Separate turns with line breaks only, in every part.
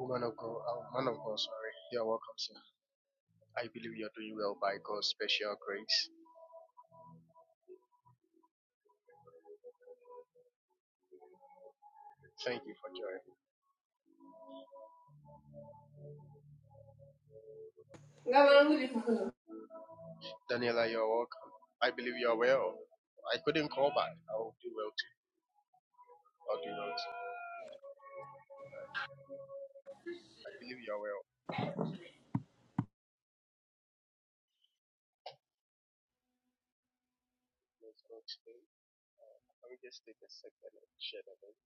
Woman of God, oh, man of God, sorry. You're welcome, sir. I believe you're doing well by God's special grace. Thank you for joining.
Nga malundi
Daniela, you're welcome. I believe you're well. I couldn't call back. I'll do well too. I'll do well too. I believe you're well. Yes, Lord, today. Let me just take a second and share the link.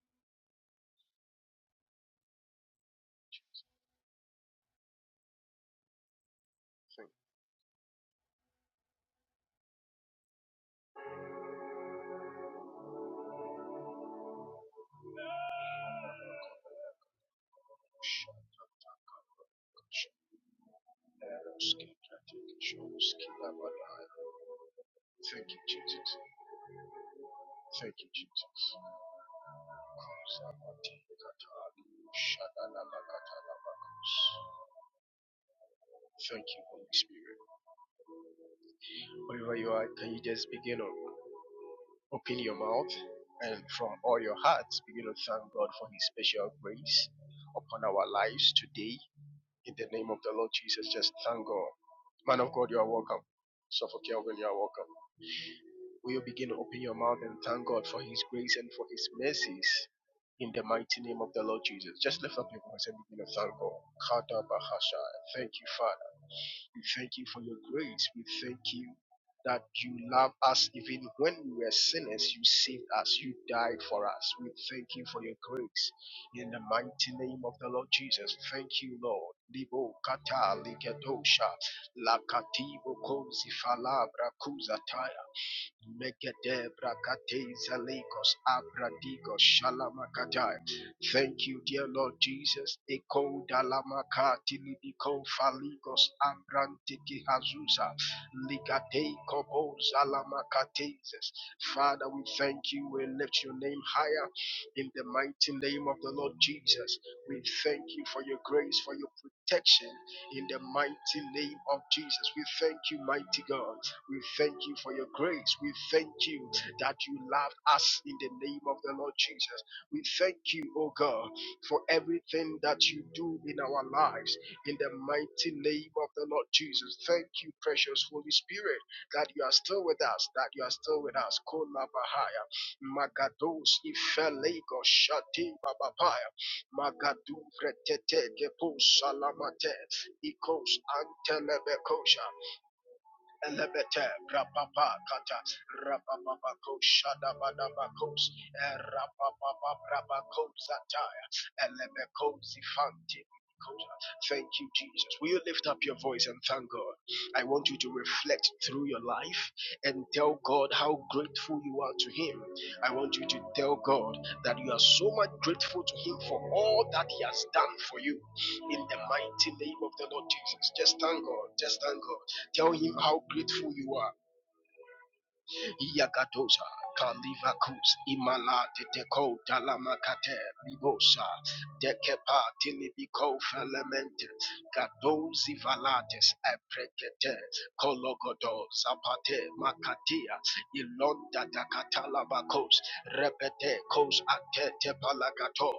Thank you. Thank you, Jesus. Thank you, Jesus. Thank you, Holy Spirit. Wherever you are, can you just begin to open your mouth and from all your hearts begin to thank God for His special grace upon our lives today? In the name of the Lord Jesus, just thank God. Man of God, you are welcome. Suffolk Kelvin, you are welcome. Will you begin to open your mouth and thank God for His grace and for His mercies in the mighty name of the Lord Jesus? Just lift up your voice and begin to thank God. Kada bahasha. Thank you, Father. We thank you for your grace. We thank you that you love us even when we were sinners. You saved us. You died for us. We thank you for your grace in the mighty name of the Lord Jesus. Thank you, Lord. Libo kata ligedosha lakati bokozi falabra kuzataya. Megedebra Katezalikos Abradigos Shalamakatai. Thank you, dear Lord Jesus. Eko Dalamaka Tilibiko Faligos Abrantiki Hazusa Ligate Kobo Zalamakatezes. Father, we thank you. We lift your name higher in the mighty name of the Lord Jesus. We thank you for your grace, for your protection in the mighty name of Jesus. We thank you, mighty God. We thank you for your grace. We thank you that you loved us in the name of the Lord Jesus. We thank you, O God, for everything that you do in our lives in the mighty name of the Lord Jesus. Thank you, precious Holy Spirit, that you are still with us, that you are still with us. Kola Bahaya, Magados, Ifelego, Shati Babapaya, Magadu, Gretete, Gepo, Salamate, Ikos, Antelebekosha. Elebete, rapapa, kata, rapapapako, shadabadabakos, eh, rapapapa, brabako, zataya, elebeko, Thank you, Jesus. Will you lift up your voice and thank God? I want you to reflect through your life and tell God how grateful you are to Him. I want you to tell God that you are so much grateful to Him for all that He has done for you. In the mighty name of the Lord Jesus, just thank God. Just thank God. Tell him how grateful you are. Yagadosa, Kalivakus, Imala, Teteko, Talamakate, Libosa, Dekepa, Tilibiko, Felamente, Gadozi Valates, Eprekete, Kologodo, Zapate, Makatia, Ilonda, Dakatalabakos, Repete, Kos, Atete, Palagato,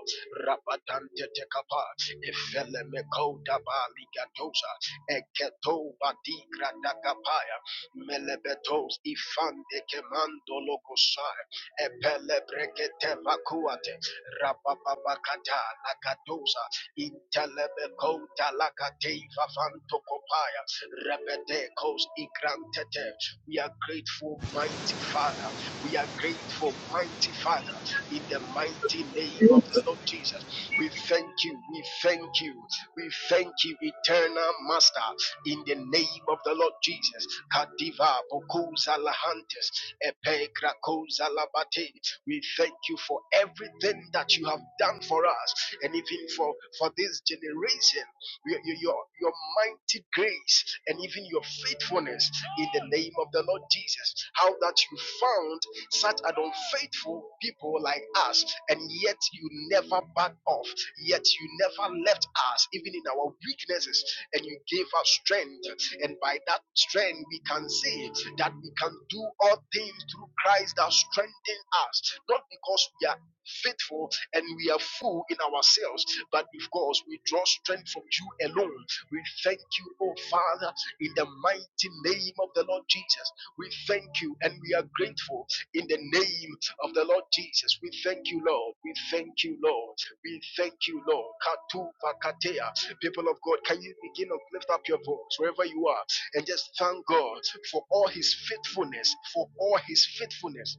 Rapatante, Tekapa, Efelemeko, Dabali, Gatosa, Eketo, Badi, Gradakapaya, Melebetos ifande kemando lokosai epelebrekete makuate rabababakata lakadosa intelebekota lakateiva fantokopaya rebedekos igrantete. We are grateful, mighty Father. We are grateful, mighty Father, in the mighty name of
Amen.
the Lord Jesus. We thank you. We thank you. We thank you, eternal Master in the name of the Lord Jesus. Kadiva Bokuza Lahantes Epegra Koza Labate. We thank you for everything that you have done for us and even for, for this generation. Your, your, your your mighty grace and even your faithfulness in the name of the Lord Jesus. How that you found such an unfaithful people like us, and yet you never back off, yet you never left us, even in our weakness weaknesses and you give us strength. And by that strength, we can see that we can do all things through Christ that strengthen us, not because we are faithful and we are full in ourselves, but because we draw strength from you alone. We thank you, oh Father, in the mighty name of the Lord Jesus. We thank you and we are grateful in the name of the Lord Jesus. We thank you, Lord. We thank you, Lord. We thank you, Lord. Katu pakatea. People of God, can you begin to lift up your voice wherever you are and just thank God for all his faithfulness, for all his faithfulness.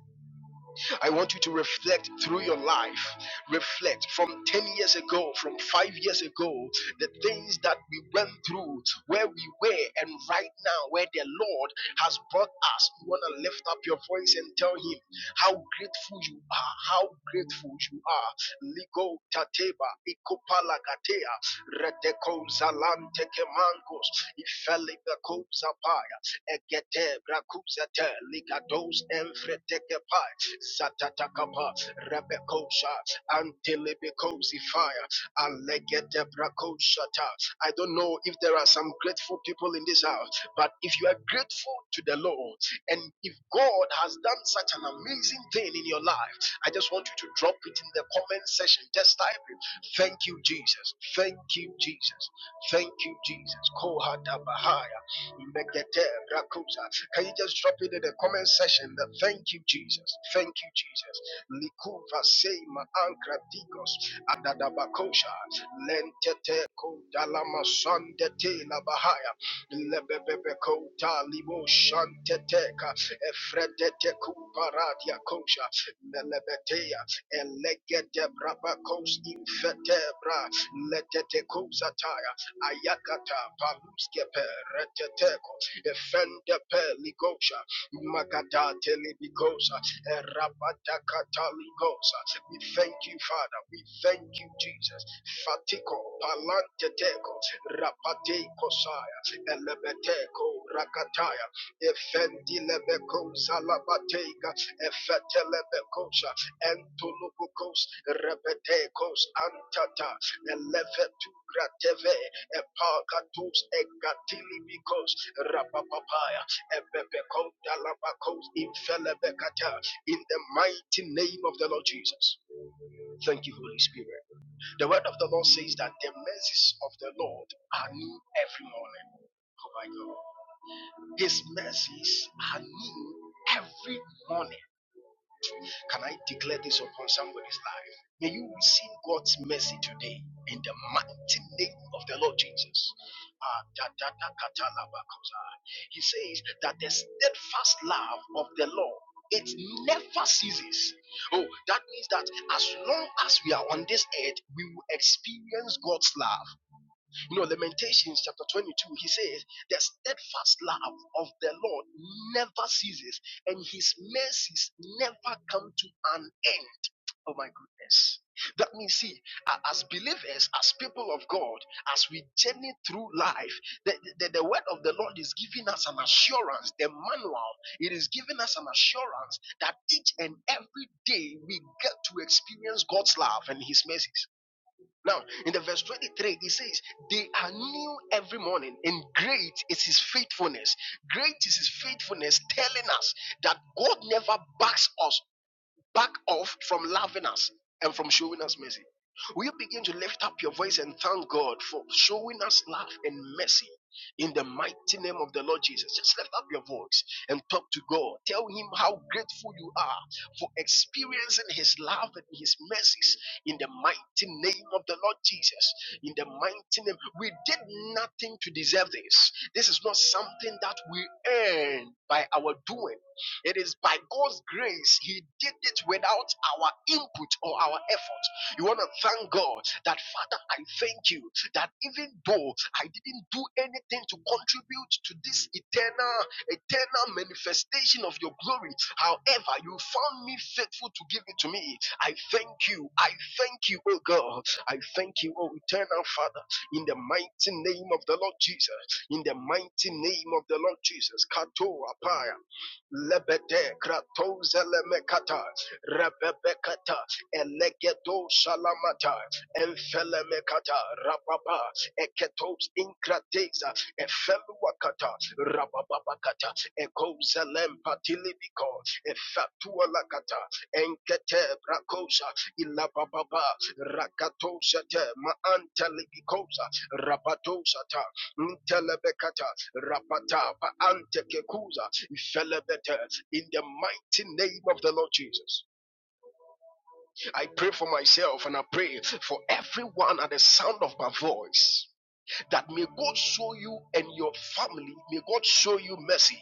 I want you to reflect through your life. Reflect from 10 years ago, from five years ago, the things that we went through, where we were, and right now, where the Lord has brought us. You want to lift up your voice and tell Him how grateful you are, how grateful you are. Ligo tateba, ikopala gatea, redeko zalante kemangos, ifele beko zapaya, Egete brakuzete ligados enfretekepa satatakapa rebekosha antelebekosifaya fire alegete brakoshata. I don't know if there are some grateful people in this house, but if you are grateful to the Lord and if God has done such an amazing thing in your life, I just want you to drop it in the comment section. Just type it. Thank you, Jesus. Thank you, Jesus. Thank you, Jesus. Kohata Megete Rakusa. Can you just drop it in the comment section? thank you, Jesus. Thank you, Jesus. Likuva Seima Ankra Digos Adadabakosha Lentete Kodalama Sandete Labahaya Lebebeko Talibo Shanteteka Efredete Kuparadia Kosha Melebetea Elegete Brabakos Infetebra Letete Kozataya ayakata paluskepe reteteko efende peligosha magada telibigosa erabadakata ligosa we thank you father we thank you jesus fatiko palanteteko rapate kosaya elebeteko rakataya efendi lebeko salabateka efete lebekosha entulubukos rebetekos antata Elevetu grateve epakatus ekatili mikos rapapapaya epepekos dalabakos infelebekata in the mighty name of the Lord Jesus. Thank you, Holy Spirit. The word of the Lord says that the mercies of the Lord are new every morning. Oh my God. His mercies are new every morning. Can I declare this upon somebody's life? May you receive God's mercy today in the mighty name of the Lord Jesus. Ah, da, da, da, kata, la, ba, kosa. He says that the steadfast love of the Lord it never ceases. Oh, that means that as long as we are on this earth, we will experience God's love. You know, Lamentations chapter 22, he says, The steadfast love of the Lord never ceases, and his mercies never come to an end. Oh my goodness. That means, see, as believers, as people of God, as we journey through life, the, the, the word of the Lord is giving us an assurance, the manual, it is giving us an assurance that each and every day we get to experience God's love and His mercies. Now, in the verse 23, it says, They are new every morning, and great is his faithfulness. Great is his faithfulness, telling us that God never backs us back off from loving us and from showing us mercy. Will you begin to lift up your voice and thank God for showing us love and mercy in the mighty name of the Lord Jesus? Just lift up your voice and talk to God. Tell Him how grateful you are for experiencing His love and His mercies in the mighty name of the Lord Jesus. In the mighty name, we did nothing to deserve this. This is not something that we earn by our doing. It is by God's grace He did it without our input or our effort. You want to thank God that, Father, I thank you that even though I didn't do anything to contribute to this eternal, eternal manifestation of your glory, however, you found me faithful to give it to me. I thank you. I thank you, oh God. I thank you, oh eternal Father, in the mighty name of the Lord Jesus. In the mighty name of the Lord Jesus. Kato apaya lebede kratoza lemekata rebebekata elegedo shalamata enfelemekata rababa eketos inkrateza efeluakata rabababakata ekozelempatilimiko efatualakata enkete brakosa ilabababa rakatosate maantalimikosa rabadosata Ntelebekata, rapata, antekuza, ifelebete, In the mighty name of the Lord Jesus, I pray for myself and I pray for everyone at the sound of my voice that may God show you and your family, may God show you mercy,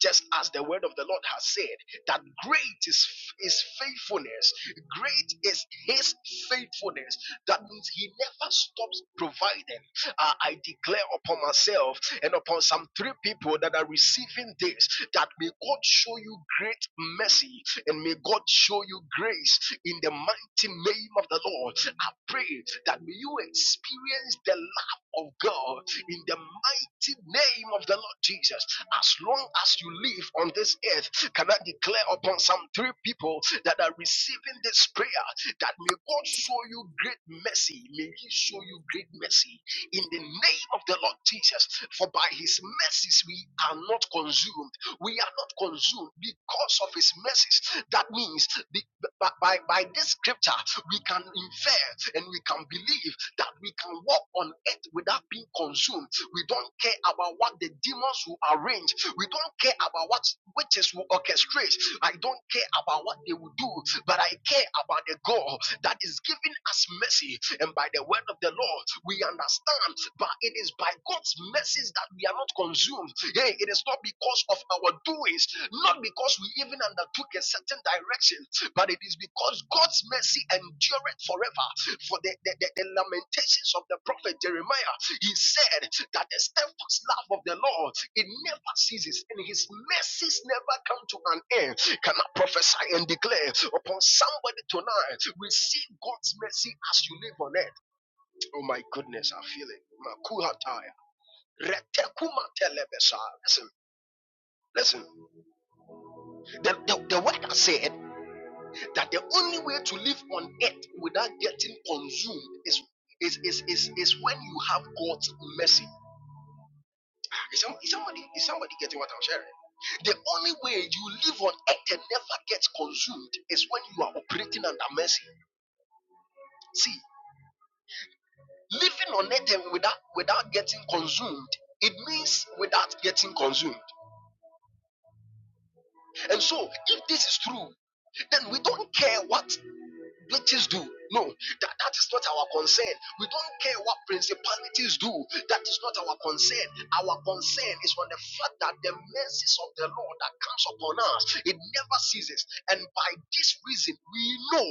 just as the word of the Lord has said, that great is his faithfulness, great is his faithfulness. That means he never stops providing. Uh, I declare upon myself and upon some three people that are receiving this that may God show you great mercy and may God show you grace in the mighty name of the Lord. I pray that may you experience the of God in the mighty name of the Lord Jesus. As long as you live on this earth, can I declare upon some three people that are receiving this prayer that may God show you great mercy. May He show you great mercy in the name of the Lord Jesus. For by His mercies we are not consumed. We are not consumed because of His mercies. That means be- by, by, by this scripture we can infer and we can believe that we can walk on earth without being consumed. We don't care about what the demons will arrange. We don't care about what witches will orchestrate. I don't care about what they will do, but I care about the God that is giving us mercy. And by the word of the Lord, we understand, but it is by God's mercies that we are not consumed. Hey, it is not because of our doings, not because we even undertook a certain direction, but it is because God's mercy endureth forever for the, the, the, the lamentations of the prophet Jeremiah, he said that the steadfast love of the Lord it never ceases and his mercies never come to an end. Can I prophesy and declare upon somebody tonight? Receive God's mercy as you live on earth. Oh my goodness, I feel it. Makuhataya. Retekuma telebesa. Listen, listen. The, the, the word I said. that the only way to live on earth without getting consumed is is is is, is when you have God's mercy. Is, somebody is somebody getting what I'm sharing? The only way you live on earth and never get consumed is when you are operating under mercy. See, living on earth and without without getting consumed, it means without getting consumed. And so, if this is true, then we don't care what principalities do. No, that, that is not our concern. We don't care what principalities do. That is not our concern. Our concern is on the fact that the mercies of the Lord that comes upon us, it never ceases. And by this reason, we know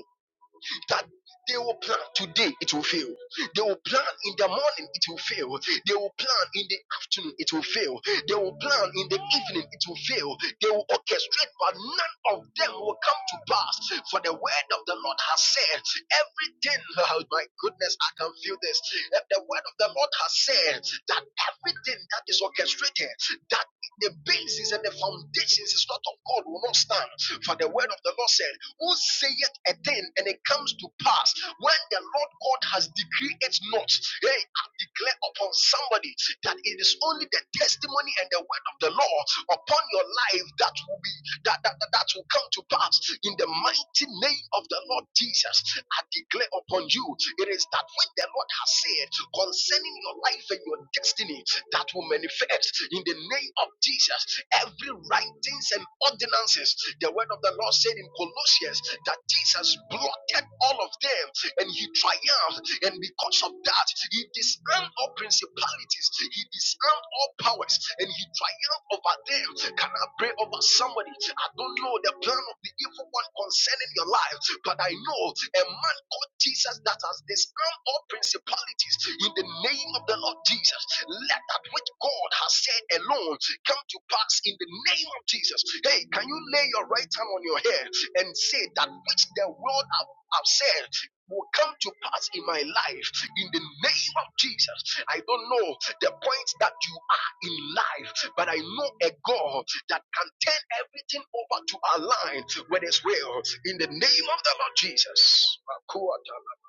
that they will plan today, it will fail. They will plan in the morning, it will fail. They will plan in the afternoon, it will fail. They will plan in the evening, it will fail. They will orchestrate, but none of them will come to pass. For the word of the Lord has said, everything, oh my goodness, I can feel this. The word of the Lord has said that everything that is orchestrated that the basis and the foundations is not of God will not stand. For the word of the Lord said, Who saith a thing and it comes to pass when the Lord God has decreed it not? Hey, I declare upon somebody that it is only the testimony and the word of the law upon your life that will be that that, that, that will come to pass in the mighty name of the Lord Jesus. I declare upon you, it is that when the Lord has said concerning your life and your destiny that will manifest in the name of Jesus. Every writings and ordinances, the word of the Lord said in Colossians that Jesus blotted all of them and he triumphed. And because of that, he disarmed all principalities, he disarmed all powers, and he triumphed over them. Can I pray over somebody? I don't know the plan of the evil one concerning your life, but I know a man called Jesus that has disarmed all principalities, in the name of the Lord Jesus. Let that which God has said alone come to pass in the name of Jesus. Hey, can you lay your right hand on your head and say that which the world have, have said? Will come to pass in my life in the name of Jesus. I don't know the point that you are in life, but I know a God that can turn everything over to align with His will in the name of the Lord Jesus. Makuatala,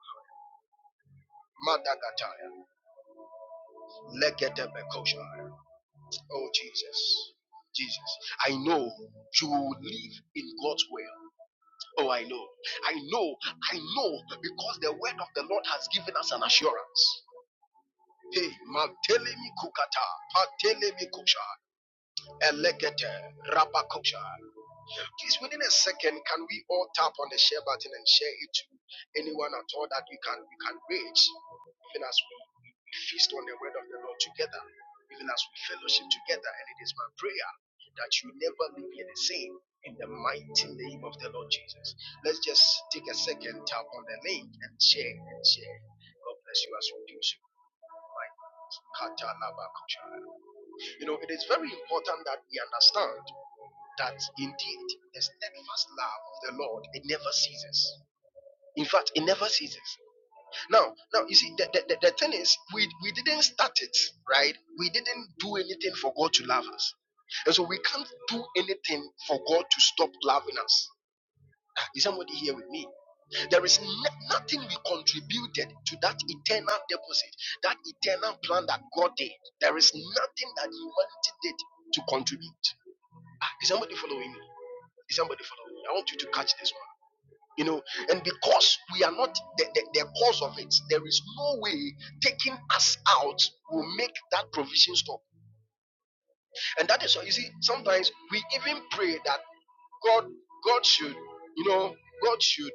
Madagataya. Lekedebekosha. Oh, Jesus. Jesus. I know you will live in God's will. Oh, I know. I know. I know because the word of the Lord has given us an assurance. Hey, Mantelemi Kukata, Patelemi Kosha, Elekete, Rabakosha. Please, within a second, can we all tap on the share button and share it to anyone at all that we can we can reach, even as we, we we feast on the word of the Lord together, even as we fellowship together. And it is my prayer that you never leave here the same. In the mighty name of the Lord Jesus. Let's just take a second, tap on the link and share and share. God bless you as we do so. My Kata Labakucha. You know, it is very important that we understand that indeed the steadfast love of the Lord it never ceases. In fact, it never ceases. Now, now you see the, the, the, thing is we we didn't start it, right? We didn't do anything for God to love us. And so we can't do anything for God to stop loving us. Ah, Is somebody here with me? There is no- nothing we contributed to that eternal deposit, that eternal plan that God did. There is nothing that humanity did to contribute. Ah, Is somebody following me? Is somebody following me? I want you to catch this one. You know, and because we are not the, the, the cause of it, there is no way taking us out will make that provision stop. And that is why you see, sometimes we even pray that God, God should, you know, God should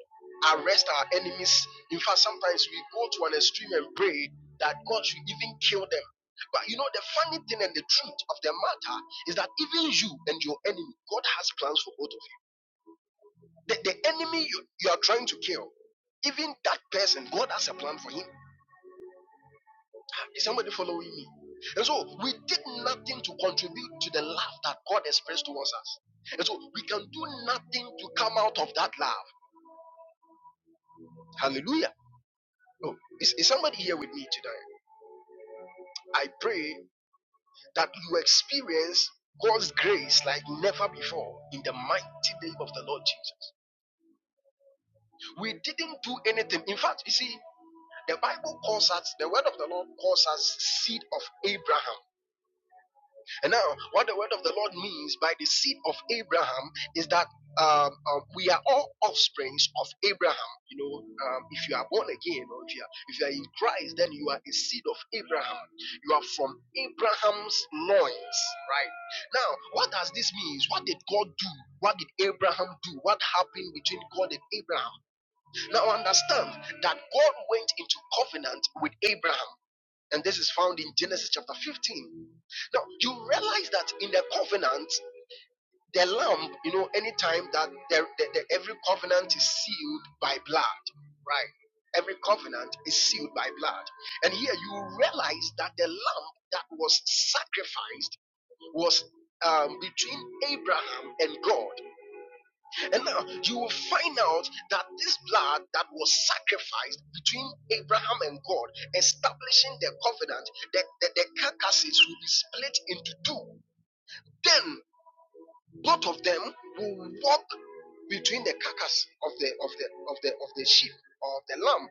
arrest our enemies. In fact, sometimes we go to an extreme and pray that God should even kill them. But you know, the funny thing and the truth of the matter is that even you and your enemy, God has plans for both of you. The, the enemy you, you are trying to kill, even that person, God has a plan for him. Is somebody following me? And so we did nothing to contribute to the love that God expressed towards us. And so we can do nothing to come out of that love. Hallelujah. No, is, is somebody here with me today? I pray that you experience God's grace like never before in the mighty name of the Lord Jesus. We didn't do anything. In fact, you see, The Bible calls us, the word of the Lord calls us seed of Abraham. And now, what the word of the Lord means by the seed of Abraham is that um, uh, we are all offsprings of Abraham. You know, um, if you are born again or if you are, if you are in Christ, then you are a seed of Abraham. You are from Abraham's loins, right? Now, what does this mean? What did God do? What did Abraham do? What happened between God and Abraham? Now, understand that God went into covenant with Abraham. And this is found in Genesis chapter 15. Now, you realize that in the covenant, the lamb, you know, anytime that there, the, the- every covenant is sealed by blood, right? Every covenant is sealed by blood. And here you realize that the lamb that was sacrificed was um, between Abraham and God. And now you will find out that this blood that was sacrificed between Abraham and God, establishing the covenant, that the, the carcasses will be split into two. Then both of them will walk between the carcass of the of the of the of the sheep or of the lamb.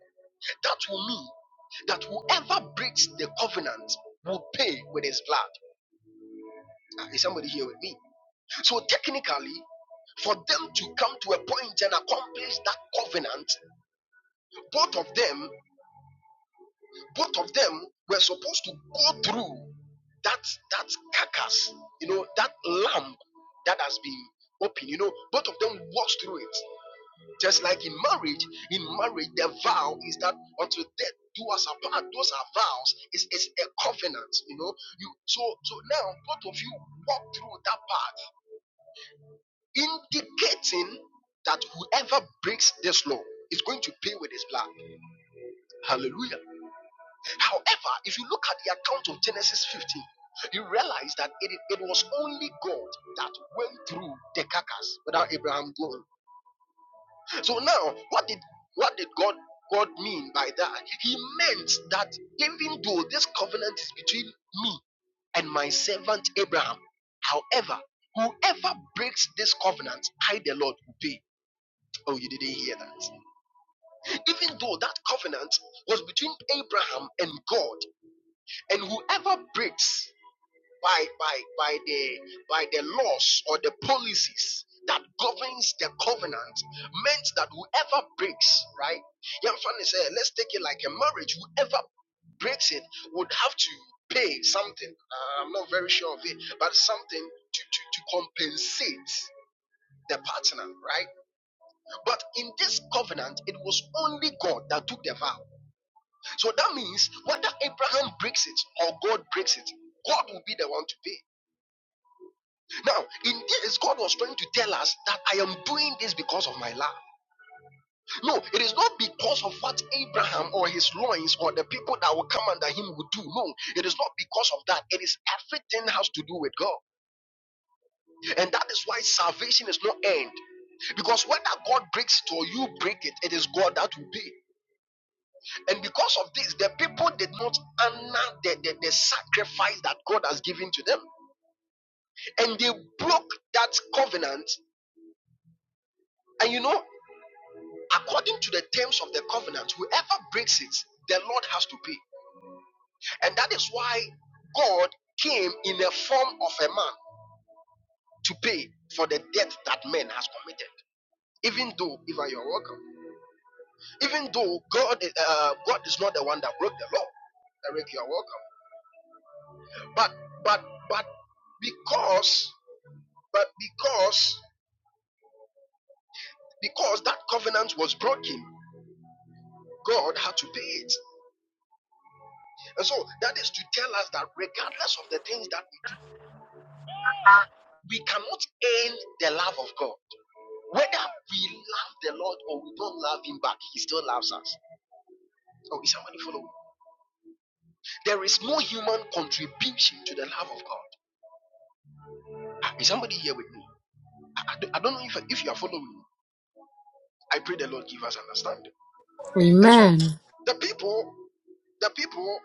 That will mean that whoever breaks the covenant will pay with his blood. Ah, Is somebody here with me? So technically, for them to come to a point and accomplish that covenant Both of them, both of them were supposed to go through that that carcass, you know, that lamp that has been opened. You know, both of them walks through it. Just like in marriage, in marriage, the vow is that until death do us apart. Those are vows. It's, it's a covenant, you know. You so so now both of you walk through that path, indicating that whoever breaks this law is going to pay with his blood. Hallelujah. However, if you look at the account of Genesis 15, you realize that it, it was only God that went through the carcass without Abraham going. So now, what did what did God God mean by that? He meant that even though this covenant is between me and my servant Abraham, however, whoever breaks this covenant, I the Lord will pay. Oh, you didn't hear that. Even though that covenant was between Abraham and God, and whoever breaks by by by the by the laws or the policies that governs the covenant meant that whoever breaks right young family said let's take it like a marriage whoever breaks it would have to pay something uh, i'm not very sure of it but something to, to, to compensate the partner right but in this covenant it was only god that took the vow so that means whether abraham breaks it or god breaks it god will be the one to pay Now, in this, God was trying to tell us that I am doing this because of my love. No, it is not because of what Abraham or his loins or the people that will come under him would do. No, it is not because of that. It is everything has to do with God. And that is why salvation is not end. Because whether God breaks it or you break it, it is God that will pay. And because of this, the people did not honor the, the, the sacrifice that God has given to them. And they broke that covenant. And you know. according to the terms of the covenant, whoever breaks it, the Lord has to pay. And that is why God came in the form of a man to pay for the debt that man has committed. Even though, Eva, you're welcome. Even though God, uh, God is not the one that broke the law. Eric, you're welcome. But, but, but because, but because, because that covenant was broken, God had to pay it. And so that is to tell us that regardless of the things that we do, We cannot earn the love of God. Whether we love the Lord or we don't love Him back, He still loves us. Oh, is somebody following? There is no human contribution to the love of God. Ah, Is somebody here with me? I, I don't I don't know if, if you are following me. I pray the Lord give us understanding. And so,
Amen.
the people, the people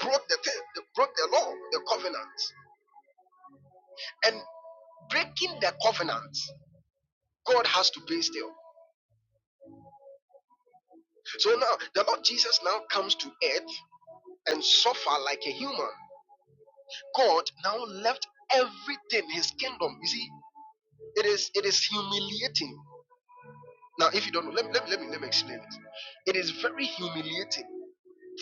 broke the, te- broke the law, the covenant, and breaking the covenant, God has to pay still. So now the Lord Jesus now comes to earth and suffer like a human. God now left everything, his kingdom. You see, it is it is humiliating. Now, if you don't know, let, me- let, me- let me let me explain it. It is very humiliating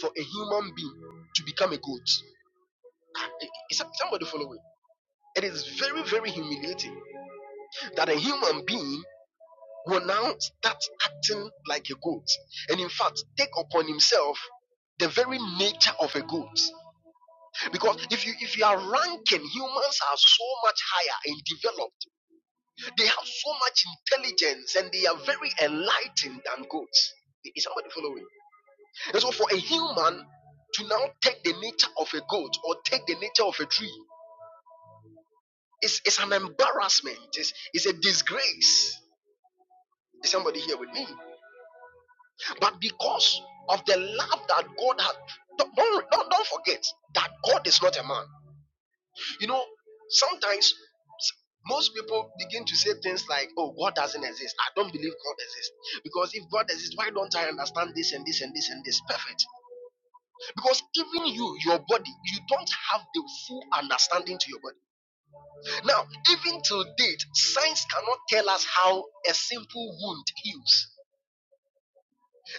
for a human being to become a goat. Is some- somebody following? It is very, very humiliating that a human being will now start acting like a goat. And in fact, take upon himself the very nature of a goat. Because if you if you are ranking, humans are so much higher and developed. They have so much intelligence and they are very enlightened than goats. Is somebody following? And so for a human to now take the nature of a goat or take the nature of a tree is it's an embarrassment. It's, it's a disgrace. Is somebody here with me? But because of the love that God had, do don't, don't don't forget that God is not a man. You know, sometimes most people begin to say things like, oh, God doesn't exist. I don't believe God exists. Because if God exists, why don't I understand this and this and this and this? Perfect. Because even you, your body, you don't have the full understanding to your body. Now, even to date, science cannot tell us how a simple wound heals.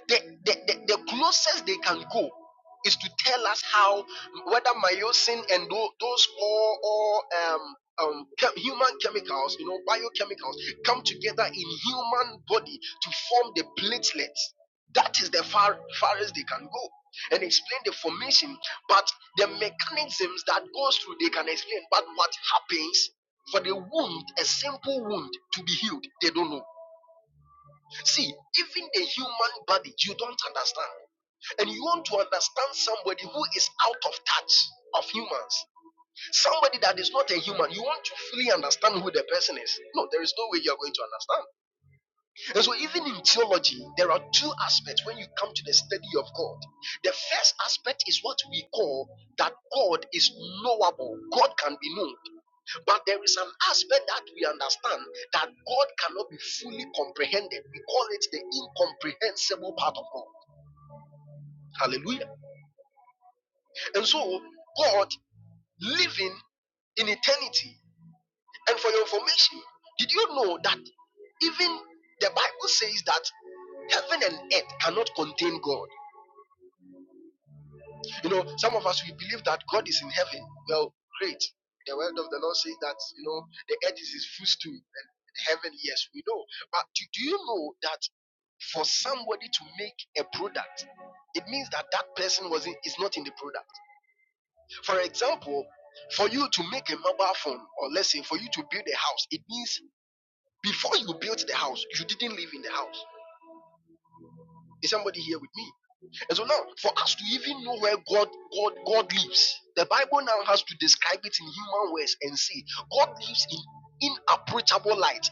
the, the, the, the closest they can go is to tell us how whether myosin and those all, all um, um, chem- human chemicals, you know, biochemicals, come together in human body to form the platelets. That is the far farthest they can go and explain the formation. But the mechanisms that goes through, they can explain. But what happens for the wound, a simple wound, to be healed, they don't know. See, even the human body, you don't understand and you want to understand somebody who is out of touch of humans, somebody that is not a human, you want to fully understand who the person is. No, there is no way you are going to understand. And so, even in theology, there are two aspects when you come to the study of God. The first aspect is what we call that God is knowable, God can be known. But there is an aspect that we understand that God cannot be fully comprehended. We call it the incomprehensible part of God. Hallelujah. And so, God living in eternity. And for your information, did you know that even the Bible says that heaven and earth cannot contain God? You know, some of us we believe that God is in heaven. Well, great. The word of the Lord says that you know the earth is his footstool and heaven, yes, we know. But do, do you know that for somebody to make a product, it means that that person wasn't is not in the product. For example, for you to make a mobile phone, or let's say for you to build a house, it means before you built the house, you didn't live in the house. Is somebody here with me? And so now, for us to even know where God God God lives, the Bible now has to describe it in human words and say God lives in inapproachable light.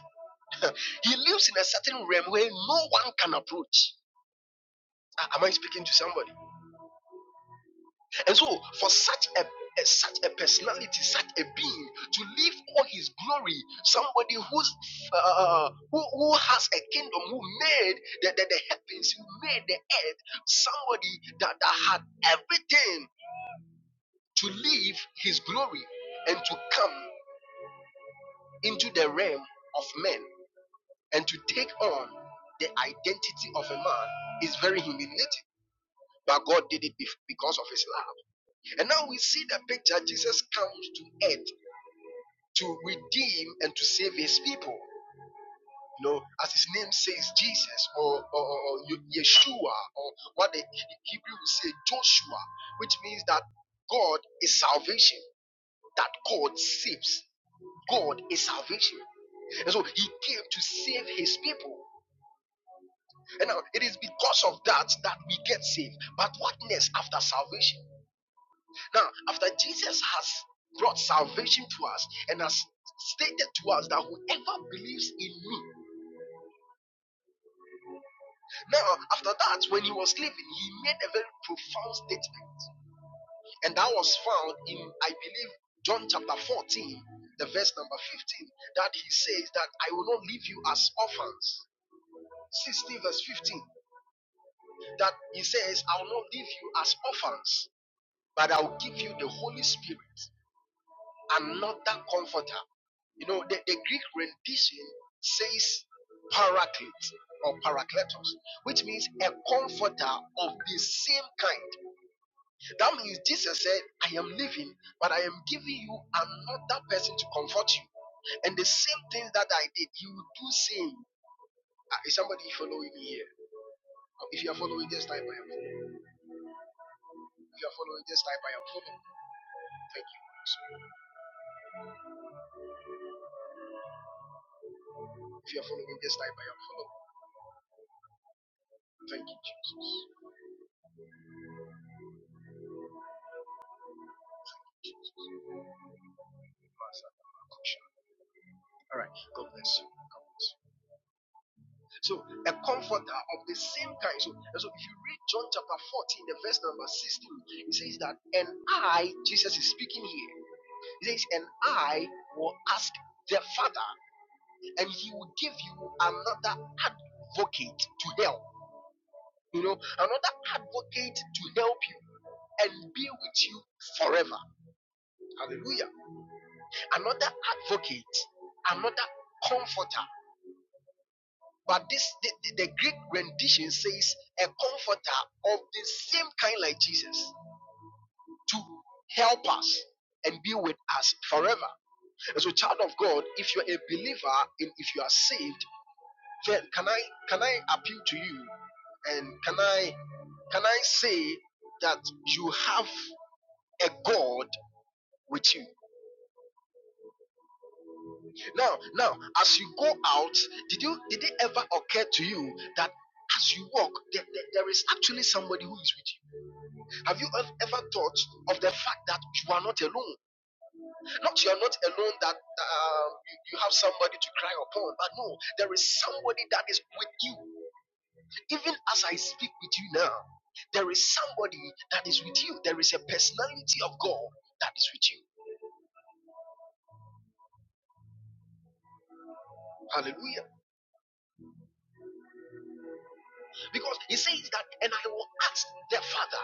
He lives in a certain realm where no one can approach. Ah, Am I speaking to somebody? And so, for such a a- such a personality, such a being, to live all his glory, somebody who's uh, uh, uh, who, who has a kingdom, who made the, the, the heavens, who made the earth, somebody that, that had everything to live his glory and to come into the realm of men and to take on the identity of a man is very humiliating. But God did it bef- because of his love. And now we see the picture Jesus comes to earth to redeem and to save his people. You know, as his name says, Jesus or, or, or Yeshua or what the He- Hebrew would say, Joshua, which means that God is salvation, that God saves. God is salvation. And so he came to save his people. And now it is because of that that we get saved. But what next after salvation? Now, after Jesus has brought salvation to us and has stated to us that whoever believes in me Now, after that, when he was leaving, he made a very profound statement. And that was found in, I believe, John chapter 14, the verse number 15, that he says that I will not leave you as orphans. 16 verse 15, that he says, I will not leave you as orphans, but I will give you the Holy Spirit, another comforter. You know, the, the Greek rendition says paraclete or parakletos, which means a comforter of the same kind. That means Jesus said, I am leaving, but I am giving you another person to comfort you. And the same things that I did, you will do same. Uh, Is somebody following me here? Oh, If you are following this type, I am following. If you are following this type, I am following. Thank you, Holy Spirit. If you are following this type, I am following. Thank you, Jesus. All right. God bless you. God bless you. So, a comforter of the same kind. So, and so if you read John chapter 14, the verse number 16, it says that, and I, Jesus is speaking here. He says, And I will ask the Father, and he will give you another advocate to help. You know, another advocate to help you and be with you forever. Hallelujah. Another advocate, another comforter. But this the, the Greek rendition says a comforter of the same kind like Jesus to help us and be with us forever. As a child of God, if you're a believer and if you are saved, Can I can I appeal to you and can I can I say that you have a God with you? Now, now, as you go out, did you did it ever occur to you that as you walk, there, there there is actually somebody who is with you? Have you ev- ever thought of the fact that you are not alone? Not you are not alone that uh, you, you have somebody to cry upon, but no, there is somebody that is with you Even as I speak with you now, there is somebody that is with you. There is a personality of God that is with you. Hallelujah. Because he says that, and I will ask the Father,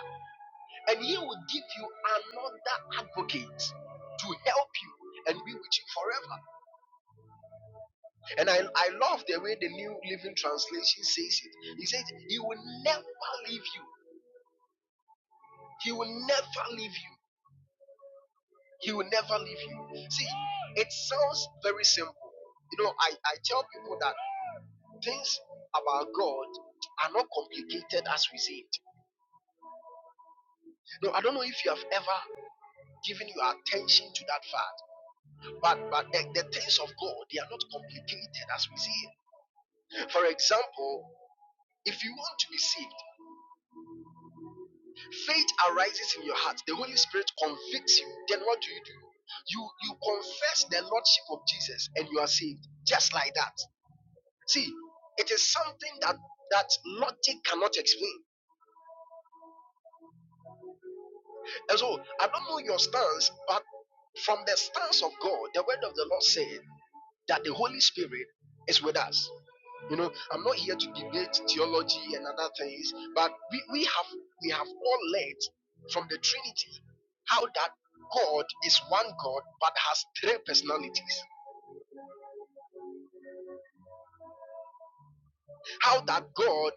and he will give you another advocate to help you and be with you forever. And I, I love the way the New Living Translation says it. He says, He will never leave you. He will never leave you. He will never leave you. See, it sounds very simple. You know, I, I tell people that. Things about God are not complicated as we see it. No, I don't know if you have ever given your attention to that fact, but but the, the things of God they are not complicated as we see it. For example, if you want to be saved, faith arises in your heart. The Holy Spirit convicts you. Then what do you do? You you confess the lordship of Jesus and you are saved. Just like that. See, it is something that that logic cannot explain. And so I don't know your stance, but from the stance of God, the word of the Lord said that the Holy Spirit is with us. You know, I'm not here to debate theology and other things, but we, we have we have all learned from the Trinity how that God is one God but has three personalities. How that God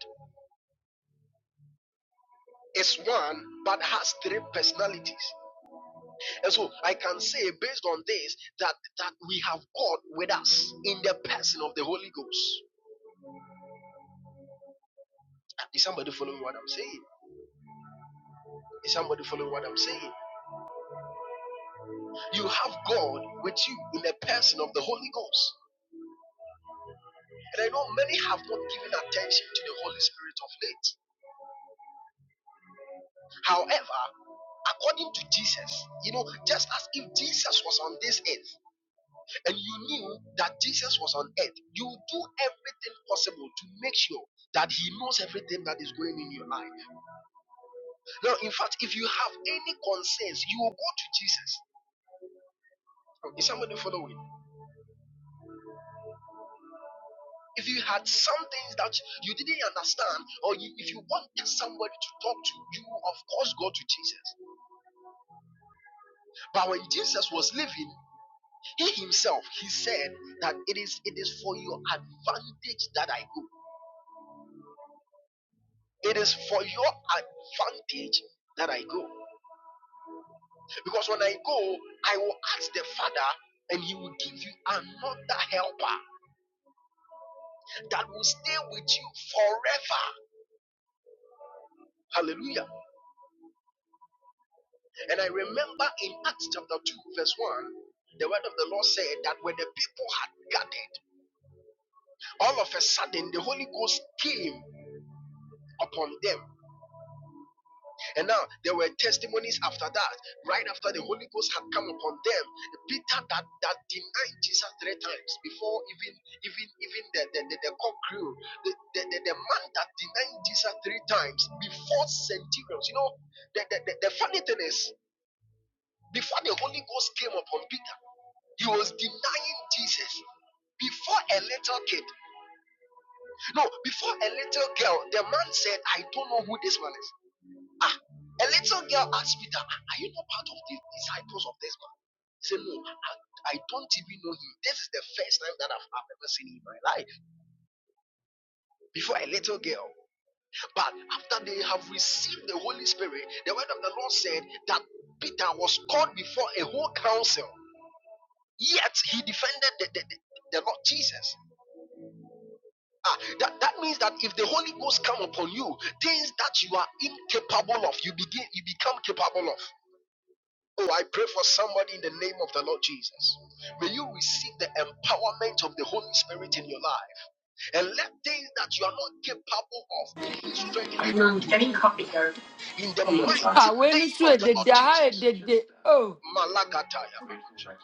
is one but has three personalities. And so I can say based on this that that we have God with us in the person of the Holy Ghost. Is somebody following what I'm saying? Is somebody following what I'm saying? You have God with you in the person of the Holy Ghost. And I know many have not given attention to the Holy Spirit of late. However, according to Jesus, you know, just as if Jesus was on this earth and you knew that Jesus was on earth, you do everything possible to make sure that He knows everything that is going in your life. Now, in fact, if you have any concerns, you will go to Jesus. Is somebody following? If you had some things that you didn't understand, or you, if you wanted somebody to talk to, you of course go to Jesus. But when Jesus was living, he himself he said that it is it is for your advantage that I go. It is for your advantage that I go. Because when I go, I will ask the Father, and He will give you another helper that will stay with you forever. Hallelujah. And I remember in Acts chapter 2, verse 1, the word of the Lord said that when the people had gathered, all of a sudden the Holy Ghost came upon them. And now there were testimonies after that. Right after the Holy Ghost had come upon them, Peter that, that denied Jesus three times before even even even the, the, the, the cock crew, the, the, the, the man that denied Jesus three times before centurions. You know, the, the, the, the funny thing is Before the Holy Ghost came upon Peter, he was denying Jesus. Before a little kid, no, before a little girl, the man said, I don't know who this man is. Ah, a little girl asked Peter, "Ah, Are you not part of the disciples of this man? He said, No, I, I don't even know him. This is the first time that I've, I've ever seen him in my life. Before a little girl. But after they have received the Holy Spirit, the word of the Lord said that Peter was called before a whole council. Yet he defended the, the, the, the Lord Jesus. Ah, that, that means that if the Holy Ghost come upon you, things that you are incapable of, you begin you become capable of. Oh, I pray for somebody in the name of the Lord Jesus. May you receive the empowerment of the Holy Spirit in your life and let things that you are not capable of may He strengthen you
I'm
to do
getting coffee here.
in the
I
mighty
went to
name of
said
the
the
Lord
die
Jesus.
did the oh
Malagataya.
I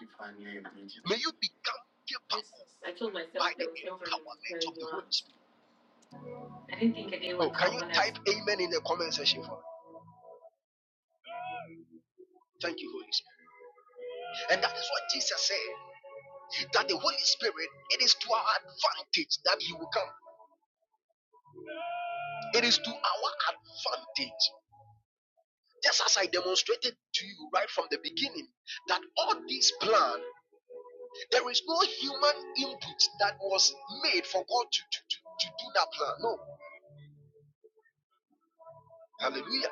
May you become capable
told myself
by
there
the
was no harm in
empowerment
hearing
of
you
the
out.
Holy Spirit.
I didn't think a day
Oh,
would
can
come
you
when I
type amen in the comment section for me? Thank you, Holy Spirit. And that is what Jesus said that the Holy Spirit, it is to our advantage that He will come. It is to our advantage. Just as I demonstrated to you right from the beginning, that all this plan, there is no human input that was made for God to, to, to, to do that plan. No. Hallelujah.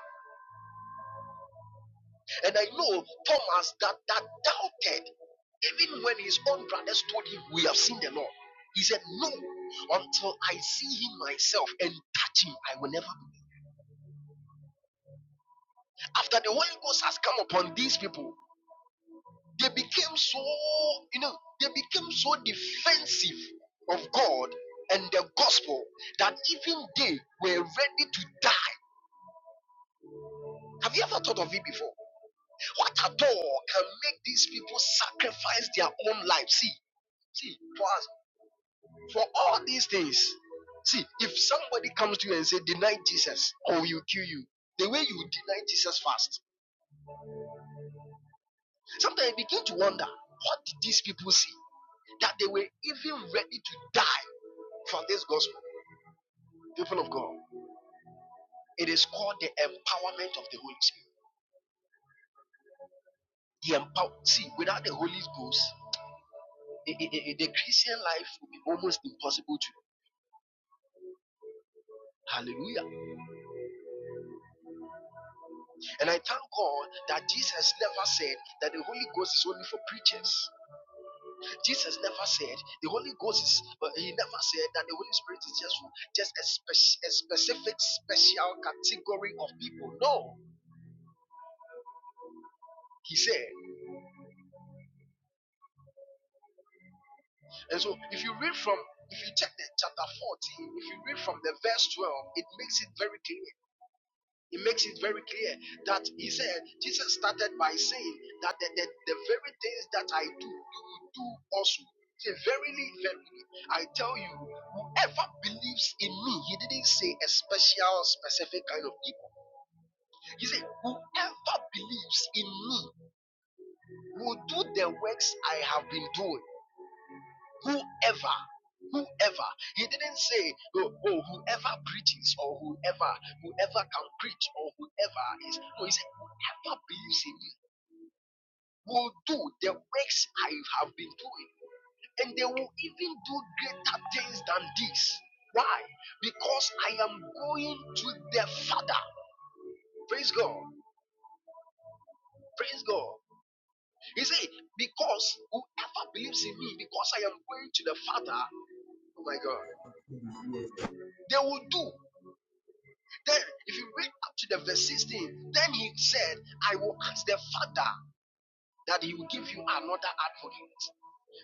And I know Thomas that, that doubted, even when his own brothers told him, We have seen the Lord. He said, No, until I see him myself and touch him, I will never believe. After the Holy Ghost has come upon these people, they became so, you know, they became so defensive of God and the gospel that even they were ready to die. Have you ever thought of it before? What at all can make these people sacrifice their own life? See, see, for us. For all these things, see, if somebody comes to you and say, deny Jesus, or we'll kill you, the way you deny Jesus fast, sometimes you begin to wonder, what did these people see? That they were even ready to die for this gospel. People of God, it is called the empowerment of the Holy Spirit. The empower, see, without the Holy Ghost, i- i- i- the Christian life will be almost impossible to. Hallelujah. And I thank God that Jesus never said that the Holy Ghost is only for preachers. Jesus never said the Holy Ghost is. uh, He never said that the Holy Spirit is just just a, spec- a specific special category of people. No, he said. And so, if you read from, if you check the chapter fourteen, if you read from the verse twelve, it makes it very clear It makes it very clear that he said, Jesus started by saying that the, the, the very things that I do, you will do also. He said, verily, verily, I tell you, whoever believes in me, he didn't say a special, specific kind of people. He said, whoever believes in me will do the works I have been doing whoever whoever he didn't say oh, oh whoever preaches or whoever whoever can preach or whoever is no he said whoever believes in me will do the works i have been doing and they will even do greater things than this why because i am going to the father praise god praise god he said because whoever believes in me because i am going to the father oh my god they will do. Then, if you read up to the verse 16, then he said, I will ask the Father that he will give you another advocate.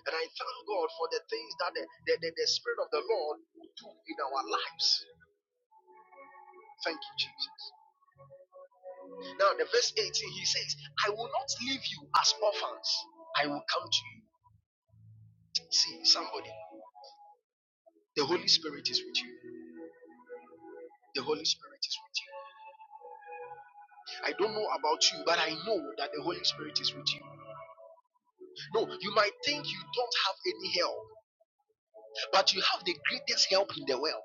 And I thank God for the things that the, the, the, the Spirit of the Lord will do in our lives. Thank you, Jesus. Now, the verse 18, he says, I will not leave you as orphans, I will come to you. See, somebody, the Holy Spirit is with you. The Holy Spirit is with you. I don't know about you, but I know that the Holy Spirit is with you. No, you might think you don't have any help. but you have the greatest help in the world.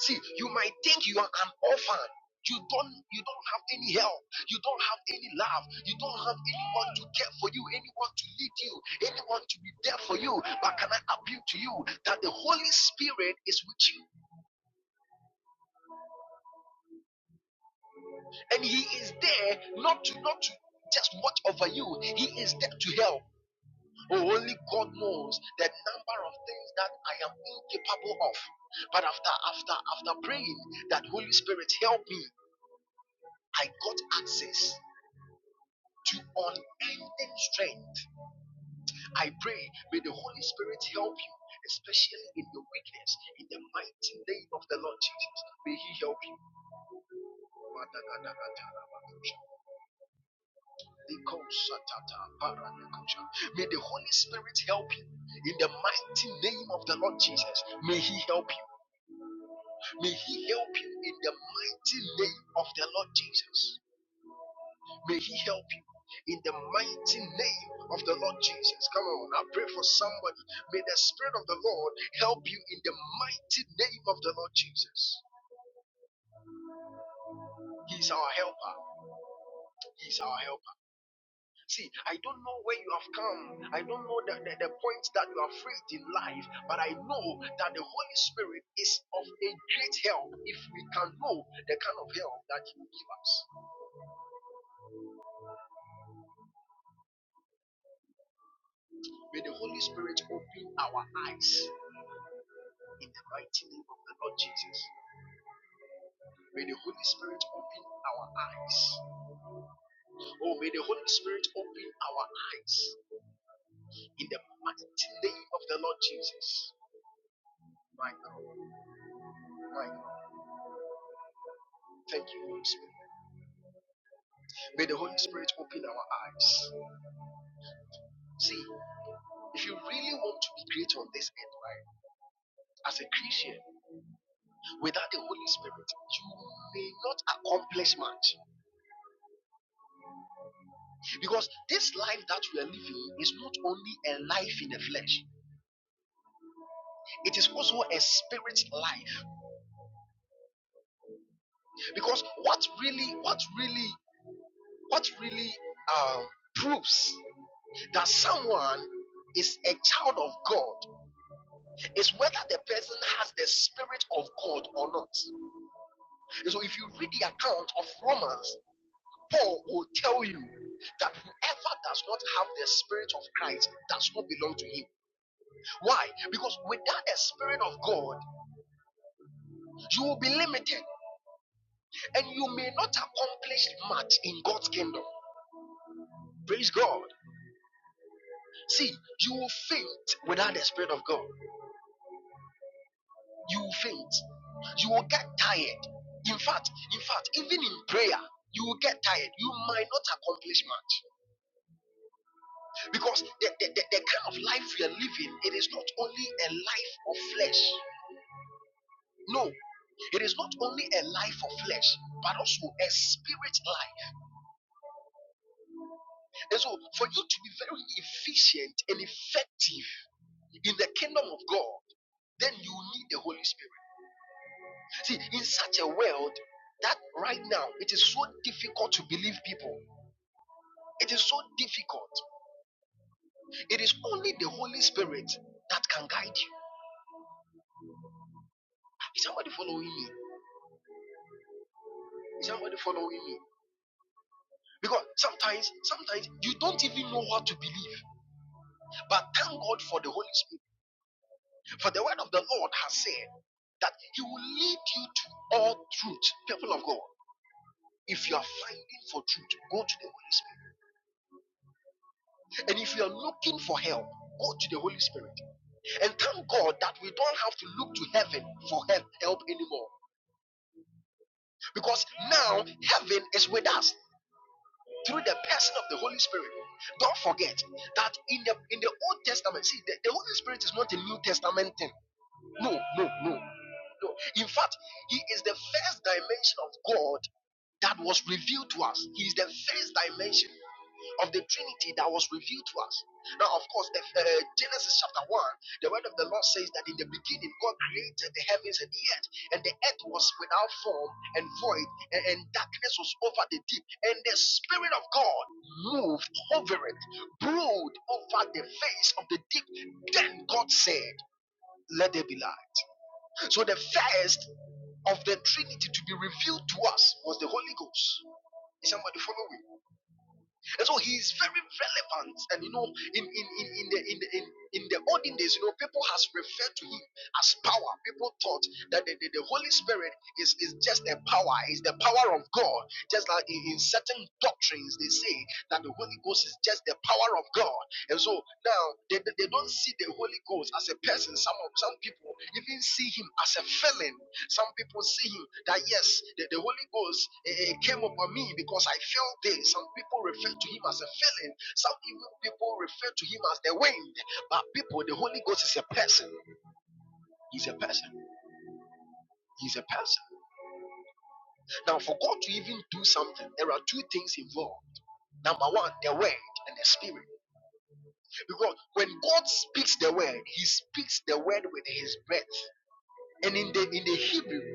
See, you might think you are an orphan. You don't you don't have any help. You don't have any love. You don't have anyone to care for you, anyone to lead you, anyone to be there for you. But can I appeal to you that the Holy Spirit is with you and he is there not to not to just watch over you. He is there to help. Oh, only God knows the number of things that I am incapable of. But after after after praying that Holy Spirit help me, I got access to unending strength. I pray, may the Holy Spirit help you, especially in your weakness, in the mighty name of the Lord Jesus. May He help you. May the Holy Spirit help you in the mighty name of the Lord Jesus. May He help you. May He help you in the mighty name of the Lord Jesus. May He help you in the mighty name of the Lord Jesus. Come on, I pray for somebody. May the Spirit of the Lord help you in the mighty name of the Lord Jesus. He's our helper. He's our helper. See, I don't know where you have come. I don't know the, the, the point that you are faced in life, but I know that the Holy Spirit is of a great help if we can know the kind of help that He will give us. May the Holy Spirit open our eyes in the mighty name of the Lord Jesus. May the Holy Spirit open our eyes. Oh, may the Holy Spirit open our eyes in the mighty name of the Lord Jesus. My God, my God. Thank you, Holy Spirit. May the Holy Spirit open our eyes. See, if you really want to be great on this earth, right, as a Christian, without the Holy Spirit, you may not accomplish much. Because this life that we are living is not only a life in the flesh, it is also a spirit life. because what really what really what really um, proves that someone is a child of god is whether the person has the spirit of god or not And so if you read the account of romans paul will tell you that whoever does not have the spirit of christ does not belong to him why because without the spirit of god you will be limited and you may not accomplish much in god's kingdom praise god See, you will faint without the Spirit of God. You will faint. You will get tired. In fact, in fact, even in prayer, you will get tired. You might not accomplish much because the, the, the, the kind of life we are living, it is not only a life of flesh. No, it is not only a life of flesh, but also a spirit life. And so, for you to be very efficient and effective in the kingdom of God, then you need the Holy Spirit. See, in such a world that right now it is so difficult to believe people. It is so difficult. It is only the Holy Spirit that can guide you. Is somebody following me? Is somebody following me? Because sometimes, sometimes you don't even know what to believe. But thank God for the Holy Spirit. For the word of the Lord has said that He will lead you to all truth, people of God. If you are finding for truth, go to the Holy Spirit. And if you are looking for help, go to the Holy Spirit. And thank God that we don't have to look to heaven for help, help anymore. Because now heaven is with us through the person of the Holy Spirit. Don't forget that in the in the Old Testament, see the, the Holy Spirit is not a New Testament thing. No, no, no, no. In fact, he is the first dimension of God that was revealed to us. He is the first dimension. of the Trinity that was revealed to us. Now, of course, the, uh, Genesis chapter 1, the word of the Lord says that in the beginning God created the heavens and the earth, and the earth was without form and void, and, and darkness was over the deep, and the Spirit of God moved over it, brood over the face of the deep. Then God said, Let there be light. So the first of the Trinity to be revealed to us was the Holy Ghost. Is somebody following? me? And so he is very relevant. And you know, in in in, in the in the in, in the olden days, you know, people has referred to him as power. People thought that the, the, the Holy Spirit is, is just a power, is the power of God. Just like in, in certain doctrines, they say that the Holy Ghost is just the power of God. And so now they, they they don't see the Holy Ghost as a person. Some of some people even see him as a feeling. Some people see him that yes, the, the Holy Ghost eh, eh, came upon me because I felt this. Some people refer to him as a feeling. Some even people refer to him as the wind. But people, the Holy Ghost is a person. He's a person. He's a person. Now, for God to even do something, there are two things involved. Number one, the word and the spirit. Because when God speaks the word, He speaks the word with His breath. And in the in the Hebrew,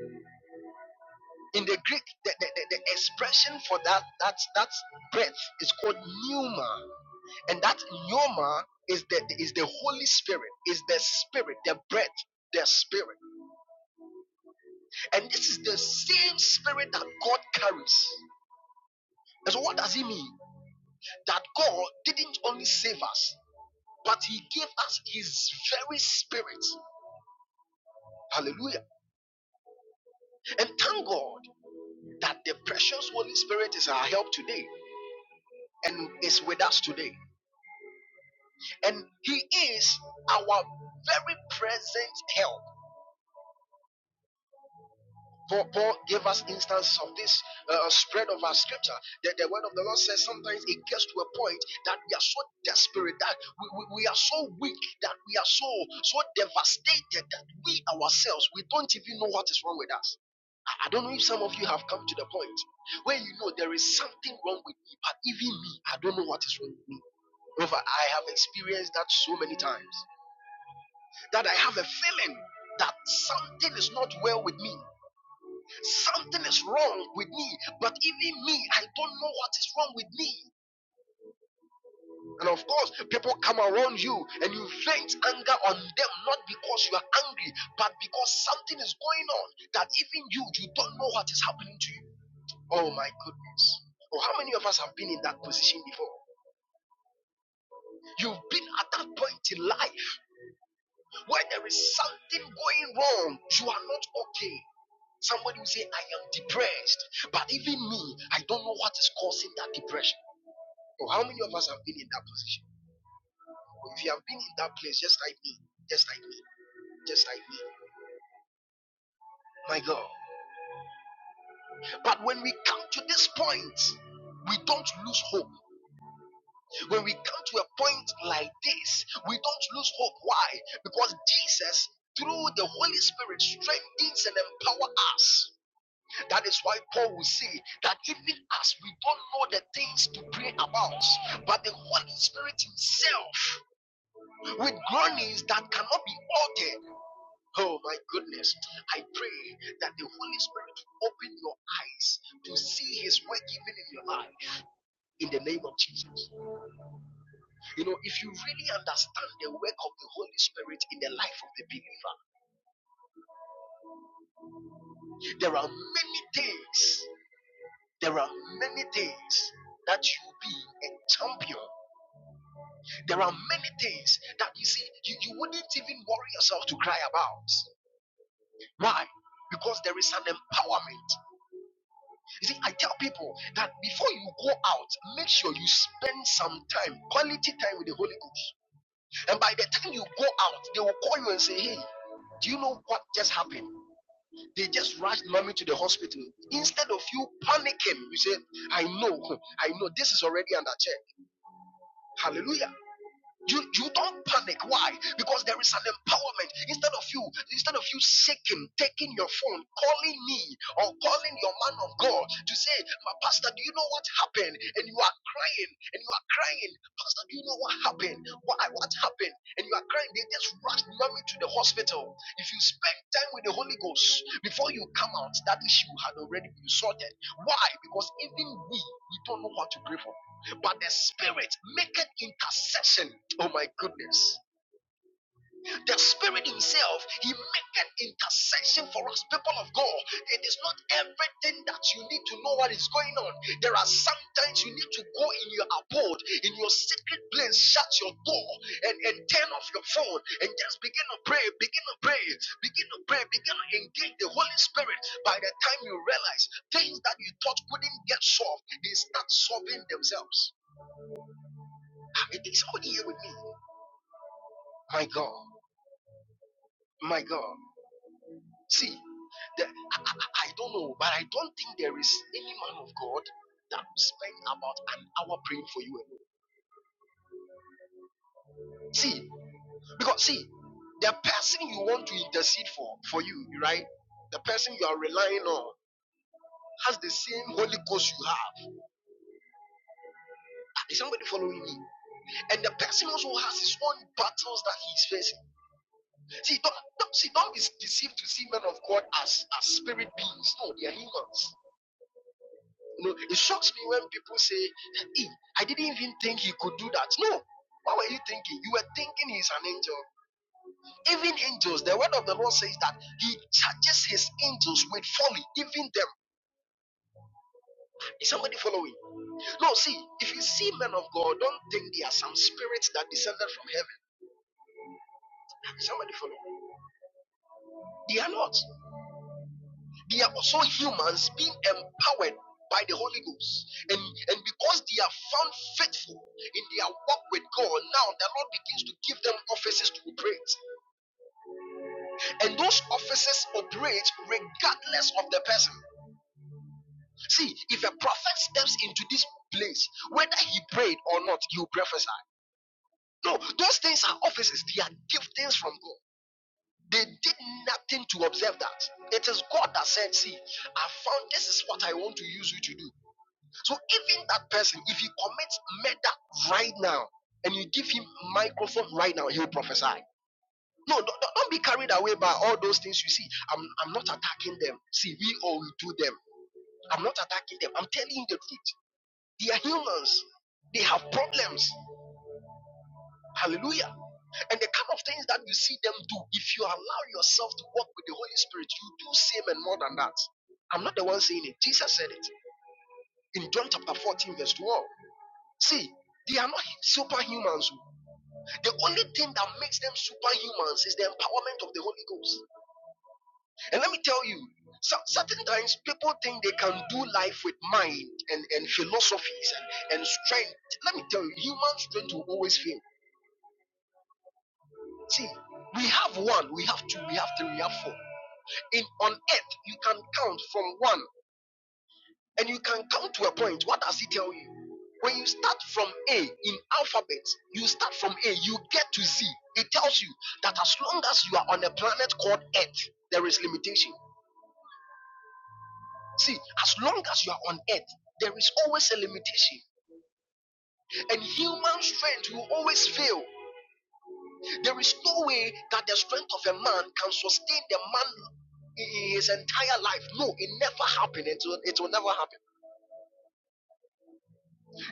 In the Greek, the, the, the, the expression for that that's that's breath is called pneuma, and that pneuma is the is the Holy Spirit, is the Spirit, the breath, the Spirit, and this is the same Spirit that God carries. And so, what does it mean? That God didn't only save us, but He gave us His very Spirit. Hallelujah! And thank God that the precious Holy Spirit is our help today and is with us today. and he is our very present help. Paul, Paul gave us instance of this uh, spread of our scripture. The, the word of the Lord says sometimes it gets to a point that we are so desperate that we, we, we are so weak that we are so so devastated that we ourselves we don't even know what is wrong with us. I I don't know if some of you have come to the point where you know there is something wrong with me, but even me, I don't know what is wrong with me. However, I have experienced that so many times. that I have a feeling that something is not well with me. Something is wrong with me. But even me, I don't know what is wrong with me. And of course, people come around you and you vent anger on them, not because you are angry, but because something is going on that even you, you don't know what is happening to you. Oh my goodness. Oh, how many of us have been in that position before? You've been at that point in life where there is something going wrong. You are not okay. Somebody will say, I am depressed. But even me, I don't know what is causing that depression. Oh, how many of us have been in that position? Oh, If you have been in that place, just like me, just like me, just like me. My God. But when we come to this point, we don't lose hope. When we come to a point like this, we don't lose hope. Why? Because Jesus, through the Holy Spirit, strengthens and empowers us. That is why Paul will say that even as we don't know the things to pray about, but the Holy Spirit Himself, with groanings that cannot be altered. Oh my goodness, I pray that the Holy Spirit will open your eyes to see His work even in your life in the name of Jesus. You know, if you really understand the work of the Holy Spirit in the life of the believer, there are many things, there are many things that you'll be a champion There are many things that you see, you, you wouldn't even worry yourself to cry about. Why? Because there is an empowerment. You see, I tell people that before you go out, make sure you spend some time, quality time with the Holy Ghost. And by the time you go out, they will call you and say, Hey, do you know what just happened? They just rushed mommy to the hospital. Instead of you panicking, you say, I know, I know, this is already under check. Hallelujah. You, you don't panic. Why? Because there is an empowerment. Instead of you, instead of you shaking, taking your phone, calling me or calling your man of God to say, My pastor, do you know what happened? And you are crying, and you are crying, Pastor, do you know what happened? Why what happened? And you are crying, they just rushed mommy to the hospital. If you spend time with the Holy Ghost before you come out, that issue had already been sorted. Why? Because even we, we don't know how to pray for but the spirit maketh intercession oh my goodness the spirit himself he maketh intercession for us people of god it is not everything that you need to know what is going on there are sometimes you need to go in your abode in your secret place shut your door and, and turn off your phone and just begin to pray begin to pray begin to pray begin to engage the holy spirit by the time you realize things that you thought couldn't get solved they start solving themselves it is all here with me? My God, my God. See, the, I, I don't know, but I don't think there is any man of God that will spend about an hour praying for you alone. See, because see, the person you want to intercede for, for you, right? The person you are relying on has the same Holy Ghost you have. Ah, Is somebody following me? And the person also has his own battles that he's facing. See, don't, don't see, don't be deceived to see men of God as as spirit beings. No, they are humans. You know, it shocks me when people say, hey, I didn't even think he could do that. No. What were you thinking? You were thinking he's an angel. Even angels, the word of the Lord says that he charges his angels with folly, even them. Is somebody following? No, see, if you see men of God, don't think they are some spirits that descended from heaven. Is somebody following? They are not. They are also humans being empowered by the Holy Ghost. And, and because they are found faithful in their work with God, now the Lord begins to give them offices to operate. And those offices operate regardless of the person. See, if a prophet steps into this place, whether he prayed or not, he will prophesy. No, those things are offices, they are giftings from God. They did nothing to observe that. It is God that said, See, I found this is what I want to use you to do. So even that person, if he commits murder right now and you give him microphone right now, he'll prophesy. No, don't, don't be carried away by all those things you see. I'm, I'm not attacking them. See, we all we do them. I'm not attacking them. I'm telling you the truth. They are humans. They have problems. Hallelujah. And the kind of things that you see them do, if you allow yourself to walk with the Holy Spirit, you do same and more than that. I'm not the one saying it. Jesus said it in John chapter 14, verse 12. See, they are not superhumans. oh. The only thing that makes them superhumans is the empowerment of the Holy Ghost. And let me tell you, so, certain times people think they can do life with mind and, and philosophies and, and strength. Let me tell you, human strength will always fail. See, we have one, we have two, we have three, we have four. In on earth, you can count from one And you can come to a point. What does it tell you? When you start from A in alphabet, you start from A, you get to Z. It tells you that as long as you are on a planet called Earth, there is limitation. See, as long as you are on Earth, there is always a limitation, and human strength will always fail. There is no way that the strength of a man can sustain the man his entire life. No, it never happened. It will, it will never happen.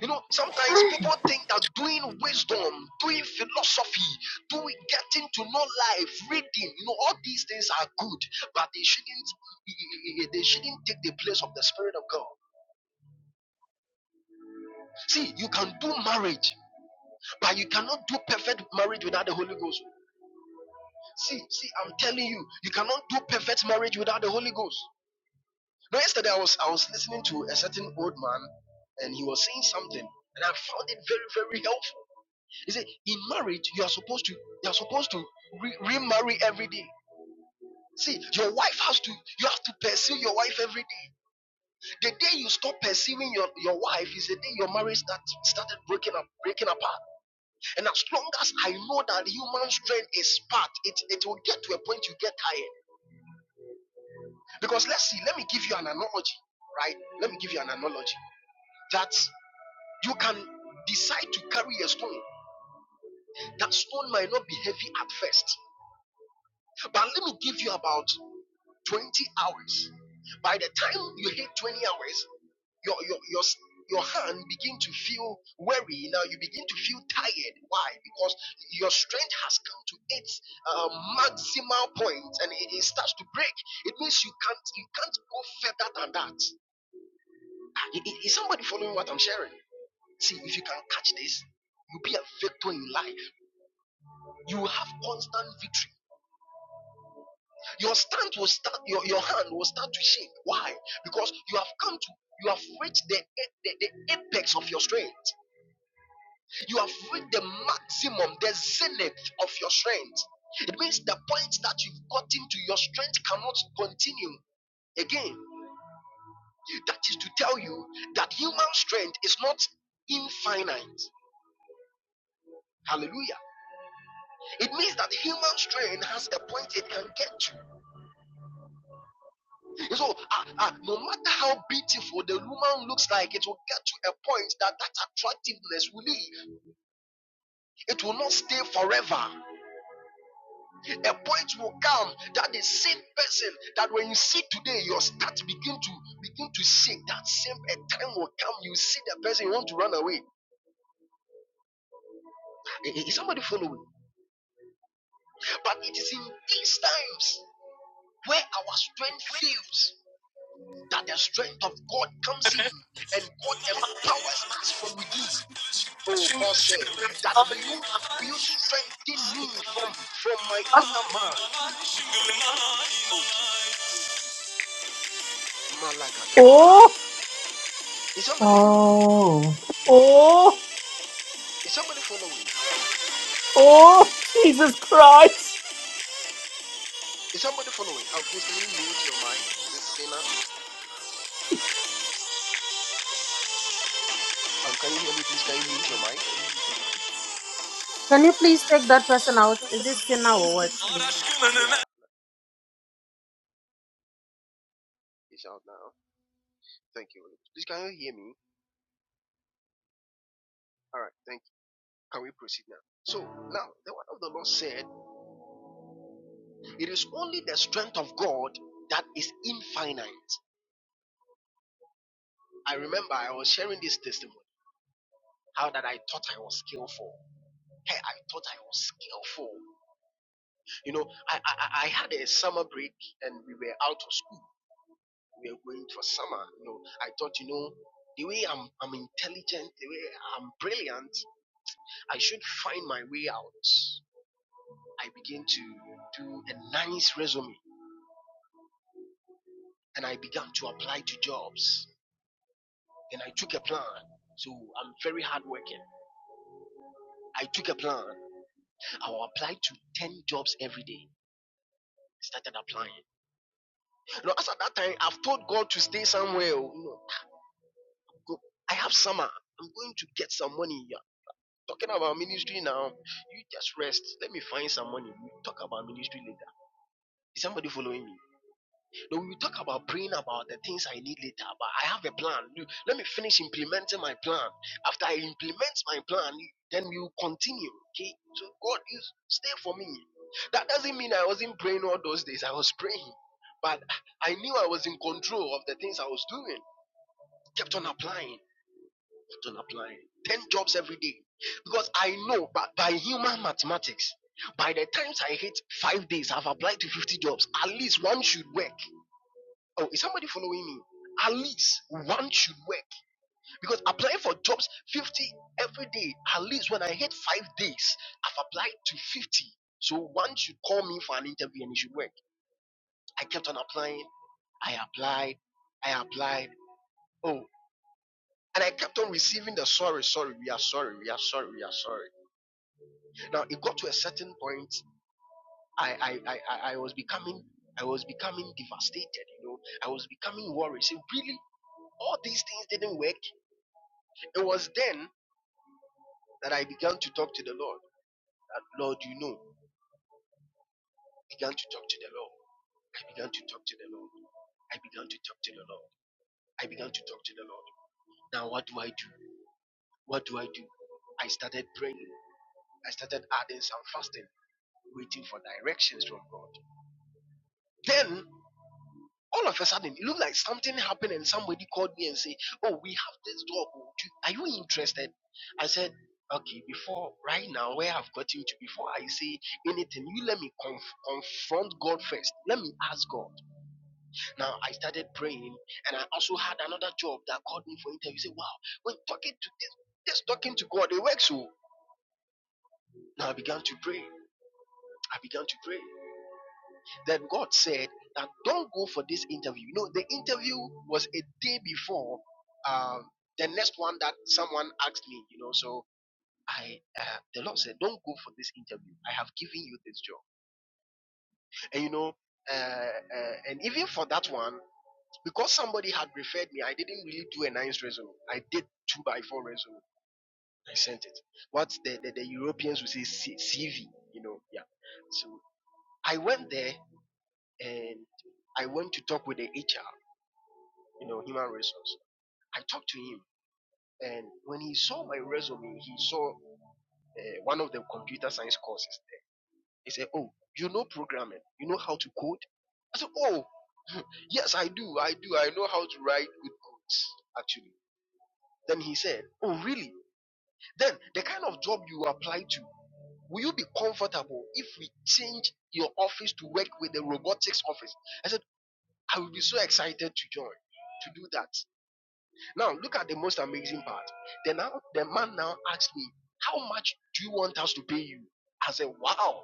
You know, sometimes people think that doing wisdom, doing philosophy, doing getting to know life, reading, you know, all these things are good, but they shouldn't they shouldn't take the place of the Spirit of God. See, you can do marriage, but you cannot do perfect marriage without the Holy Ghost. See, see, I'm telling you, you cannot do perfect marriage without the Holy Ghost. Now, yesterday I was I was listening to a certain old man, and he was saying something, and I found it very, very helpful. He said, in marriage, you are supposed to you are supposed to re- remarry every day. See, your wife has to you have to pursue your wife every day. The day you stop pursuing your, your wife is the day your marriage start, started breaking up, breaking apart. And as long as I know that human strength is part, it, it will get to a point you get tired. Because let's see, let me give you an analogy, right? Let me give you an analogy that you can decide to carry a stone. That stone might not be heavy at first. But let me give you about 20 hours. By the time you hit 20 hours, your your your s- your hand begin to feel weary. Now you begin to feel tired. Why? Because your strength has come to its uh, maximal point, and it, it starts to break. It means you can't you can't go further than that. Ah, i- i- Is somebody following what I'm sharing? See, if you can catch this, you'll be a victor in life. You will have constant victory. Your stand will start, your, your hand will start to shake. Why? Because you have come to, you have reached the, the, the apex of your strength. You have reached the maximum, the zenith of your strength. It means the point that you've gotten to, your strength cannot continue again. That is to tell you that human strength is not infinite. Hallelujah. It means that human strength has a point it can get to. And so, ah, ah, no matter how beautiful the woman looks like, it will get to a point that that attractiveness will leave. It will not stay forever. A point will come that the same person that when you see today, your start begin to begin to shake. That same a time will come, you see the person, you want to run away. Eh, eh, Is somebody following? But it is in these times where our strength fails that the strength of God comes in and God empowers us from within. Oh, Paul said that will you will you strengthen me from from my inner man? Oh Jesus.
Oh,
Malagadataya. Is somebody
Oh,
oh,
is somebody following?
oh, Jesus Christ.
Is somebody following? Um please can you mute your mic? Is this sinner? Um can you hear me? Please can you mute your mic?
Can you please take that person out? Is this sin now or what?
Yeah, it's out now. Thank you. Please can you hear me? Alright, thank you. Can we proceed now? So now the word of the Lord said, It is only the strength of God that is infinite. I remember I was sharing this testimony, how that I thought I was skillful. Hey, I thought I was skillful. You know, I, I I had a summer break and we were out of school. We were going for summer. You know, I thought, you know, the way I'm I'm intelligent, the way I'm brilliant, I should find my way out. I began to do a nice resume and I began to apply to jobs. Then I took a plan. So I'm very hardworking. I took a plan. I will apply to 10 jobs every day. Started applying. You know, as at that time, I've told God to stay somewhere. oh, You know. Go. I have summer. I'm going to get some money. You are talking about ministry now. You just rest. Let me find some money. We talk about ministry later. Is somebody following me? No, we talk about praying about the things I need later. But I have a plan. Let me finish implementing my plan. After I implement my plan, then we will continue. Okay. So God, you stay for me. That doesn't mean I wasn't praying all those days. I was praying, but I knew I was in control of the things I was doing. Kept on applying. on applying 10 jobs every day because I know by, by human mathematics, by the times I hit five days, I've applied to 50 jobs. At least one should work. Oh, is somebody following me? At least one should work because applying for jobs 50 every day, at least when I hit five days, I've applied to 50. So one should call me for an interview and it should work. I kept on applying. I applied. I applied. Oh, and I kept on receiving the sorry, sorry, we are sorry, we are sorry, we are sorry. Now it got to a certain point. I I I, I was becoming I was becoming devastated. You know, I was becoming worried. Say, really, all these things didn't work. It was then that I began to talk to the Lord. That Lord, you know, began to talk to the Lord. I began to talk to the Lord. I began to talk to the Lord. I began to talk to the Lord. Now what do I do? What do I do? I started praying. I started adding some fasting, waiting for directions from God. Then. All of a sudden, it looked like something happened, and somebody called me and said, "Oh, we have this job. oh, Are you interested?" I said, "Okay." Before right now, where I've gotten to, before I say anything, you let me conf- confront God first. Let me ask God. Now I started praying, and I also had another job that called me for interview. Say, "Wow, when talking to this, just talking to God, it works." So now I began to pray. I began to pray. Then God said "Now don't go for this interview. You know, the interview was a day before um, the next one that someone asked me. You know, so I uh, the Lord said, don't go for this interview. I have given you this job, and you know, uh, uh, and even for that one, because somebody had referred me, I didn't really do a nice resume. I did two by four resume. I sent it. What the, the, the Europeans would say C- CV. You know, yeah. So I went there and I went to talk with the HR. you know, human resource. I talked to him, and when he saw my resume, he saw uh, one of the computer science courses there. He said, "Oh, you know programming? You know how to code?" I said, "Oh, yes, I do. I do. I know how to write good codes, actually." Then he said, "Oh, really? Then the kind of job you apply to." Will you be comfortable if we change your office to work with the robotics office? I said, I will be so excited to join, to do that. Now look at the most amazing part. Then now the man now asked me, How much do you want us to pay you? I said, Wow,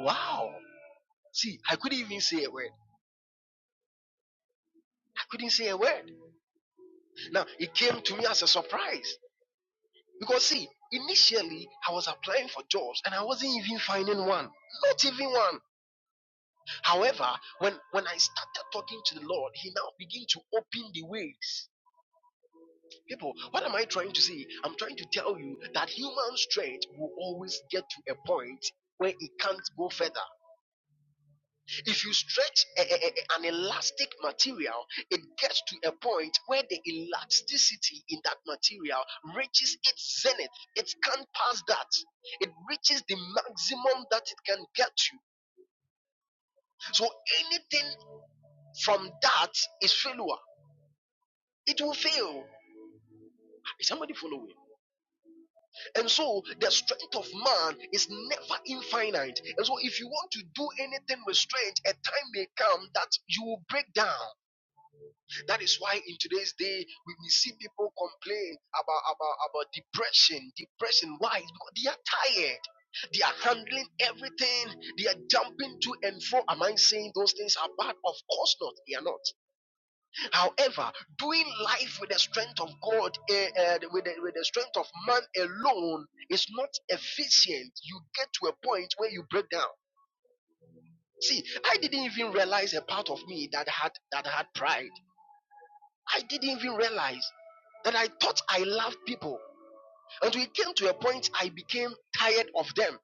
wow. See, I couldn't even say a word. I couldn't say a word. Now it came to me as a surprise. Because see, initially I was applying for jobs and I wasn't even finding one. Not even one. However, when when I started talking to the Lord, he now began to open the ways. People, what am I trying to say? I'm trying to tell you that human strength will always get to a point where it can't go further. If you stretch a- a- a- an elastic material, it gets to a point where the elasticity in that material reaches its zenith. It can't pass that. It reaches the maximum that it can get to. So anything from that is failure. It will fail. Is somebody following? And so the strength of man is never infinite. And so if you want to do anything with strength, a time may come that you will break down. That is why in today's day we, we see people complain about, about, about depression. Depression. Why? Because they are tired. They are handling everything. They are jumping to and fro. Am I saying those things are bad? Of course not. They are not. However, doing life with the strength of God, eh, eh, with, the, with the strength of man alone, is not efficient. You get to a point where you break down. See, I didn't even realize a part of me that had that had pride. I didn't even realize that I thought I loved people, and we came to a point I became tired of them.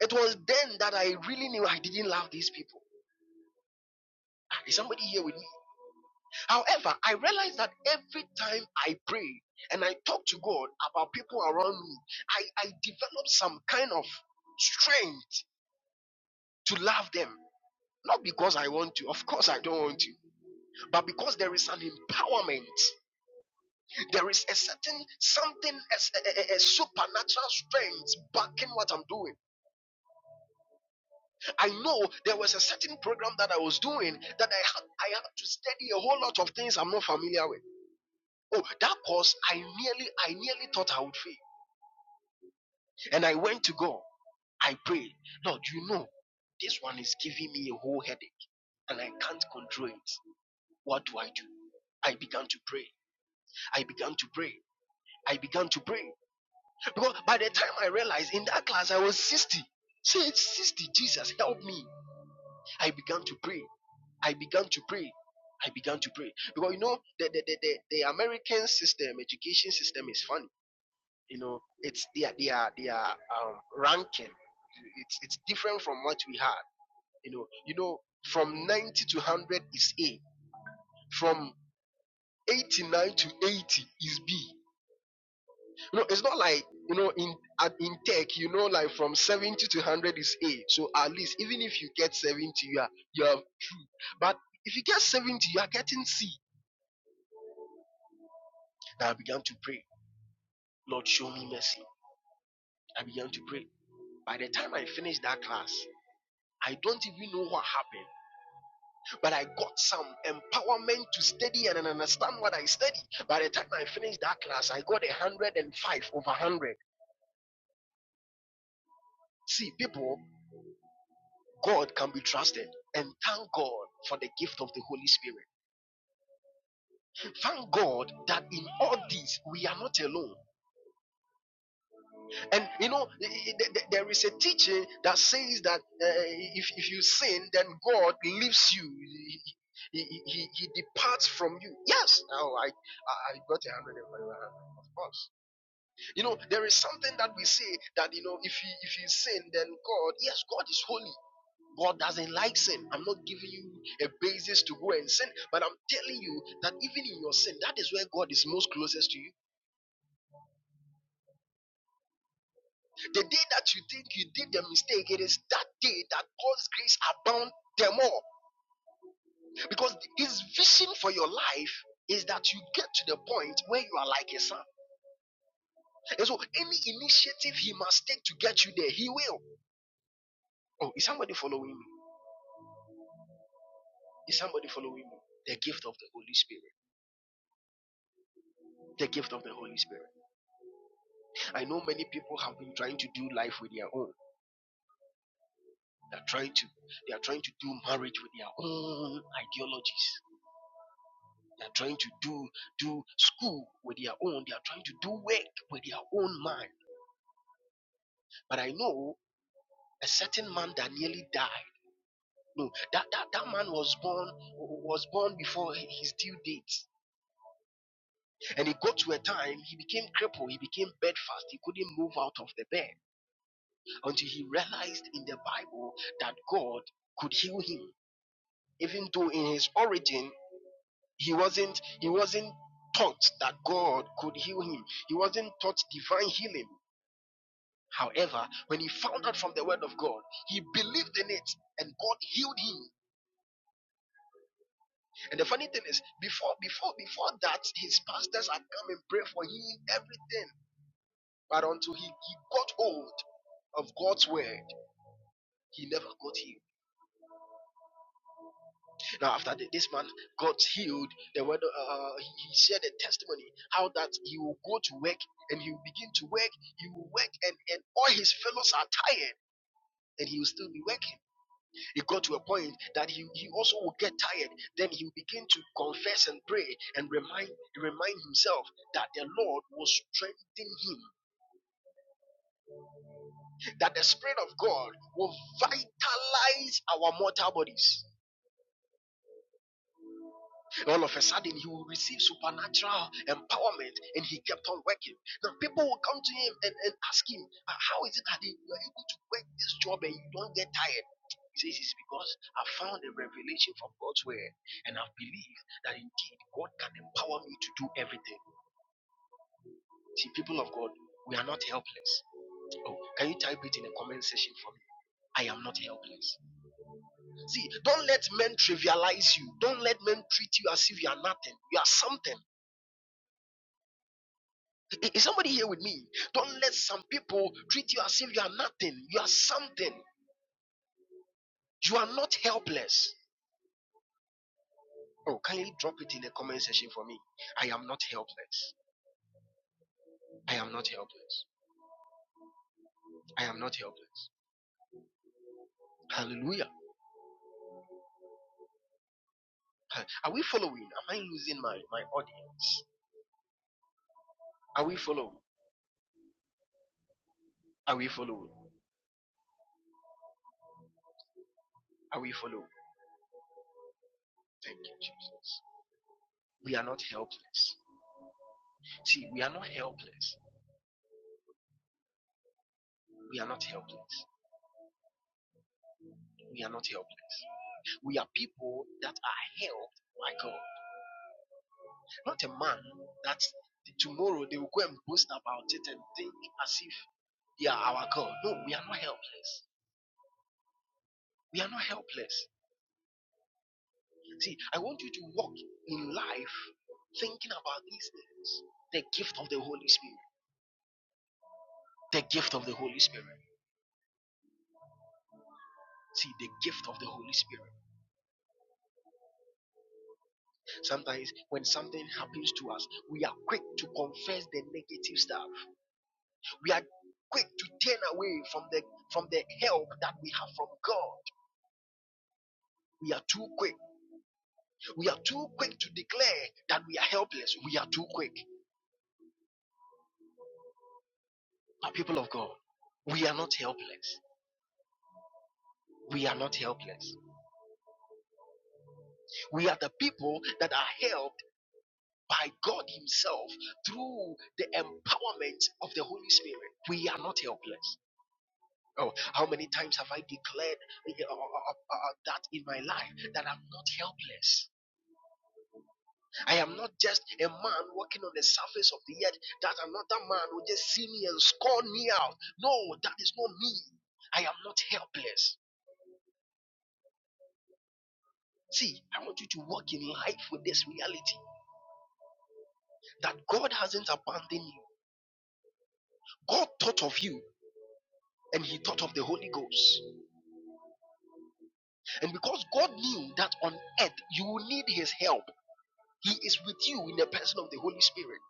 It was then that I really knew I didn't love these people. Ah, Is somebody here with me? However, I realize that every time I pray and I talk to God about people around me, I, I develop some kind of strength to love them. Not because I want to, of course I don't want to, but because there is an empowerment. There is a certain something, a a, a- a supernatural strength backing what I'm doing. I know there was a certain program that I was doing that I had, I had to study a whole lot of things I'm not familiar with. Oh, that course, I nearly, I nearly thought I would fail. And I went to God. I prayed, Lord, you know, this one is giving me a whole headache and I can't control it. What do I do? I began to pray. I began to pray. I began to pray. Because by the time I realized in that class, I was 60. Say, "It's 60, Jesus, help me. I began to pray. I began to pray. I began to pray. Because you know, the, the, the, the, the American system, education system is funny. You know, it's their, their, their um, ranking. It's, it's different from what we had. You know, you know, from 90 to 100 is A. From 89 to 80 is B. You know, it's not like you know in at, in tech. You know, like from 70 to 100 is A. So at least even if you get 70, you are you are true. But if you get 70, you are getting C. Now I began to pray. Lord, show me mercy. I began to pray. By the time I finished that class, I don't even know what happened but I got some empowerment to study and understand what I study. By the time I finished that class, I got a 105 over 100. See, people, God can be trusted. And thank God for the gift of the Holy Spirit. Thank God that in all this, we are not alone. And you know, there is a teaching that says that uh, if, if you sin, then God leaves you. He, he, he, departs from you. Yes. Now I I got a hundred and five, of course. You know, there is something that we say that you know, if he if you sin, then God, yes, God is holy. God doesn't like sin. I'm not giving you a basis to go and sin, but I'm telling you that even in your sin, that is where God is most closest to you. The day that you think you did the mistake, it is that day that God's grace abounds them all. Because his vision for your life is that you get to the point where you are like a son. And so any initiative he must take to get you there, he will. Oh, is somebody following me? Is somebody following me? The gift of the Holy Spirit. The gift of the Holy Spirit. I know many people have been trying to do life with their own. They're trying to they are trying to do marriage with their own ideologies. They are trying to do do school with their own. They are trying to do work with their own mind. But I know a certain man that nearly died. No, that, that, that man was born was born before his due date. And he got to a time he became crippled, he became bedfast, he couldn't move out of the bed. until he realized in the Bible that God could heal him, even though in his origin he wasn't he wasn't taught that God could heal him. He wasn't taught divine healing. However, when he found out from the word of God, he believed in it and God healed him. And the funny thing is, before before before that, his pastors had come and prayed for him everything. But until he, he got hold of God's word, he never got healed. Now, after the, this man got healed, the word uh, uh, he, he shared a testimony how that he will go to work and he will begin to work. He will work, and, and all his fellows are tired, and he will still be working. It got to a point that he, he also will get tired. Then he will begin to confess and pray and remind remind himself that the Lord will strengthen him, that the Spirit of God will vitalize our mortal bodies All of a sudden, he will receive supernatural empowerment and he kept on working. Now, people will come to him and, and ask him, "Ah, How is it that you are able to work this job and you don't get tired? He says, It's because I found a revelation from God's word and I believe that indeed God can empower me to do everything. See, people of God, we are not helpless. Oh, can you type it in the comment section for me? I am not helpless. See, don't let men trivialize you. Don't let men treat you as if you are nothing. You are something. I- Is somebody here with me? Don't let some people treat you as if you are nothing. You are something. You are not helpless. Oh, kindly drop it in the comment section for me. I am not helpless. I am not helpless. I am not helpless. Hallelujah. Ha- Are we following? Am I losing my, my audience? Are we following? Are we following? Are we following? Thank you, Jesus. We are not helpless. See, we are not helpless. We are not helpless. We are not helpless. We are people that are helped by God. not a man that tomorrow they will go and boast about it and think as if they are our God. No, we are not helpless. We are not helpless. See, I want you to walk in life thinking about these things. The gift of the Holy Spirit. The gift of the Holy Spirit. See, the gift of the Holy Spirit. Sometimes when something happens to us, we are quick to confess the negative stuff. We are quick to turn away from the from the help that we have from God. We are too quick We are too quick to declare that we are helpless. We are too quick. But people of God, we are not helpless. We are not helpless. We are the people that are helped by God Himself through the empowerment of the Holy Spirit. We are not helpless. Oh, how many times have I declared uh, uh, uh, uh, that in my life that I'm not helpless? I am not just a man walking on the surface of the earth that another man will just see me and scorn me out. No, that is not me. I am not helpless. See, I want you to walk in life with this reality that God hasn't abandoned you. God thought of you and he thought of the Holy Ghost. And because God knew that on earth you will need his help, he is with you in the person of the Holy Spirit.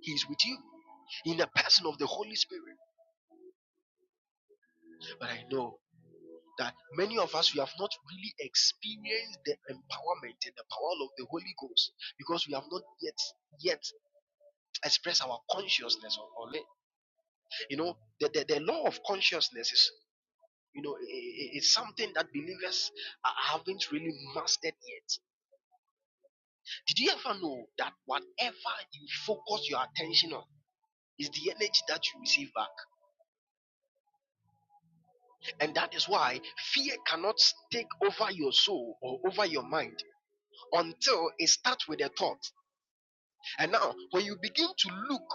He is with you in the person of the Holy Spirit. But I know. that many of us we have not really experienced the empowerment and the power of the Holy Ghost because we have not yet yet expressed our consciousness on, it. You know, the, the, the law of consciousness is you know i- it's something that believers haven't really mastered yet. Did you ever know that whatever you focus your attention on is the energy that you receive back? And that is why fear cannot take over your soul or over your mind until it starts with a thought. And now, when you begin to look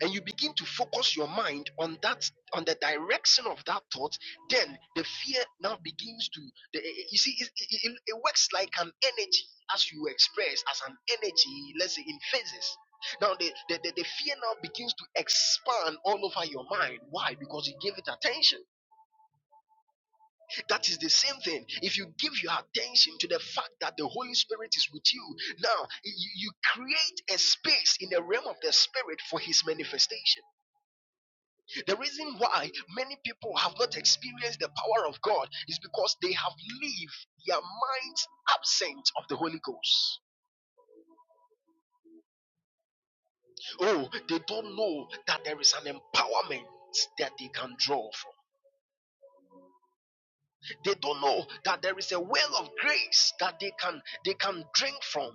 and you begin to focus your mind on that, on the direction of that thought, then the fear now begins to. The, eh, you see, it, it, it works like an energy, as you express as an energy, let's say in phases. Now, the, the, the, the fear now begins to expand all over your mind. Why? Because you gave it attention. That is the same thing. If you give your attention to the fact that the Holy Spirit is with you, now you, you create a space in the realm of the Spirit for His manifestation. The reason why many people have not experienced the power of God is because they have lived their minds absent of the Holy Ghost. Oh, they don't know that there is an empowerment. That they can draw from. They don't know that there is a well of grace that they can they can drink from.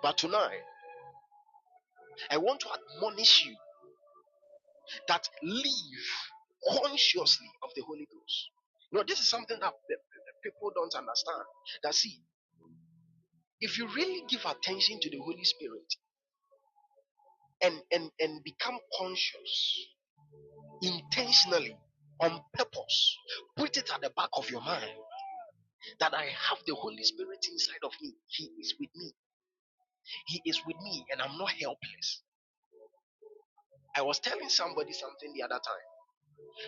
But tonight I want to admonish you that live consciously of the Holy Ghost. You know, this is something that the- the people don't understand. That see, if you really give attention to the Holy Spirit and and and become conscious intentionally on purpose, put it at the back of your mind that I have the Holy Spirit inside of me. He is with me. He is with me, and I'm not helpless. I was telling somebody something the other time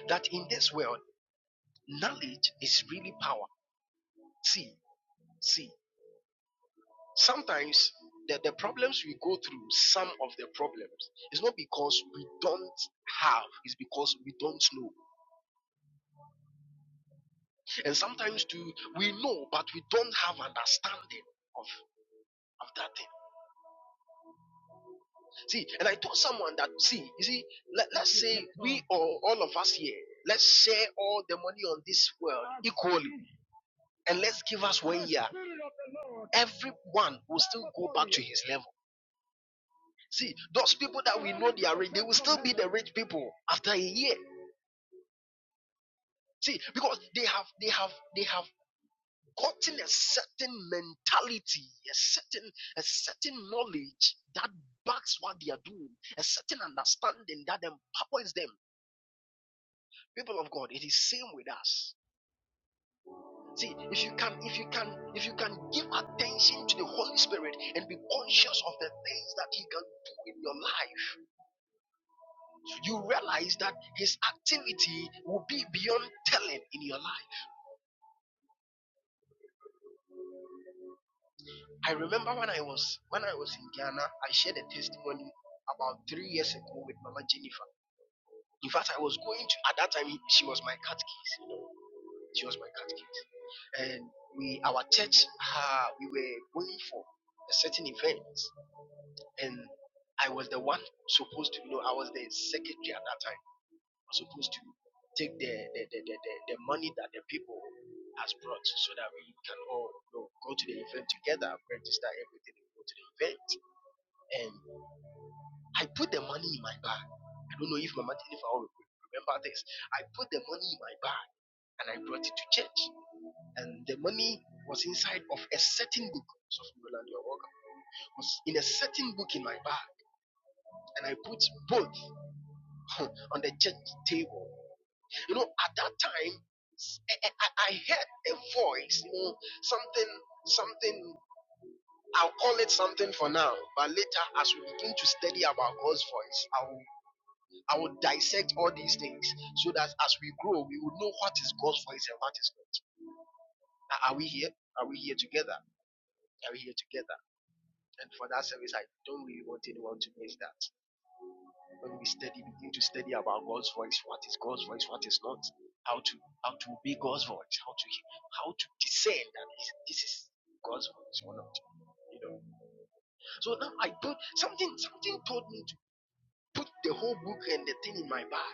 that in this world, knowledge is really power see see sometimes the, the problems we go through some of the problems it's not because we don't have it's because we don't know and sometimes too we know but we don't have understanding of of that thing see and i told someone that see you see let, let's say we or all of us here let's share all the money on this world equally and let's give us one year everyone will still go back to his level See, those people that we know they are rich, they will still be the rich people after a year. See, because they have they have they have gotten a certain mentality, a certain a certain knowledge that backs what they are doing, a certain understanding that empowers them. People of God, it is same with us. See, if you can if you can if you can give attention to the Holy Spirit and be conscious of the things that He can do in your life you realize that his activity will be beyond telling in your life. I remember when I was when I was in Ghana, I shared a testimony about three years ago with Mama Jennifer. In fact, I was going to at that time she was my catechist. you know, she was my catechist, and we our church uh, we were going for a certain event, and I was the one supposed to, you know, I was the secretary at that time. was supposed to take the the, the, the, the the money that the people has brought so that we can all you know, go to the event together, register everything, and go to the event. And I put the money in my bag. I don't know if Mama Jennifer will remember this. I put the money in my bag and I brought it to church. And the money was inside of a certain book. So Roland, you're welcome. It Was in a certain book in my bag, and I put both on the church table You know, at that time, I I, I heard a voice, you know, something, something, I'll call it something for now, but later as we begin to study about God's voice, I will, I will dissect all these things so that as we grow, we will know what is God's voice and what is not. Are are we here? Are we here together? Are we here together? And for that service, I don't really want anyone to miss that. When we study, begin to study about God's voice. What is God's voice? What is not? How to how to obey God's voice? How to how to discern that this is God's voice or not? You know. So now I put something something told me to put the whole book and the thing in my bag.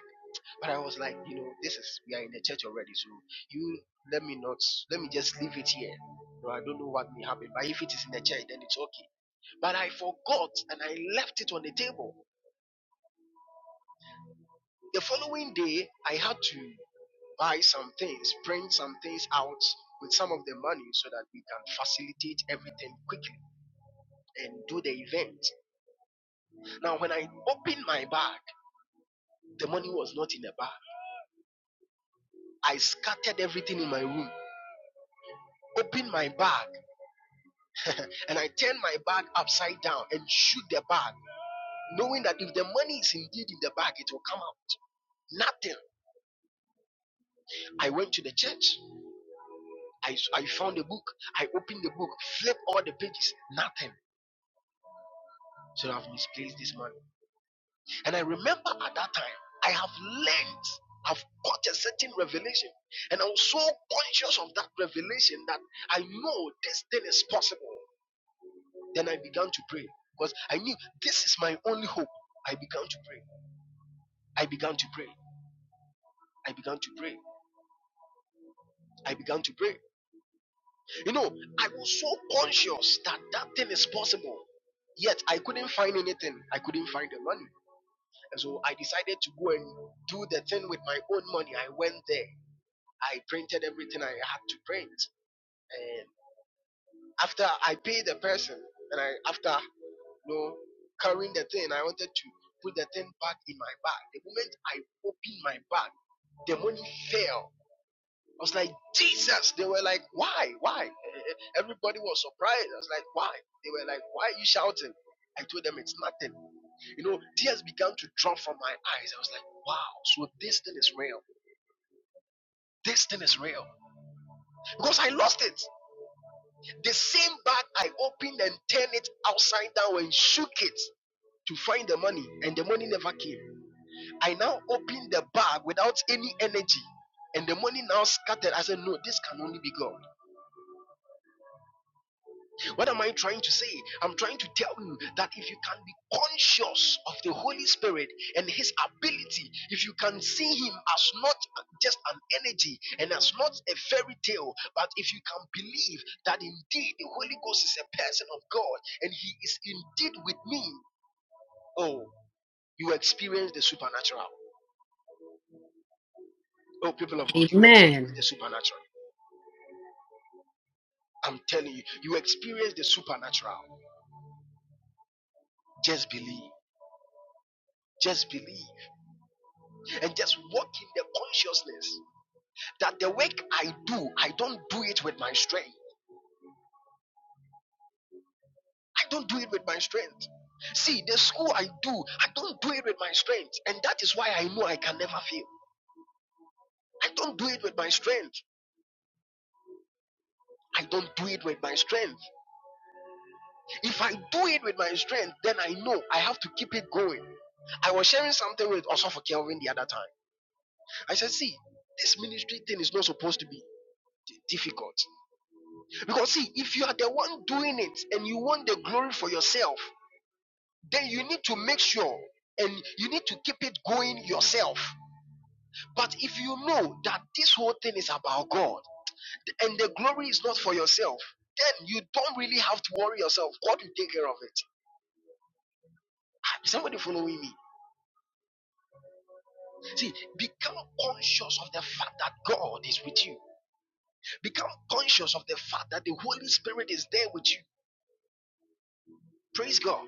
But I was like, you know, this is we are in the church already, so you let me not let me just leave it here. No, I don't know what may happen. But if it is in the church, then it's okay. But I forgot and I left it on the table. The following day I had to buy some things, print some things out with some of the money so that we can facilitate everything quickly and do the event. Now, when I opened my bag, the money was not in the bag. I scattered everything in my room, opened my bag, and I turned my bag upside down and shoot the bag, knowing that if the money is indeed in the bag, it will come out. Nothing. I went to the church. I, I found a book. I opened the book, flipped all the pages. Nothing. So I've misplaced this money. And I remember at that time, I have learned, I've got a certain revelation. And I was so conscious of that revelation that I know this thing is possible. Then I began to pray because I knew this is my only hope. I began to pray. I began to pray. I began to pray. I began to pray. You know, I was so conscious that that thing is possible. Yet I couldn't find anything. I couldn't find the money. And so I decided to go and do the thing with my own money. I went there I printed everything I had to print. And after I paid the person, and I after you know carrying the thing, I wanted to put the thing back in my bag. The moment I opened my bag, the money fell. I was like, Jesus. They were like, why? Why? Eh, Everybody was surprised. I was like, why? They were like, why are you shouting? I told them it's nothing. You know, tears began to drop from my eyes. I was like, wow, so this thing is real. This thing is real. Because I lost it. The same bag I opened and turned it upside down and shook it to find the money, and the money never came. I now opened the bag without any energy, and the money now scattered. I said, No, this can only be God. What am I trying to say? I'm trying to tell you that if you can be conscious of the Holy Spirit and His ability, if you can see Him as not just an energy and as not a fairy tale, but if you can believe that indeed the Holy Ghost is a person of God and He is indeed with me, oh, you experience the supernatural. Oh, people of God, you experience
Amen.
the supernatural. I'm telling you, you experience the supernatural. Just believe. Just believe and just walk in the consciousness. that the work I do, I don't do it with my strength. I don't do it with my strength. See, the school I do, I don't do it with my strength. And that is why I know I can never fail. I don't do it with my strength. I don't do it with my strength. If I do it with my strength, then I know I have to keep it going. I was sharing something with Osofo Kelvin the other time. I said, see, this ministry thing is not supposed to be difficult. Because see, if you are the one doing it and you want the glory for yourself, then you need to make sure and you need to keep it going yourself. But if you know that this whole thing is about God and the glory is not for yourself, then you don't really have to worry yourself. God will take care of it. Is Ah, Somebody following me. See, become conscious of the fact that God is with you. Become conscious of the fact that the Holy Spirit is there with you. Praise God.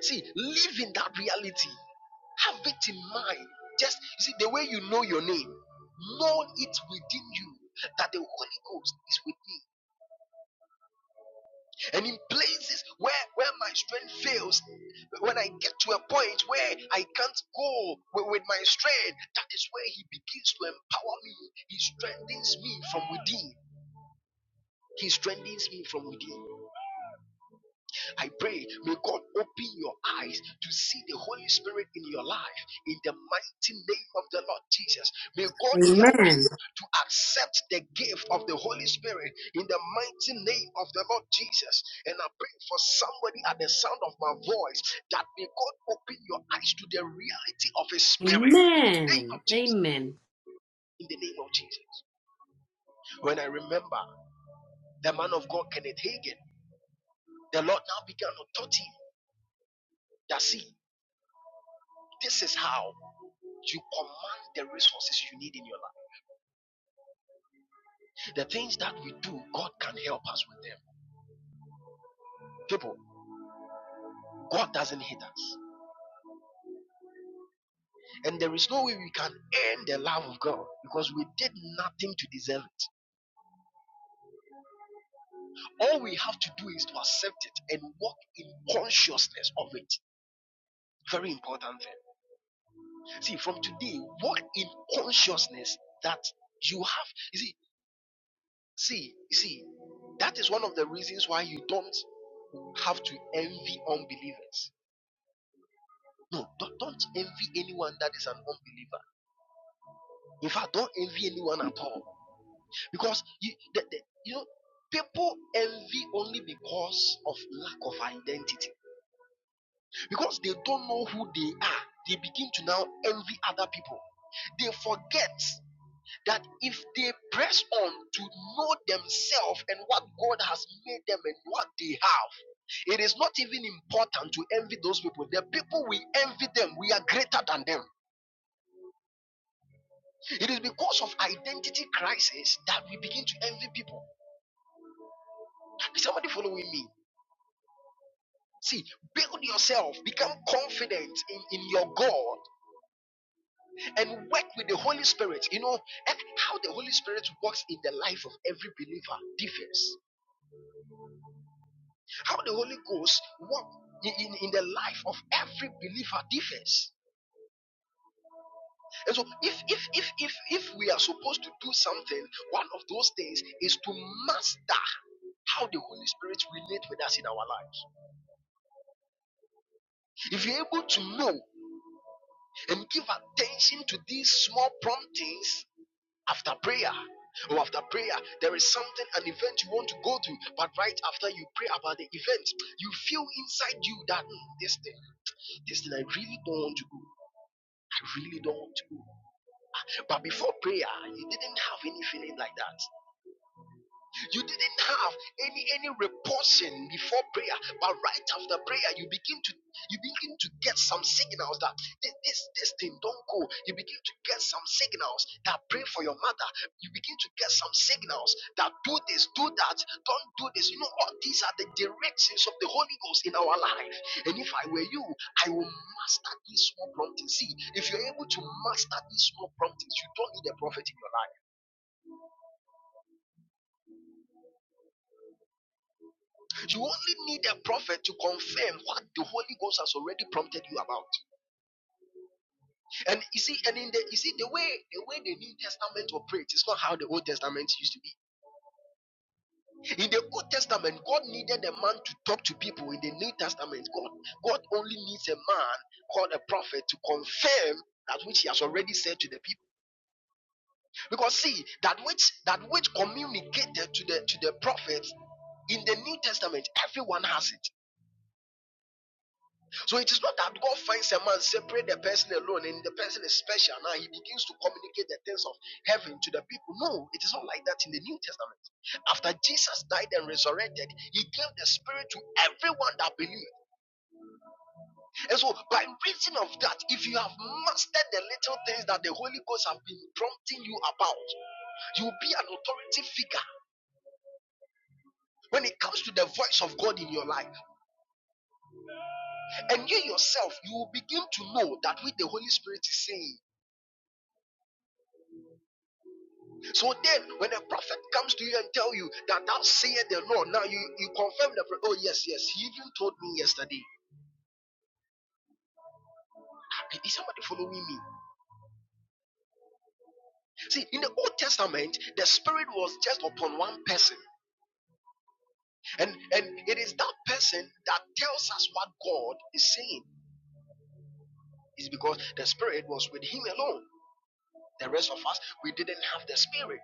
See, live in that reality. Have it in mind. Just you see the way you know your name, know it within you that the Holy Ghost is with me. And in places where where my strength fails, when I get to a point where I can't go wi- with my strength, that is where He begins to empower me. He strengthens me from within. He strengthens me from within. I pray, may God open your eyes to see the Holy Spirit in your life in the mighty name of the Lord Jesus. May God help
Amen.
you to accept the gift of the Holy Spirit in the mighty name of the Lord Jesus. And I pray for somebody at the sound of my voice that may God open your eyes to the reality of His Spirit in the name
Amen.
of Jesus.
Amen.
In the name of Jesus. When I remember the man of God, Kenneth Hagin, the Lord now began to taught him that see, this is how. You command the resources you need in your life. The things that we do, God can help us with them. People, God doesn't hate us. And there is no way we can earn the love of God because we did nothing to deserve it. All we have to do is to accept it and walk in consciousness of it. Very important thing. See, from today, walk in consciousness that you have. You see, see, you see, that is one of the reasons why you don't have to envy unbelievers No, don't, don't envy anyone that is an unbeliever. In fact, don't envy anyone at all. Because you, the, the, you know, people envy only because of lack of identity. Because they don't know who they are. They begin to now envy other people. They forget that if they press on to know themselves and what God has made them and what they have, it is not even important to envy those people. The people we envy them, we are greater than them. It is because of identity crisis that we begin to envy people. Is somebody following me? See, build yourself, become confident in, in your God, and work with the Holy Spirit. You know, and how the Holy Spirit works in the life of every believer differs. How the Holy Ghost works in, in, in the life of every believer differs. And so if if if if if we are supposed to do something, one of those things is to master how the Holy Spirit relates with us in our lives. If you're able to know and give attention to these small promptings after prayer, or after prayer, there is something, an event you want to go to, but right after you pray about the event, you feel inside you that "Hmm, this thing, this thing, I really don't want to go. I really don't want to go. But before prayer, you didn't have any feeling like that. You didn't have any any repulsion before prayer, but right after prayer, you begin to you begin to get some signals that this this, this thing don't go. You begin to get some signals that pray for your mother. You begin to get some signals that do this, do that, don't do this. You know, all these are the directions of the Holy Ghost in our life. And if I were you, I will master these small promptings. See, if you're able to master these small promptings, you don't need a prophet in your life. You only need a prophet to confirm what the Holy Ghost has already prompted you about. And you see, and in the you see the way the way the New Testament operates is not how the Old Testament used to be. In the Old Testament, God needed a man to talk to people. In the New Testament, God God only needs a man called a prophet to confirm that which he has already said to the people. Because see, that which that which communicated to the to the prophets in the New Testament, everyone has it. So it is not that God finds a man, separate the person alone, and the person is special. Now he begins to communicate the things of heaven to the people. No, it is not like that in the New Testament. After Jesus died and resurrected, he gave the Spirit to everyone that believed. And so, by reason of that, if you have mastered the little things that the Holy Ghost have been prompting you about, you'll be an authority figure. When it comes to the voice of God in your life, and you yourself, you will begin to know that what the Holy Spirit is saying. So then, when a prophet comes to you and tell you that thou sayest the Lord, now you, you confirm the prophet. Oh, yes, yes. He even told me yesterday. Hey, Is somebody following me? See, in the Old Testament, the Spirit was just upon one person. And and it is that person that tells us what God is saying. Is because the Spirit was with him alone. The rest of us, we didn't have the Spirit.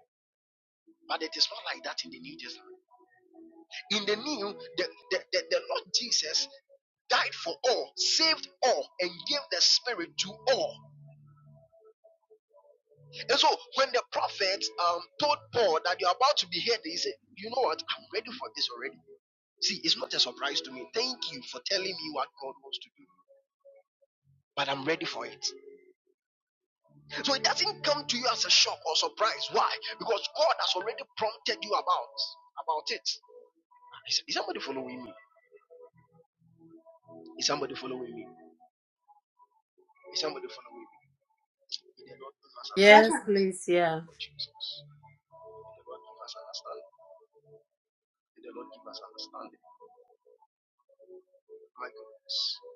But it is not like that in the New Testament. In the New, the, the, the, the Lord Jesus died for all, saved all, and gave the spirit to all. And so when the prophet um, told Paul that you're about to be here, he said, You know what? I'm ready for this already. See, it's not a surprise to me. Thank you for telling me what God wants to do. But I'm ready for it. So it doesn't come to you as a shock or surprise. Why? Because God has already prompted you about about it. Is, is somebody following me? Is somebody following me? Is somebody following me? May the Lord give us
Yes,
understanding.
please. Yeah.
for Jesus. May the Lord give us understanding. May the Lord give us understanding. My goodness.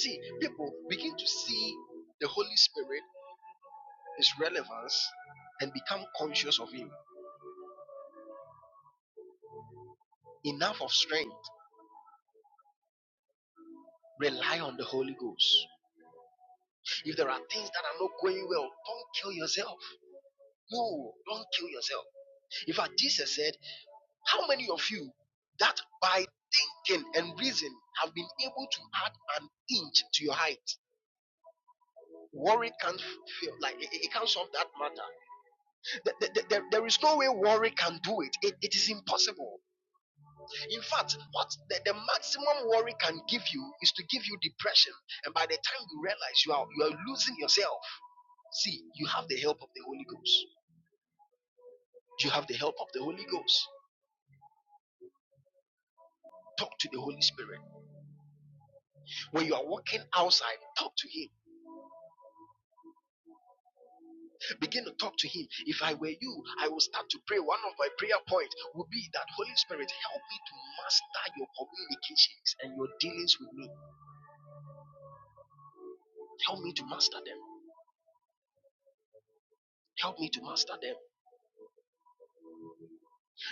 See, people begin to see the Holy Spirit, his relevance, and become conscious of him. Enough of strength. Rely on the Holy Ghost. If there are things that are not going well, don't kill yourself. No, don't kill yourself. In fact, Jesus said, How many of you that by thinking and reason have been able to add an inch to your height? Worry can't feel like it, it it can't solve that matter. Th- There, there is no way worry can do it. It, it is impossible. In fact, what the, the maximum worry can give you is to give you depression. And by the time you realize you are you are losing yourself, see, you have the help of the Holy Ghost. You have the help of the Holy Ghost. Talk to the Holy Spirit. When you are walking outside, talk to Him. Begin to talk to Him. If I were you, I will start to pray. One of my prayer points will be that Holy Spirit, help me to master your communications and your dealings with me. Help me to master them. Help me to master them.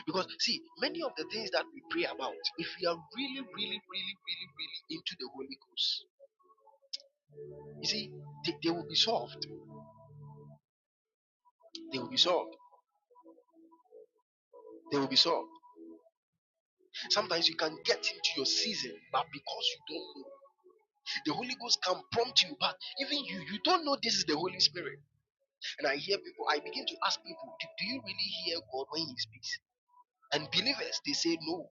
Because, see, many of the things that we pray about, if we are really, really, really, really, really into the Holy Ghost, you see, they, they will be solved. They will be solved. They will be solved. Sometimes you can get into your season, but because you don't know, the Holy Ghost can prompt you. But even you, you don't know this is the Holy Spirit. And I hear people, I begin to ask people, do, do you really hear God when He speaks? And believers, they say no.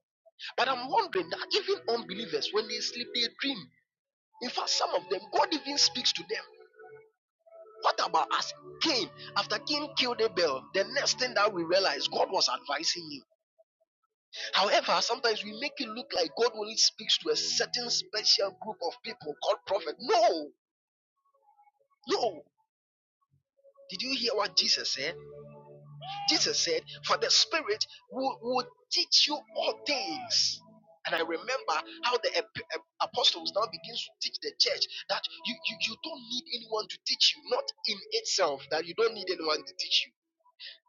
But I'm wondering that even unbelievers, when they sleep, they dream. In fact, some of them, God even speaks to them. What about us? Cain, after Cain killed Abel, the next thing that we realize, God was advising him. However, sometimes we make it look like God only speaks to a certain special group of people called prophet. No, no. Did you hear what Jesus said? Jesus said, For the Spirit will, will teach you all things. And I remember how the ap- ap- apostles now begins to teach the church that you, you, you don't need anyone to teach you, not in itself, that you don't need anyone to teach you.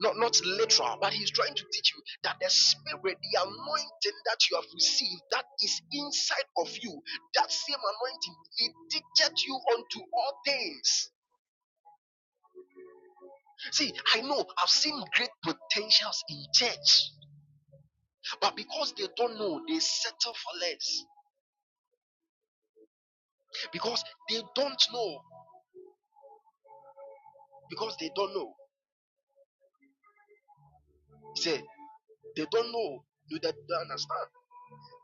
Not, not literal, but he's trying to teach you that the spirit, the anointing that you have received, that is inside of you, that same anointing, it teaches you unto all things. See, I know I've seen great potentials in church But because they don't know, they settle for less. Because they don't know. Because they don't know. He said, they don't know. do they understand.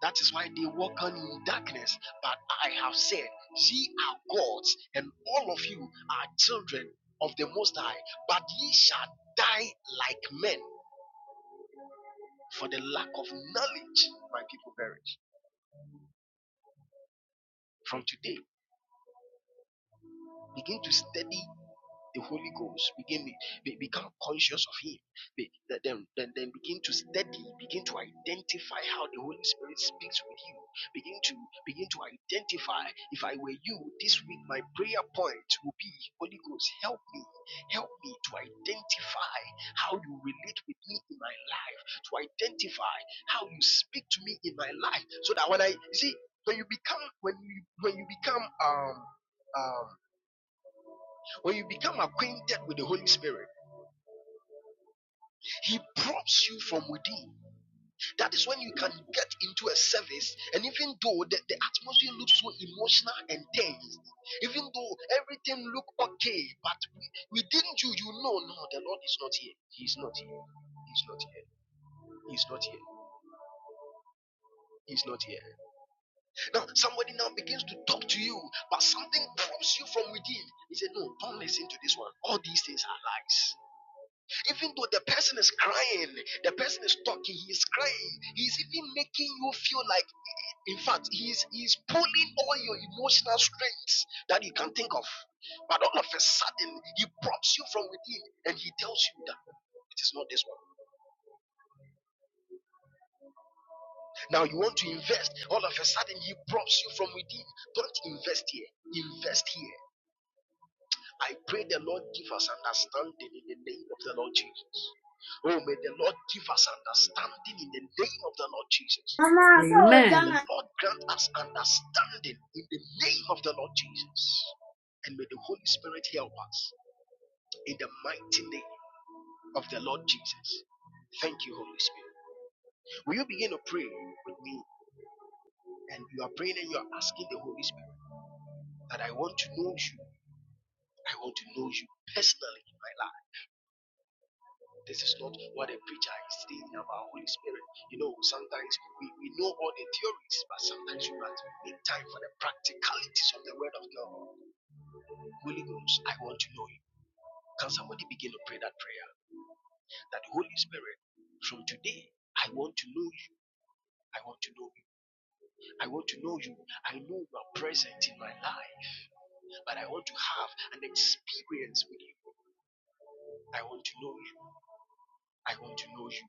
That is why they walk on in darkness. But I have said, ye are gods, and all of you are children of the Most High. But ye shall die like men, for the lack of knowledge, my people perish. From today, begin to study the Holy Ghost, begin be, become conscious of Him, be, then, then, then begin to study, begin to identify how the Holy Spirit speaks with you. Begin to begin to identify. If I were you this week, my prayer point will be Holy Ghost, help me, help me to identify how you relate with me in my life, to identify how you speak to me in my life, so that when I you see when you become when you when you become um um when you become acquainted with the Holy Spirit, He prompts you from within. That is when you can get into a service, and even though the, the atmosphere looks so emotional and tense, even though everything looks okay, but within you, you know, no, the Lord is not here. He's not here. He's not here. He's not here. He's not here. Now, somebody now begins to talk to you, but something prompts you from within. He said, No, don't listen to this one. All these things are lies. Even though the person is crying, the person is talking, he is crying, he's even making you feel like, in fact, he's, he's pulling all your emotional strengths that you can think of. But all of a sudden, he prompts you from within and he tells you that it is not this one. Now you want to invest, all of a sudden, he prompts you from within. Don't invest here, invest here I pray the Lord give us understanding in the name of the Lord Jesus. Oh, may the Lord give us understanding in the name of the Lord Jesus.
Mama, so we're Amen.
May the
done.
Lord grant us understanding in the name of the Lord Jesus. And may the Holy Spirit help us in the mighty name of the Lord Jesus. Thank you, Holy Spirit. Will you begin to pray with me? And you are praying and you are asking the Holy Spirit that I want to know you. I want to know you personally in my life. This is not what a preacher is saying about Holy Spirit. You know, sometimes we, we know all the theories, but sometimes we must make time for the practicalities of the Word of God. Holy Ghost, I want to know you. Can somebody begin to pray that prayer? That Holy Spirit, from today, I want to know you. I want to know you. I want to know you. I know you are present in my life, but I want to have an experience with you. I want to know you. I want to know you.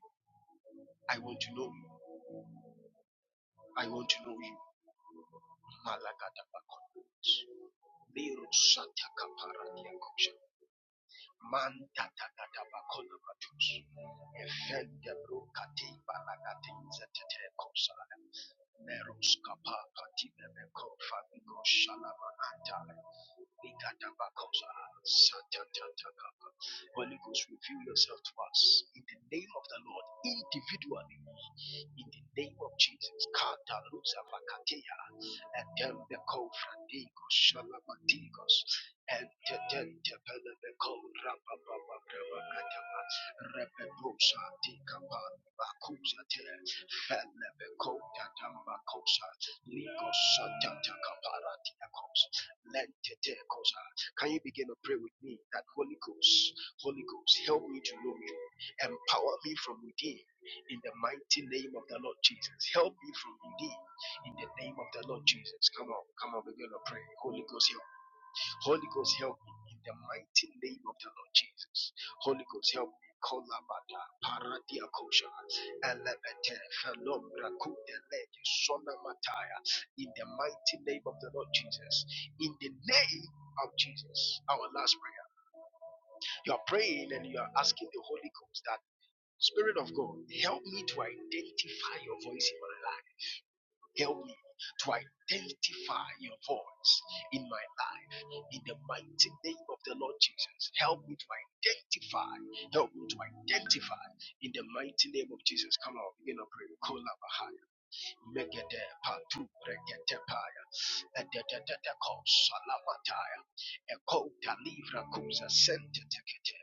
I want to know you. I want to know you. Malaga da bakondos. Viro Santa Caparadia Kosha. Manta Tata Bacola Matus. Efende Brucati Balagati Zetete neros Meros Kapaka Tine Meko Fabigo Shalama Anta. Ikadabakosha, Satatatakaka. Holy Ghost, reveal yourself to us in the name of the Lord individually. In the name of Jesus, Kataluza Vakatia, and then the Kofradigos, Shalabatigos, and then the Pelebeko, Rabababa, Rabakatama, Rebedosa, Tikapa, Bakusa, Felebeko, Tatamakosa, Ligos, Satatakapara, can you begin to pray with me that Holy Ghost, Holy Ghost, help me to know you, empower me from within in the mighty name of the Lord Jesus. Help me from within in the name of the Lord Jesus. Come on, come on, begin to pray. Holy Ghost, help me. Holy Ghost, help me in the mighty name of the Lord Jesus. Holy Ghost, help me. Kolabada, paradia kosha, elebete, felobra, kudele, sona mataya. In the mighty name of the Lord Jesus. In the name of Jesus, our last prayer. You are praying and you are asking the Holy Ghost that Spirit of God, help me to identify your voice in my life. Help me to identify your voice in my life in the mighty name of the Lord Jesus. Help me to identify. Help me to identify in the mighty name of Jesus. Come on, begin to pray. Megede patu regete paya. Edededede kosa lavataya. Ekota livra kuza sente tekete.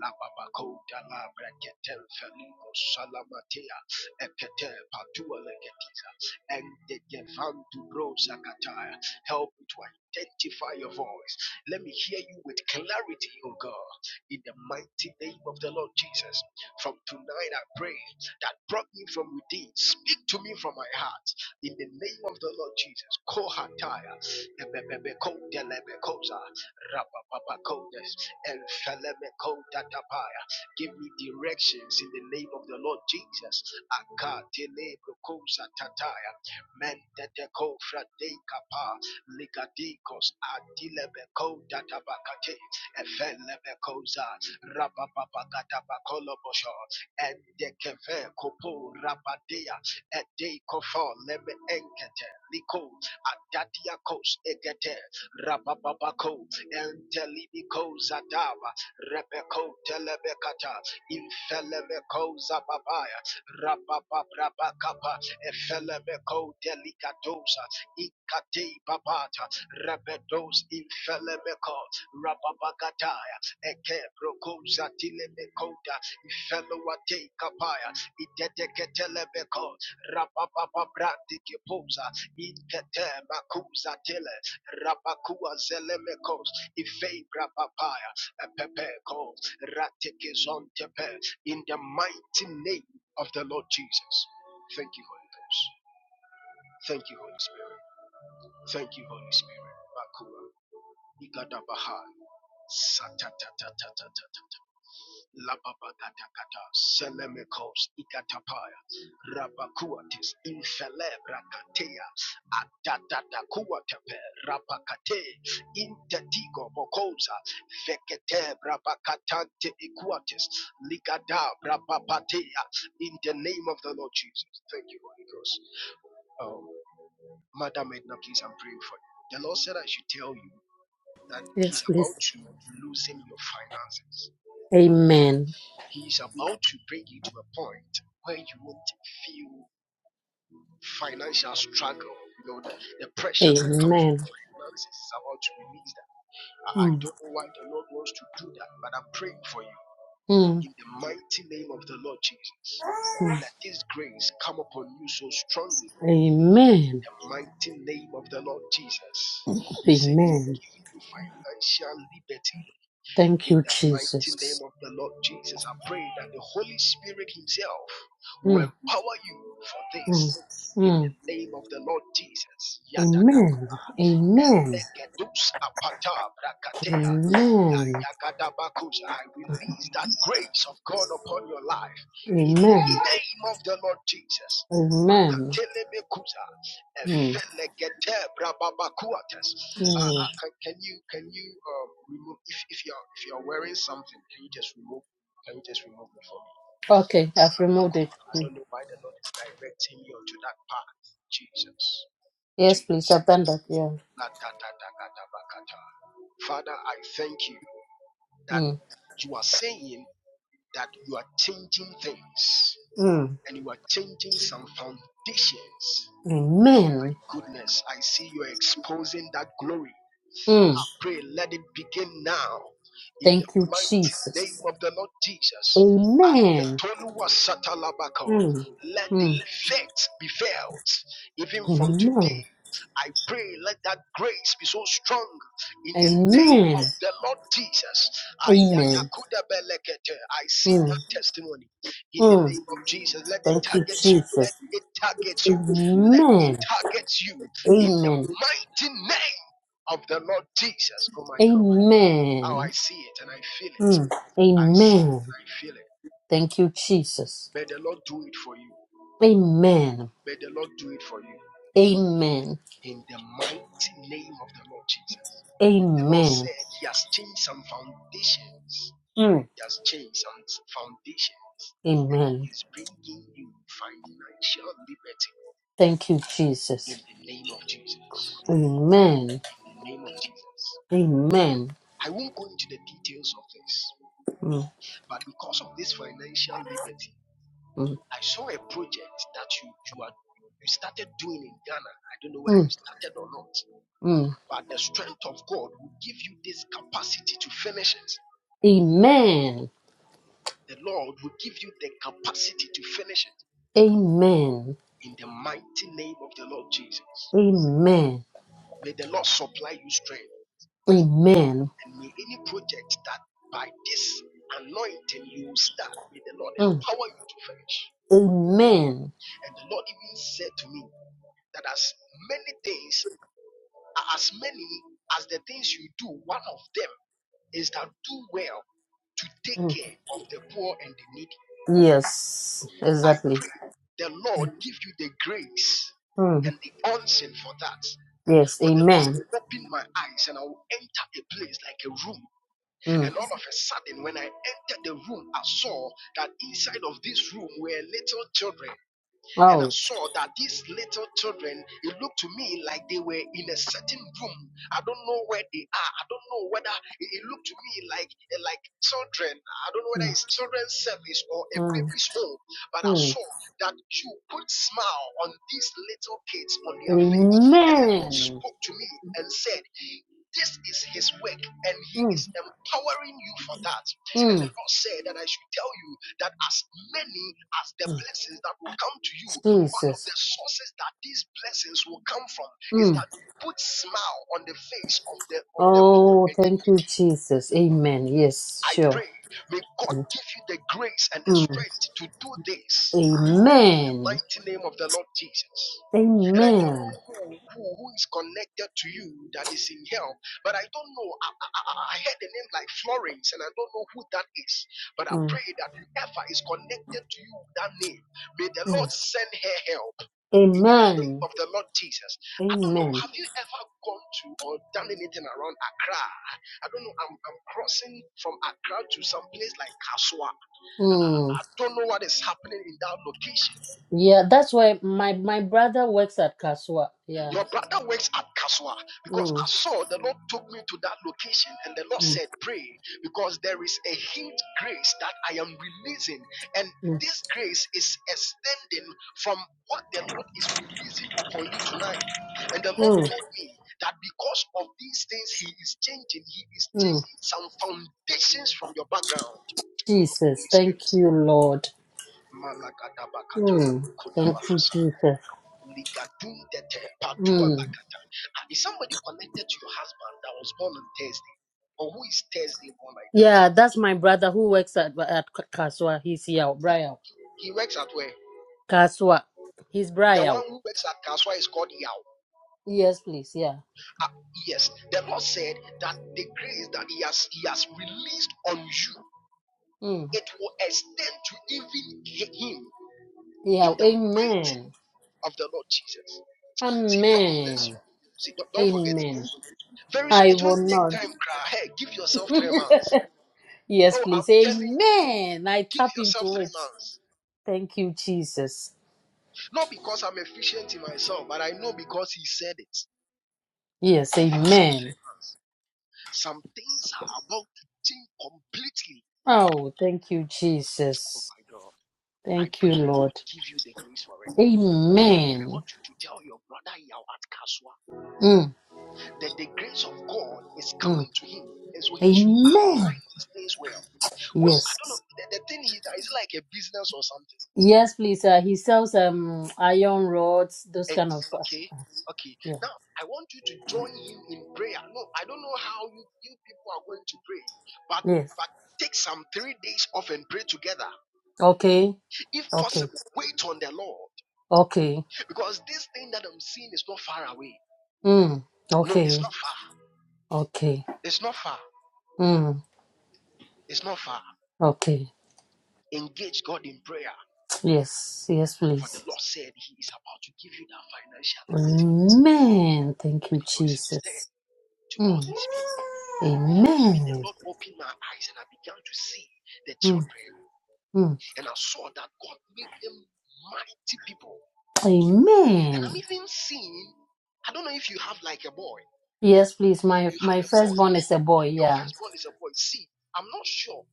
Lababa kota labra ketel feligo salamatea. Ekete patua legetiza. Engede vantu rosa kataya. Help me to identify your voice. Let me hear you with clarity, O God. In the mighty name of the Lord Jesus. From tonight I pray that brought me from within. Speak to me from my heart. In the name of the Lord Jesus. Kohataya. Ebebebekodelebekosa. Rapapapakodes. Elfelemekodatapaya. Give me directions in the name of the Lord Jesus. Akatelebrokosa tataya. Mentetekofradekapa. Ligadikos adilebekodatabakate. Efelebekosa. Rapapapakatabakolobosho. Edekeve kopo rabatea ede kofo lebe enkete liko adadia kos egete rabababako entelibiko zadava rebeko telebekata infelebeko zababaya rabababrabakapa efelebeko delikatosa ikate babata rebedos infelebeko rababagataya Eke roko zatile mekoda ifelo wate kapaya idete ketele beko rapapapa brandi kipoza inkete makuza tele rapakua zele mekos ife rapapaya epepe ko rateke zontepe in the mighty name of the Lord Jesus. Thank you Holy Ghost. Thank you Holy Spirit. Thank you Holy Spirit. Bakura ikadabaha satatatatatatatata. Lababagatagata, Selemekos, Ikatapaya, Rabakuatis, Infelebra Katea, Atatakuatape, Rapakate, Intetigo Bokosa, Vekete, Rabakatante Equatis, Ligada, Rabapatea, in the name of the Lord Jesus. Thank you, Holy Ghost. Um, Madam Edna, please, I'm praying for you. The Lord said I should tell you that
Yes,
He's about
please.
to loosen your finances
Amen.
he is about to bring you to a point where you won't feel financial struggle. You know, the, the pressure that comes with
Amen.
finances is about to release that. I,
mm,
don't know why the Lord wants to do that, but I'm praying for you
Mm.
in the mighty name of the Lord Jesus.
mm,
Let this grace come upon you so strongly in
Amen.
the mighty name of the Lord Jesus. He says he's
Amen.
giving you financial liberty
Thank
in
you,
the mighty
Jesus.
name of the Lord Jesus, I pray that the Holy Spirit Himself will
Mm.
empower you for this.
mm.
In the
Mm.
name of the Lord Jesus,
Amen.
Yadadakura,
Amen.
Elekedus apata brakatea,
Amen.
Ayagadabakusa, I release that grace of God upon your life. In the
Amen.
name of the Lord Jesus,
Amen.
Makatelebekusa,
Mm.
Efelekete brababakuates. Uh,
mm.
uh, can, can you can you uh, remove if, if you're if you're wearing something? Can you just remove? Can you just remove it for me?
Okay, I've
Uh, uh,
removed
cool.
it.
I
Mm.
don't know why the Lord is directing me onto that path. Jesus,
Yes, please, I've
Jesus.
done that. Yeah.
La ta ta ta Father, I thank you that
Mm.
you are saying that you are changing things
Mm.
and you are changing some foundations.
Amen.
Goodness, I see you're exposing that glory
Mm.
I pray, let it begin now in the
Thank you,
mighty name
Jesus.
of the Lord Jesus.
Amen.
Aketoluwa satalabako.
Mm.
Let the
Mm.
effect be felt even from today.
Amen.
I pray, let that grace be so strong in the name
Amen.
of the Lord Jesus.
Amen.
Ayadakuda belekete. I see
Mm.
that testimony in the
Mm.
name of Jesus. Let it
Thank you,
target you. Let
Jesus.
it target you. Let it
Amen.
target you in the
Amen.
mighty name of the Lord Jesus. Oh my God. How I
Amen.
see it and I feel it.
Mm.
I see it
Amen.
and I feel it.
Thank you, Jesus.
May the Lord do it for you.
Amen.
May the Lord do it for you.
Amen.
In the mighty name of the Lord Jesus. The Lord
Amen.
said He has changed some foundations.
Mm.
He has changed some foundations. And He
Amen.
is bringing you financial liberty
Thank you,
in
Jesus.
the name of Jesus.
Amen.
In the name of Jesus.
Amen.
I won't go into the details of this,
Mm,
but because of this financial liberty,
mm,
I saw a project that you you are you started doing in Ghana. I don't know whether you
mm,
started or not,
mm.
but the strength of God will give you this capacity to finish it.
Amen.
The Lord will give you the capacity to finish it
Amen.
in the mighty name of the Lord Jesus.
Amen.
May the Lord supply you strength,
Amen.
and may any project that by this anointing you will start, may the Lord
Mm,
empower you to finish.
Amen.
And the Lord even said to me, that as many days As many as the things you do, one of them is that do well to take
Mm,
care of the poor and the needy.
Yes,
I
exactly.
pray the Lord give you the grace
Mm,
and the unction for that.
Yes,
For the
amen.
Lord opened my eyes and I will enter a place like a room.
Mm.
And all of a sudden, when I entered the room, I saw that inside of this room were little children and I
Oh.
saw that these little children, it looked to me like they were in a certain room. I don't know where they are. I don't know whether it, it looked to me like like children. I don't know whether
Mm,
it's children's service or a
mm,
baby's home. But I
mm.
saw that you put smile on these little kids on their face, and the Lord
Amen.
spoke to me and said, "This is His work, and He
Mm,
is empowering you for that." And the
mm.
Lord said that I should tell you that as many as the blessings that will come to you, one of
Jesus.
the sources that these blessings will come from is
Mm.
that you put smile on the face of the of the poor
Oh,
and the
thank you,
needy.
Jesus. Amen. Yes,
I
sure.
pray, may God
Mm.
give you the grace and the
mm.
strength to do this in the
Amen.
mighty name of the Lord Jesus. And I don't know
Amen.
who, who, who is connected to you that is in hell, but I don't know. I, I, I heard the name like Florence, and I don't know who that is. But I
Mm,
pray that whoever is connected to you, that name, may the Lord
mm.
send her help in the name
Amen.
of the Lord Jesus. I don't know.
Amen.
Have you ever gone to or done anything around Accra? I don't know. I'm, I'm crossing from Accra to some place like Kaswa.
Mm.
I don't know what is happening in that location.
Yeah, that's why my my brother works at Kaswa. Yeah.
Your brother works at Kaswa because I
Mm.
saw the Lord took me to that location and the Lord
Mm.
said, Pray because there is a huge grace that I am releasing, and
Mm.
this grace is extending from what the Lord is releasing upon you tonight. And the Lord
Mm.
told me that because of these things, He is changing, He is
Mm.
changing some foundations from your background.
Jesus,
Holy Spirit.
thank you, Lord.
Malakadabakatala,
Mm. Thank you, Jesus.
Ligadundete,
Mm.
patuanakata. Ah, Is somebody connected to your husband that was born on Thursday? Or who is Thursday born like that?
Yeah, that's my brother who works at at Kaswa. He's here,
He,
Brian.
he works at where?
Kaswa. He's
The
Brian.
one who works at Kaswa is called Yao.
Yes, please. Yeah.
Ah, yes, the Lord said that the grace that He has He has released on you,
Mm.
it will extend to even him
Yeah.
in the might
Amen.
of the Lord Jesus. See, God will bless
Amen.
you. See, don't, don't forget me.
Amen.
Very soon,
I
it
will
won't take
not.
time. Cry, hey, give yourself three months.
Yes,
Oh, I'm
please.
telling you.
Amen. I
Give
tap
yourself
into
three
it.
months.
Thank you, Jesus.
Not because I'm efficient in myself, but I know because He said it.
Yes,
Give yourself
amen.
three months. Some things are about to change completely.
Oh, thank you,
Oh
Jesus.
my God. I
Thank you,
pray may God
Lord.
give you the grace for it. And I
Amen.
want you to tell your brother Yao at Kaswa
Mm,
that the grace of God is coming
mm.
to him. And so he should
Amen.
align his days well. Well, I don't
Yes.
know. The, the thing is, that it's like a business or something
Yes, please. Uh, he sells um iron rods, those kind of.
It's okay.
Uh,
Okay.
yeah.
Now I want you to join him in prayer. No, I don't know how you, you people are going to pray, but
Yes.
but take some three days off and pray together.
Okay.
If
Okay.
possible, wait on the Lord.
Okay.
Because this thing that I'm seeing is not far away.
Mm.
No,
Okay.
it's not far.
Okay.
It's not far.
Mm.
It's not far.
Okay.
Engage God in prayer.
Yes, yes,
For the
please.
Lord said He is about to give you that financial liberty.
Amen. Thank
And
you,
it was extended
Jesus.
to
Mm.
all these people. And even the
Amen.
Lord opened my eyes and I began to see the
Mm,
children.
mm.
And I saw that God made them mighty people. And
Amen.
I'm even seeing, I don't know if you have like a boy.
Yes, please. My
You
my
have a boy.
firstborn is a boy.
Your
Yeah.
firstborn is a boy. See, I'm not sure.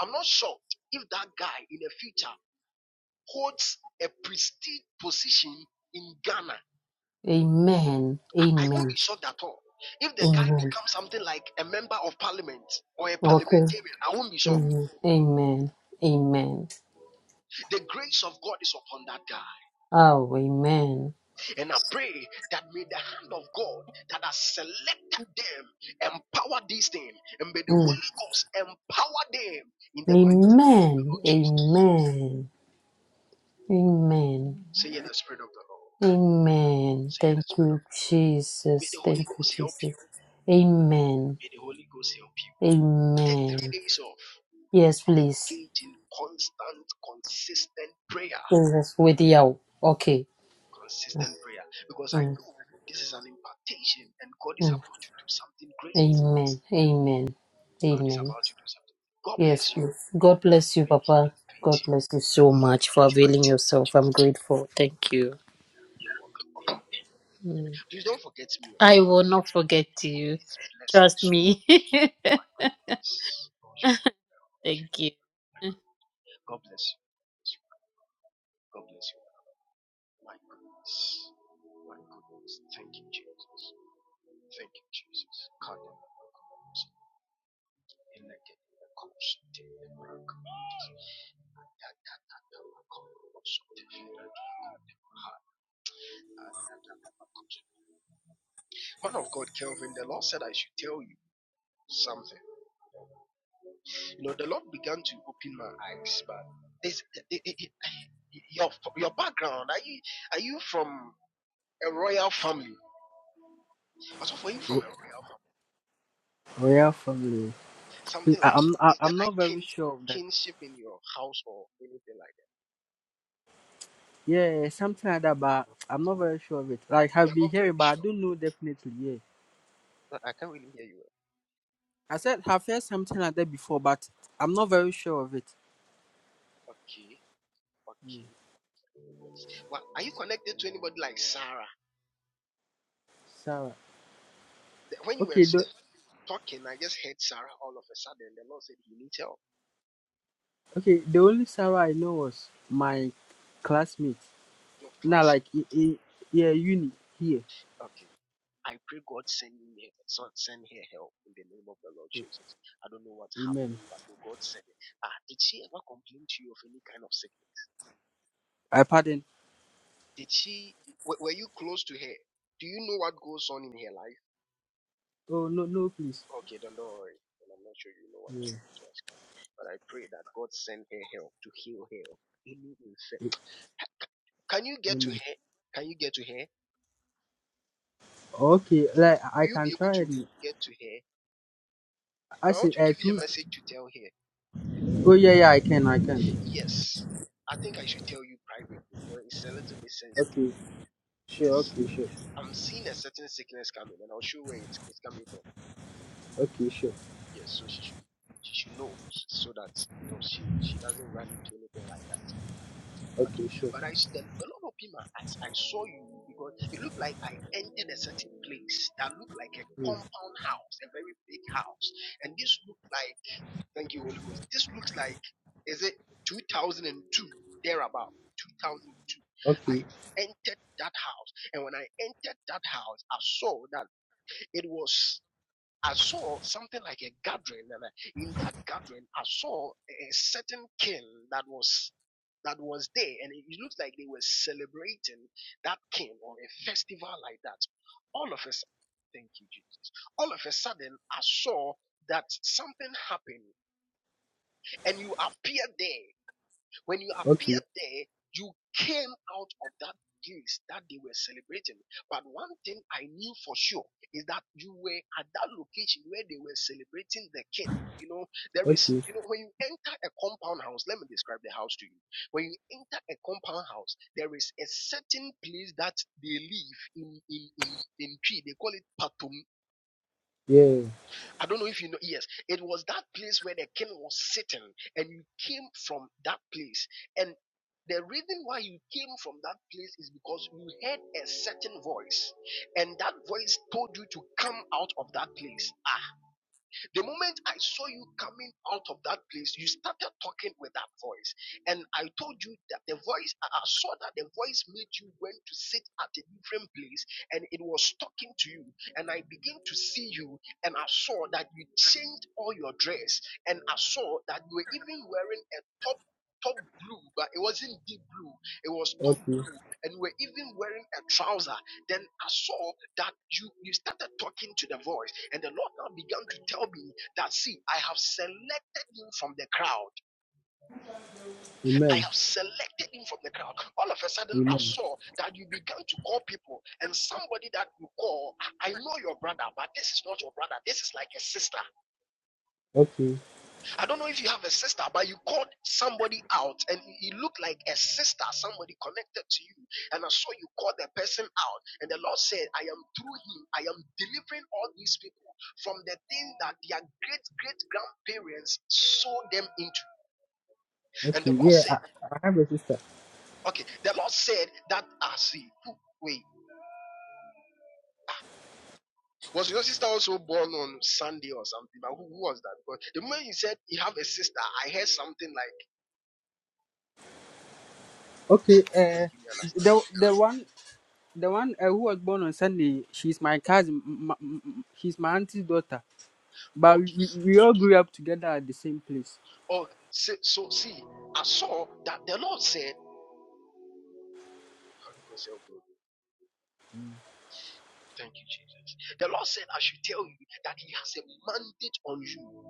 I'm not sure if that guy in the future holds a prestige position in Ghana.
Amen.
I, I won't
Amen.
be shocked at all. If the guy
Amen.
becomes something like a member of parliament or a
Okay.
parliamentarian, I won't be shocked.
Amen. Amen. Amen.
The grace of God is upon that guy.
Oh, amen.
And I pray that may the hand of God that has selected them empower these things, and may the
Mm.
Holy Ghost empower them in the mighty name of the
Amen.
Lord Jesus.
Amen. Amen.
Say, yeah, the Spirit of the Lord.
Amen.
Say, yeah,
Thank
the Spirit
you,
of the Lord. May
Jesus.
the Holy
Thank you,
Ghost help
Jesus.
you.
Amen.
May the Holy Ghost help you. Take
Amen.
three days off
Yes,
and
please.
engage in constant, consistent prayer.
Yes, with you. Okay.
Consistent prayer. Because I
Mm,
know this is an impartation and God is
mm.
about to do something great.
Amen. Amen.
God is
Amen.
about to do something. God
Yes,
bless you.
please. God bless you,
Amen. He
Papa.
has paid
God
you
bless you so
in the
much for
mighty
availing
name of
yourself. I'm
Jesus.
grateful. Thank you.
You're welcome. Amen. Amen.
Mm.
Please don't forget me. oh.
I
Don't
will
forget
not
me.
forget
God,
you.
this blessing is
Trust
so
me.
huge. My goodness. Oh, you my God.
Thank you.
God bless you. God bless you. My goodness. My goodness. Thank you, Jesus. Thank you, Jesus. God, I thank you. elected in the course of the American Man of God, Kelvin, the Lord said I should tell you something. You know, the Lord began to open my eyes, but this it, it, it, your your background are you are you from a royal family? Also, for you from a
Royal family.
something
I,
like
I'm I,
is there
I'm
like
not very
kin,
sure of that.
kinship in your house or anything like that?
Yeah, something like that, but I'm not very sure of it. Like
You
I've
are
been
not
hearing,
very
but I
sure.
don't know definitely. Yeah,
I can't really hear you.
I said I've heard something like that before, but I'm not very sure of it.
well. Okay,
Mm,
okay. Well, are you connected to anybody like Sarah?
Sarah.
When you were
Okay. The,
talking, I just heard Sarah all of a sudden. The Lord said he needs help.
okay. The only Sarah I know was my classmate.
Your
Now, like
classmate.
i i yeah, uni here.
Okay. I pray God send me so- send her help in the name of the Lord Jesus. I don't know what's
Amen.
happening, but may God send it. Ah, did she ever complain to you of any kind of sickness?
I pardon.
Did she were, were you close to her? Do you know what goes on in her life?
Oh no, no, please.
Okay, then don't worry. And I'm not sure you know what I'm
Yeah.
about to ask you. But I pray that God send her help to heal her of any
a-
infection. Can you get to
Amen.
her? Can you get to her?
Okay. Like I
Will you
can
be able
try
to
it.
get to her?
I
Now I want
said
to
uh,
give you
two.
a message to tell her
Oh yeah, yeah, I can, I can.
Yes, I think I should tell you privately because it's a little bit sensitive.
Okay, sure,
Yes,
okay, sure,
I'm seeing a certain sickness coming, and I'll show where it's, it's coming from.
okay, sure,
Yes, so she should she should know so that you know she she doesn't run into anything like that. Okay,
okay, sure.
but I the, the Lord opened my eyes. I saw you because it looked like I entered a certain place that looked like a
Mm.
compound house, a very big house, and this looked like Thank you, Holy Ghost. This looks like, is it 2002, thereabout, 2002.
Okay,
I entered that house, and when I entered that house, I saw that it was, I saw something like a gathering, and I, in that gathering, I saw a certain king that was that was there, and it it looked like they were celebrating that king or a festival like that. All of a sudden, thank you, Jesus. All of a sudden, I saw that something happened and you appear there. When you
okay,
appear there, you came out of that place that they were celebrating. But one thing I knew for sure is that you were at that location where they were celebrating the king. You know, there is,
okay,
you know, when you enter a compound house, let me describe the house to you. When you enter a compound house, there is a certain place that they live in in in, in tree. They call it patum.
yeah,
I don't know if you know. Yes, it was that place where the king was sitting, and you came from that place. And the reason why you came from that place is because you heard a certain voice, and that voice told you to come out of that place. The moment I saw you coming out of that place, you started talking with that voice. And I told you that the voice, I saw that the voice made you went to sit at a different place and it was talking to you. And I began to see you and I saw that you changed all your dress. And I saw that you were even wearing a top. Top blue, but it wasn't deep blue. It was top
okay.
blue, and you were even wearing a trouser. Then I saw that you, you started talking to the voice, and the Lord now began to tell me that, see, I have selected him from the crowd. I
Amen,
have selected him from the crowd. All of a sudden, I
amen.
saw that you began to call people, and somebody that you call, I I know your brother, but this is not your brother. This is like a sister.
Okay,
I don't know if you have a sister, but you called somebody out and it looked like a sister, somebody connected to you. And I saw you call the person out. And the Lord said, I am through him, I am delivering all these people from the thing that their great great grandparents sold them into. And
okay,
the Lord
yeah. I,
said,
I have a sister.
Okay, the Lord said that I see. Who- Wait, was your sister also born on Sunday or something? Who who was that? Because the moment you said you have a sister, I heard something like,
Okay,
because
uh,
you understand.
the the one the one uh, who was born on Sunday, she's my cousin. m m- m- she's my auntie's daughter. But
Okay.
we, we all grew up together at the same place.
Or say, so see, I saw that the Lord said, Thank you, Jesus. The Lord said, I should tell you that He has a mandate on you.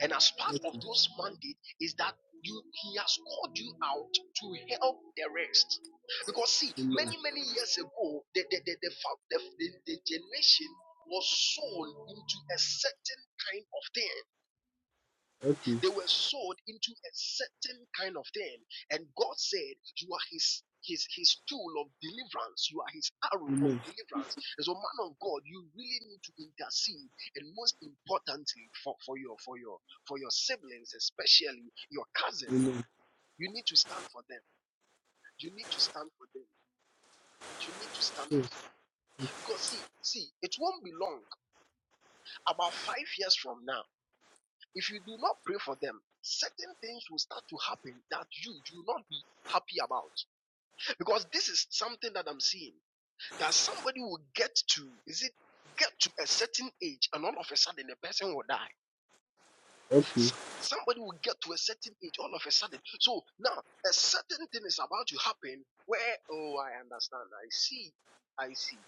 And as part
Okay,
of those mandate is that you He has called you out to help the rest. Because see,
amen.
many, many years ago, the, the, the, the, the, the, the generation was sown into a certain kind of thing.
Okay,
They were sold into a certain kind of thing. And God said, You are his his his tool of deliverance. You are his arrow of
amen,
deliverance. As a man of God, you really need to intercede and most importantly for, for your for your for your siblings, especially your cousin.
amen.
You need to stand for them. You need to stand for them. You need to stand
Yes,
for them. Because see, see, it won't be long. About five years from now If you do not pray for them, certain things will start to happen that you do not be happy about. Because this is something that I'm seeing that somebody will get to, is it get to a certain age and all of a sudden the person will die.
Okay.
Somebody will get to a certain age all of a sudden. So now a certain thing is about to happen where, oh, I understand. I see. I see.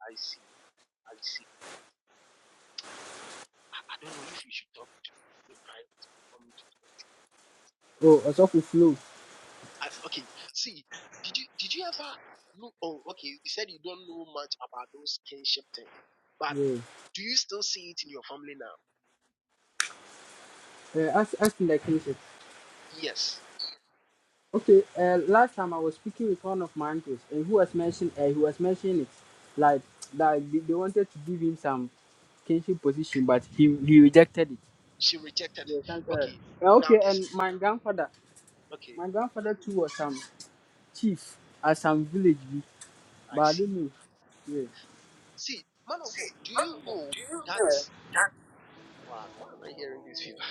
I see. I see. I don't know if you should talk to me in private.
Oh, also for flow.
I, okay, see, did you did you ever look? Oh, okay, you said you don't know much about those kinship things, but
Yeah.
do you still see it in your family now?
Uh, as, as in the kinship.
Yes,
Okay, uh, last time I was speaking with one of my uncles, and who was mentioning, uh, he was mentioning it, like that they, they wanted to give him some kinship position, but he he rejected it.
she rejected it.
Yeah, thank God.
Okay,
Uh,
now
okay, and
this.
my grandfather,
Okay,
my grandfather too was some chief at some village, bi,
I
but I
see.
don't know. Yeah,
See, man of God, do you know that? Wow, why am I hearing this feedback?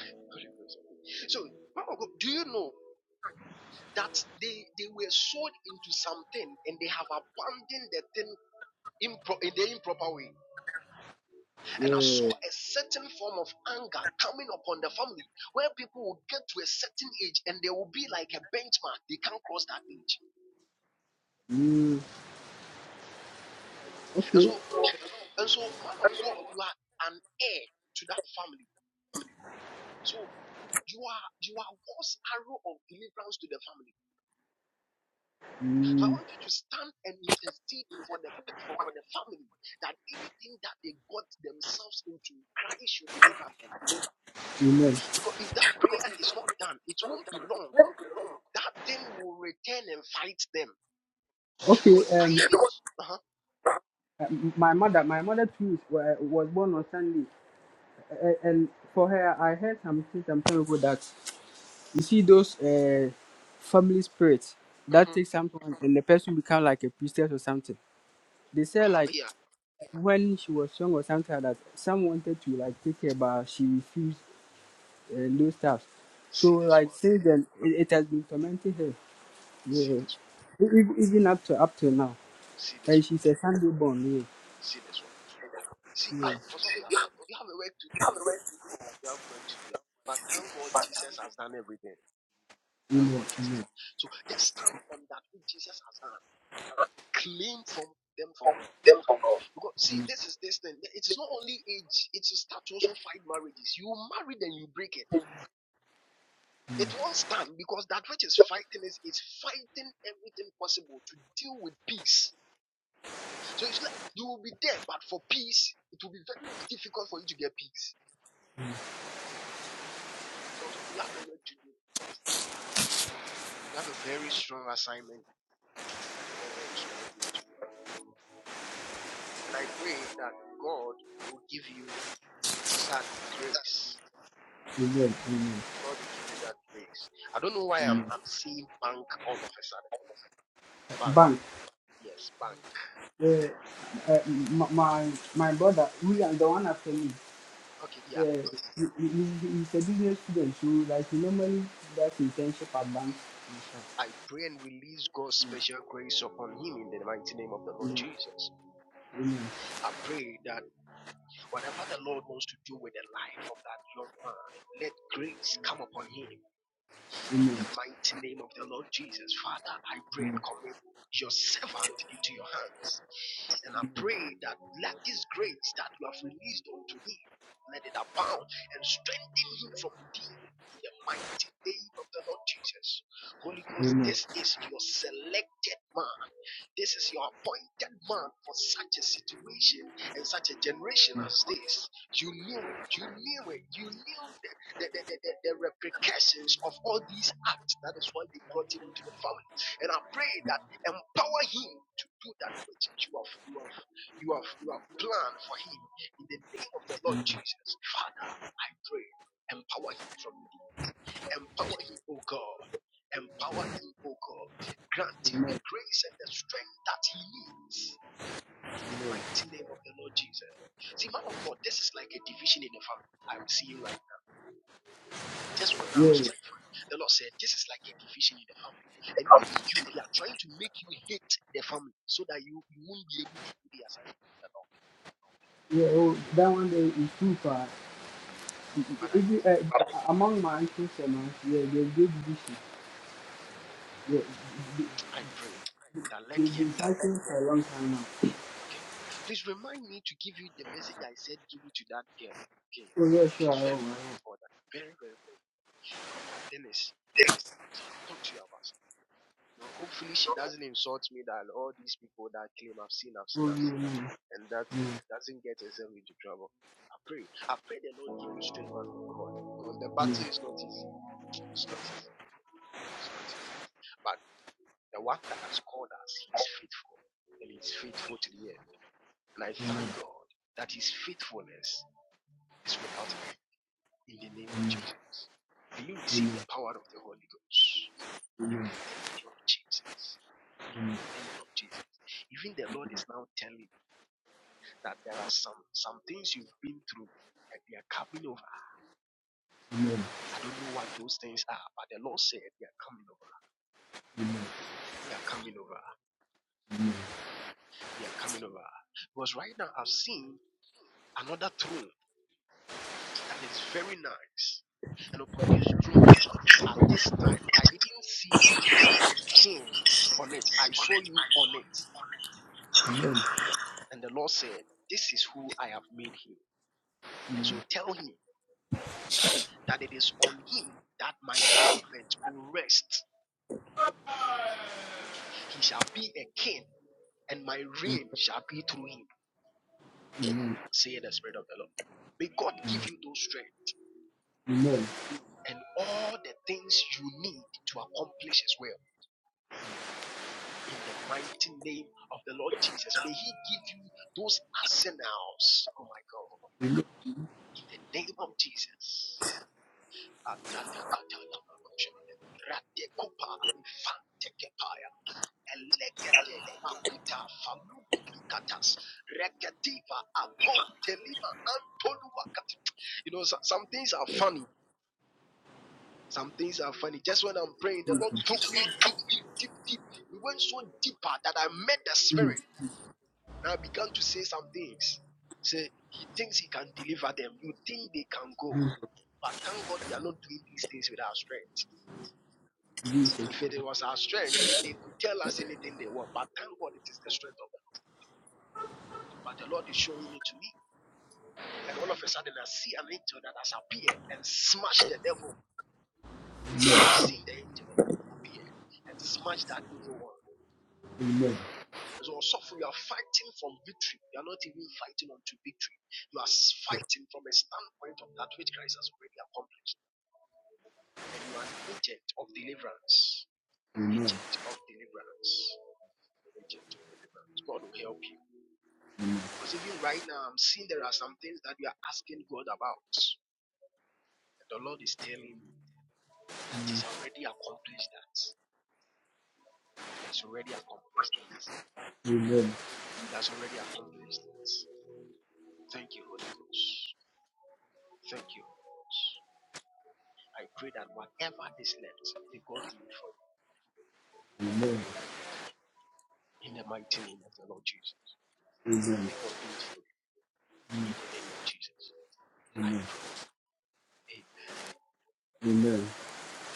so, man of God, do you know that they they were sold into something and they have abandoned the thing in the improper way? And I saw
yeah.
a certain form of anger coming upon the family where people will get to a certain age and they will be like a benchmark. They can't cross that age.
Mm,
And so, and so, man of God, you are an heir to that family. So you are you are God's arrow of deliverance to the family. So I
mm,
want you to stand and intercede for the for, for the family that anything that they got themselves into, Christ should deliver them.
amen.
Because if that prayer is not done, it won't be long. That thing will return and fight them. Because
Okay,
I
um,
even uh-huh,
uh, my mother, my mother too is, wa- was born on Sunday. and, and for her, I heard something some time ago that you see those uh, family spirits that
uh-huh, mm-hmm,
take someone and the person become like a priestess or something. They said
uh-huh,
like
yeah,
when she was young or something like that, some wanted to like take her, but she refused uh, those stuff. So
see this
like
one,
since then, it, it has been tormenting her,
see
yeah.
this one,
E- e- even up to up till now.
see this
And
one,
she's a Sunday born,
see this one. I see you have also that. you have a work to do. You have work to do. But thank God Jesus has done everything.
yeah.
Thank
Amen,
God Jesus.
amen,
So just stand on that which Jesus has done. Claim from them from God. Because see, this is this thing. It is not only age, it is start to also fight marriages. You marry then you break it. It won't stand because that which is fighting is it's fighting everything possible to deal with peace So it's like you will be there, but for peace, it will be very difficult for you to get peace. So so you have a work to do. You have a very strong assignment, a very strong work to do. And I pray that God will give you that grace.
amen,
God will give you that grace. I don't know why I'm I'm seeing bank all of a sudden. Bank,
amen.
yes, bank.
uh, uh, m- my my brother, we are the one after me.
Okay, yeah.
Uh, he, he- he- he's a business student, so like he normally does internship at banks and stuff.
I pray and release God's special grace upon him in the mighty name of the Lord Jesus.
Amen.
I pray that Whatever the Lord wants to do with the life of that young man, let grace come upon him. In
Amen.
the mighty name of the Lord Jesus, Father, I pray and commit your servant into your hands. And I pray that let this grace that you have released unto him, let it abound and strengthen him from within in the mighty name of the Lord Jesus. Holy Ghost,
Amen.
this is your selected man. This is your appointed man for such a situation and such a generation as this. You knew it. You knew it. You knew the the, the, the, the, the of all these acts. That is why you brought him into the family. And I pray that empower him to do that which you have you have you have you have planned for him in the name of the Lord Jesus. Father, I pray, empower him from within. Empower him, O God. Empower him, O God. Granting the grace and the strength that he needs in the mighty name of the Lord Jesus. See, man of God, this is like a division in the family. I'm seeing right. Just one hour I
Yeah. Yeah.
was praying for you. The Lord said, This is like a division in the family. And even you, they are trying to make you hate the family so that you, you won't be able to do the assignment of the Lord.
yeah. Oh, that one day is too far.
But I,
Even uh, among my uncles and aunts, yeah, they did this. Yeah,
I pray that let the
they've been
enemy,
fighting for a long time now.
okay. Please remind me to give you the message I said, give it to that girl. Okay.
Oh yeah, sure.
It's
Oh,
very,
oh,
very important. Very, very, very. important. God, that Dennis. so I'll talk to you about. No, hopefully she doesn't insult me that all these people that claim I've seen, I've seen,
oh no,
I've seen,
no, no,
and that doesn't get herself into trouble. I pray. I pray the Lord give me strength man of God. Because the
no,
battle is not easy. It's not easy. It's not easy. But the one that has called us, he's faithful. And he's faithful to the end. And I thank God that his faithfulness is without end in the name of Jesus. May you receive the power of the Holy Ghost in the name of Jesus. In the name of Jesus. Even the Lord is now telling you that there are some, some things you've been through and they are coming over.
no,
I don't know what those things are, but the Lord said they are coming over. They are coming over. They are coming over. Because right now I've seen another throne That is very nice. And upon this throne, at this time, I didn't see those things on it. I saw you on it. And the Lord said, This is who I have made him. And so tell him that it is on him that my government will rest. He shall be a king, and my reign shall be through him, saith the Spirit of the Lord. May God give you those strength
no, no, no.
and all the things you need to accomplish his will in the mighty name of the Lord Jesus. May He give you those arsenals, oh my God, in the name of Jesus. Atatatatalamakosha. Ratekopa infantekepaya. Elegete makuta falugudukatas. Reketiva agotelima antoluwakat. You know, so- some things are funny. Some things are funny. Just when I'm praying, the Lord took me deep, deep, deep, deep. We went so deeper that I met the Spirit. Now began to say some things. Say he thinks he can deliver them. You think they can go. But thank God we are not doing these things with our strength.
Jesus,
If it was our strength, they, they could tell us anything they want. But thank God it is the strength of God. But the Lord is showing it to me. And all of a sudden I see an angel that has appeared and smashed the devil. I've seen the angel that has appeared and smashed that evil one.
no.
So suffer, you are fighting from victory. You are not even fighting unto victory. You are fighting from a standpoint of that which Christ has already accomplished. and you are an agent of deliverance. Agent of deliverance. Agent of deliverance. God will help you. Because even right now, I'm seeing there are some things that you are asking God about. And the Lord is telling me that He's already accomplished that. He has already accomplished that.
Amen.
He has already accomplished that. Thank you, Holy Ghost. Thank you, Holy Ghost. I pray that whatever is left, may God do it for you. May God do it for you. In the mighty name of the Lord Jesus. May God do it for you. In the name of Jesus. I pray. Amen.
Amen.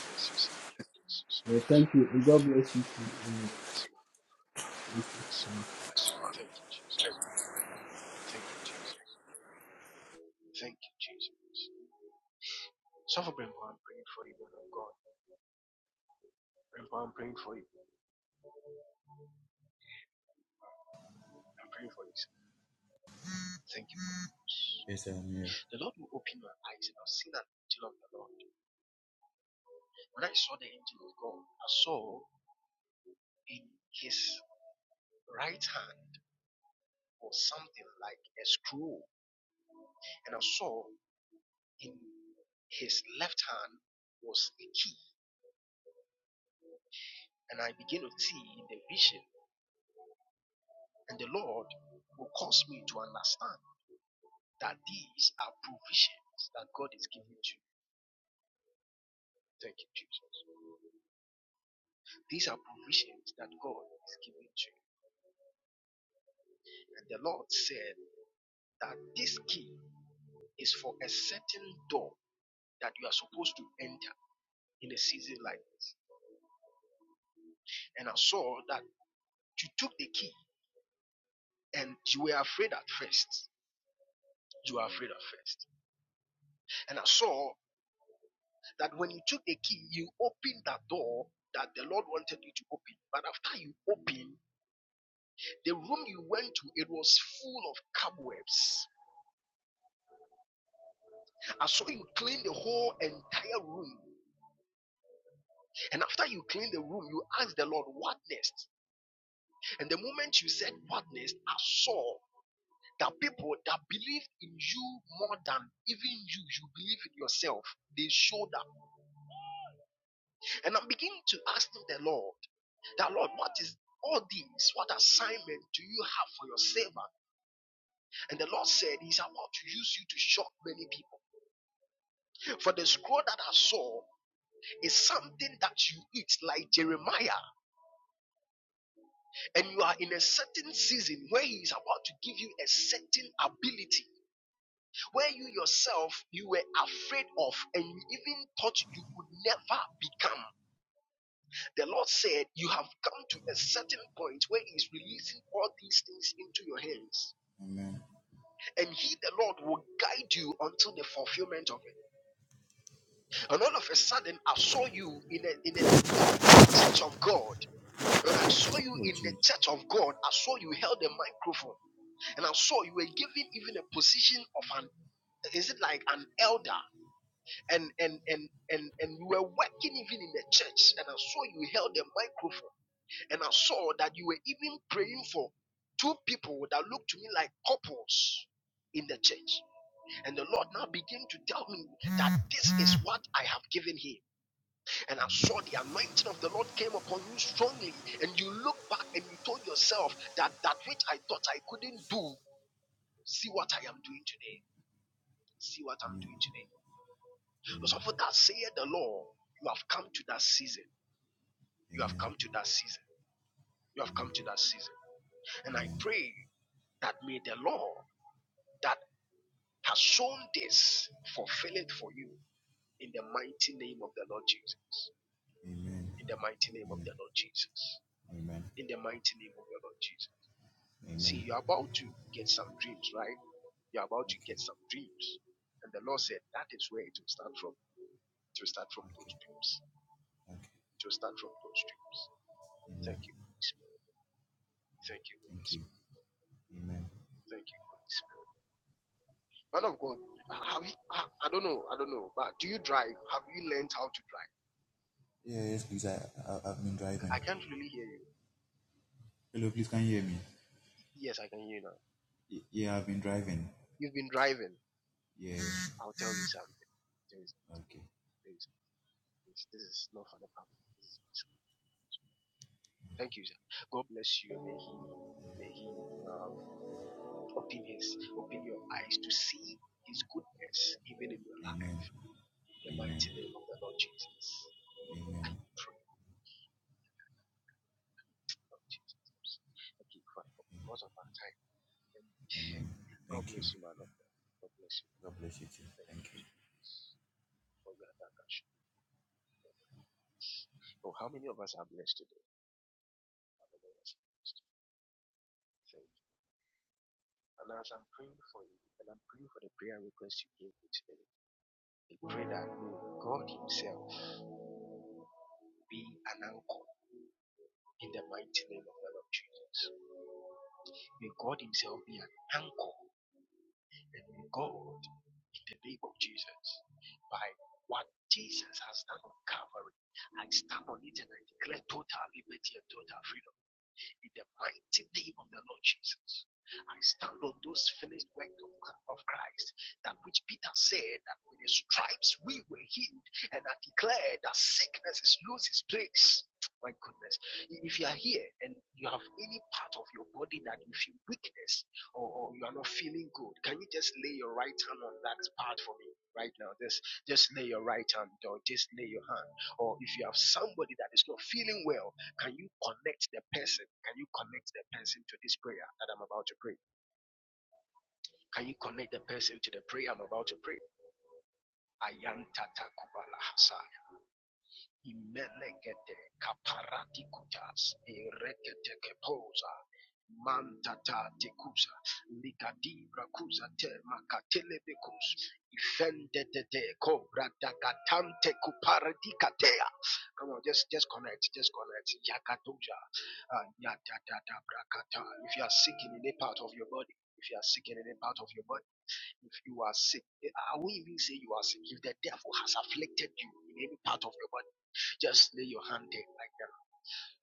Bless you, Savior. God bless you so
Well,
much.
thank you. And God bless you. too.
God bless you, man. Bless you, man. Thank you, Jesus. Thank you, Jesus. Thank you, Jesus. So for Brembo, I'm praying for you, man of God. Brembo, I'm praying for you. I'm praying for you. Thank you, Holy Ghost.
Yes, I am here.
The Lord will open my eyes. And I've seen an angel of the Lord. When I saw the angel of God, I saw in his right hand was something like a scroll. And I saw in his left hand was a key. And I began to see in the vision And the Lord will cause me to understand that these are provisions that God is giving to you. Thank you, Jesus. These are provisions that God is giving to you. And the Lord said that this key is for a certain door that you are supposed to enter in a season like this. And I saw that you took the key and you were afraid at first. You were afraid at first. And I saw that when you took the key, you opened that door that the Lord wanted you to open. But after you open, The room you went to, it was full of cobwebs. And so you clean the whole entire room. And after you cleaned the room, you asked the Lord, What next? And the moment you said, What next? I saw that people that believed in you more than even you, you believe in yourself, they showed up. And I'm beginning to ask the Lord, that Lord, what is all these? What assignment do you have for your servant? And the Lord said, He's about to use you to shock many people. For the scroll that I saw, is something that you eat, like Jeremiah, and you are in a certain season where He is about to give you a certain ability where you yourself you were afraid of and you even thought you could never become. The Lord said, You have come to a certain point where He is releasing all these things into your hands,
Amen.
and He, the Lord, will guide you until the fulfillment of it. And all of a sudden, I saw you in a, in a, in, in, in a church of God When I saw you
Oh,
in the
Jesus.
church of God, I saw you held a microphone and I saw you were given even a position of an is it like an elder and and and and and you were working even in the church and I saw you held a microphone and I saw that you were even praying for two people that looked to me like couples in the church and the Lord now began to tell me that this is what I have given him and I saw the anointing of the Lord came upon you strongly, and you look back and you told yourself that that which I thought I couldn't do, see what I am doing today. See what I'm
Amen.
doing today. Because
Amen.
of that saith the Lord, you have come to that season. You have
Amen.
come to that season. You have come to that season. And I
Amen.
pray that may the Lord that has shown this fulfill it for you in the mighty name of the Lord Jesus.
Amen.
In the mighty name of
Amen.
the Lord Jesus.
Amen.
In the mighty name of the Lord Jesus.
Amen.
See, you're about to get some dreams, right? You're about to
Okay.
get some dreams. And the Lord said that is where it will start from. It will start from those
Okay.
dreams.
Okay.
It will start from those dreams.
Amen.
Thank you, Holy Spirit. Thank you, Holy
Thank you.
Spirit.
Amen.
Thank you, Holy Spirit. Man of God, have you, I don't know, I don't know, but do you drive? Have you learned how to drive?
Yeah, yes, please. I, I I've been driving.
I can't really hear you.
Hello, please. Can you hear me?
Yes, I can hear you now.
Y- yeah, I've been driving.
You've been driving.
Yeah.
I'll tell you something. There is,
Okay.
there is, this, this is not for the public. This is Thank you, sir. God bless you. May He, may He um, open His, open your eyes to see His goodness even in your life.
Amen.
In the
Amen.
mighty name of the Lord Jesus.
Amen.
Pray, Lord Jesus. Thank you, Father, because of our time.
Amen.
God
Thank you.
bless you, my of God. bless you.
God bless you too.
Thank
Thank
you,
you.
Jesus. Oh, God, I can show you Oh, how many of us are blessed today? Thank you. And as I'm praying for you, and I'm praying for the prayer request you gave me today. We pray that may God Himself be an anchor in the mighty name of the Lord Jesus. May God Himself be an anchor and may God, in the name of Jesus, by what Jesus has done on Calvary, I stand on it and I declare total liberty and total freedom. in the mighty name of the Lord Jesus. I stand on those finished work of, Christ, that which Peter said that with his stripes we were healed, and I declare that sickness is lose its place. My goodness, if you are here and you have any part of your body that you feel weakness or, or you are not feeling good, can you just lay your right hand on that part for me right now? Just just lay your right hand or just lay your hand. Or if you have somebody that is not feeling well can you connect the person? Can you connect the person to this prayer that I'm about to pray? Can you connect the person to the prayer I'm about to pray? Ayanta takubala Imelegete kaparati kutas erekete kepoza mantata tekusa likadibra kusa te makatelebekus te kobra dakatante kuparati katea come on just just connect just connect yakatoja uh, brakata if you are sick in any part of your body if you are sick in any part of your body if you are sick, eh, I won't even say you are sick. If the devil has afflicted you in any part of your body, just lay your hand there like that.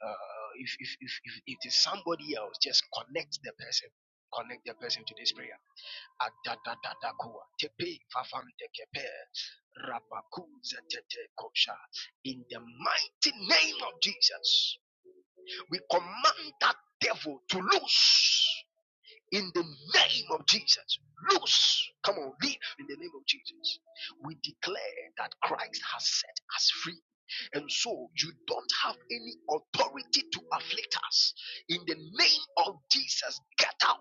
Uh, if, if, if, if it is somebody else, just connect the person. Connect the person to this prayer. Adadadadakua, tepe vavantekepe, rabakuzetetekosha. In the mighty name of Jesus, we command that devil to loose in the name of Jesus. Loose. Come on, live in the name of Jesus. We declare that Christ has set us free. And so you don't have any authority to afflict us. In the name of Jesus, get out.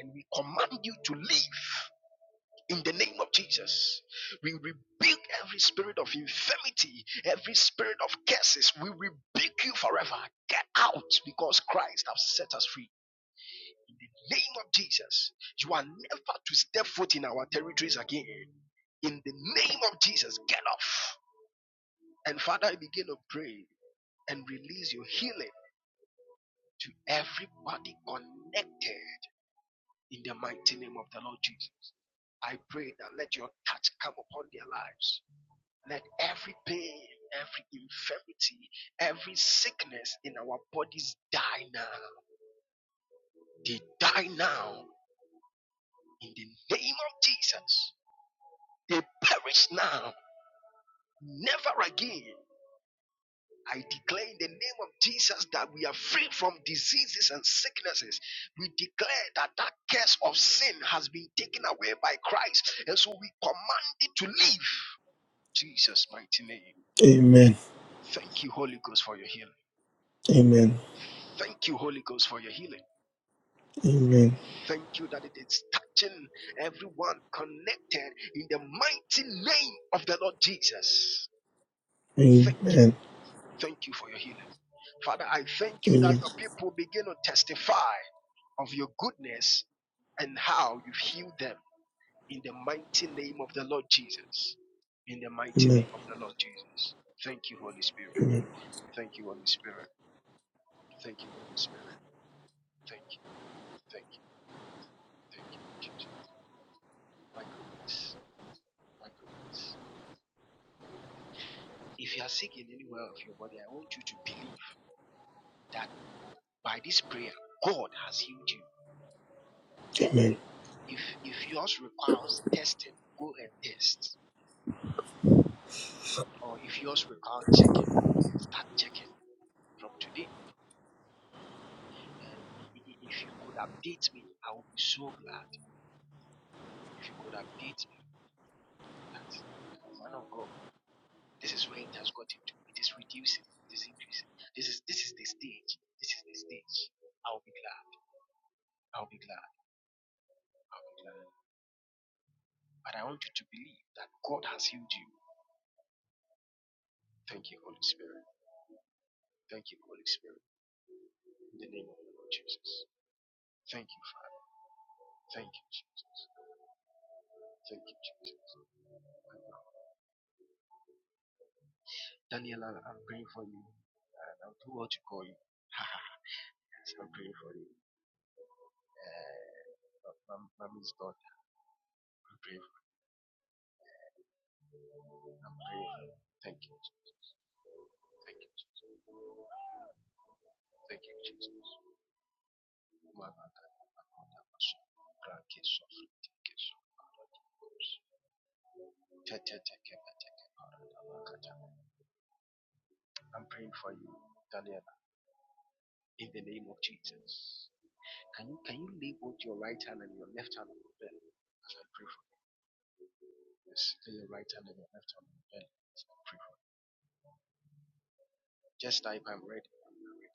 And we command you to leave. In the name of Jesus, we rebuke every spirit of infirmity, every spirit of curses. We rebuke you forever. Get out because Christ has set us free in the name of Jesus, you are never to step foot in our territories again. In the name of Jesus, get off. And Father, I begin to pray and release your healing to everybody connected in the mighty name of the Lord Jesus. I pray that let your touch come upon their lives. Let every pain, every infirmity, every sickness in our bodies die now. They die now in the name of Jesus. They perish now. Never again. I declare in the name of Jesus that we are free from diseases and sicknesses. We declare that that curse of sin has been taken away by Christ. And so we command it to leave. Jesus' mighty name.
Amen.
Thank you, Holy Ghost, for your healing.
Amen.
Thank you, Holy Ghost, for your healing.
Amen.
Thank you that it is touching everyone connected in the mighty name of the Lord Jesus.
Amen.
Thank you.
Amen.
Thank you for your healing. Father, I thank you that
Amen.
your people begin to testify of your goodness and how you've healed them in the mighty name of the Lord Jesus. In the mighty
Amen.
name of the Lord Jesus. Thank you, Holy Spirit.
Amen.
Thank you, Holy Spirit. Thank you, Holy Spirit. Thank you, thank you, thank you, Jesus. My goodness, my goodness. If you are sick in any of your body, I want you to believe that by this prayer, God has healed you and.
Amen.
If if yours requires testing, go and test. Or if yours requires checking, start checking from today. And if you could update me, I would be so glad if you could update me that man of God, this is where it has got into. It is reducing, it is increasing. This is this is the stage. This is the stage. I'll be glad. I'll be glad. I'll be glad. But I want you to believe that God has healed you. Thank you, Holy Spirit. Thank you, Holy Spirit. In the name of the Lord Jesus. Thank you. Father. Thank you, Jesus. Thank you, Jesus. Daniel, I'm praying for you. And I don't what to call you. I'm praying for you. Uh, my, my mom God. I'm praying for you. I'm praying for you. Thank you, Jesus. Thank you, Jesus. Thank you, Jesus. Malaga, Malaga, Masu, Krake, Sofu, Teke, Sofu, I'm praying for you, Daniel, in the name of Jesus. Can you, can you lay both your right hand and your left hand on your belly as I pray for you? Yes, lay your right hand and your left hand on your belly as I pray for you. Just type, I'm ready. I'm ready.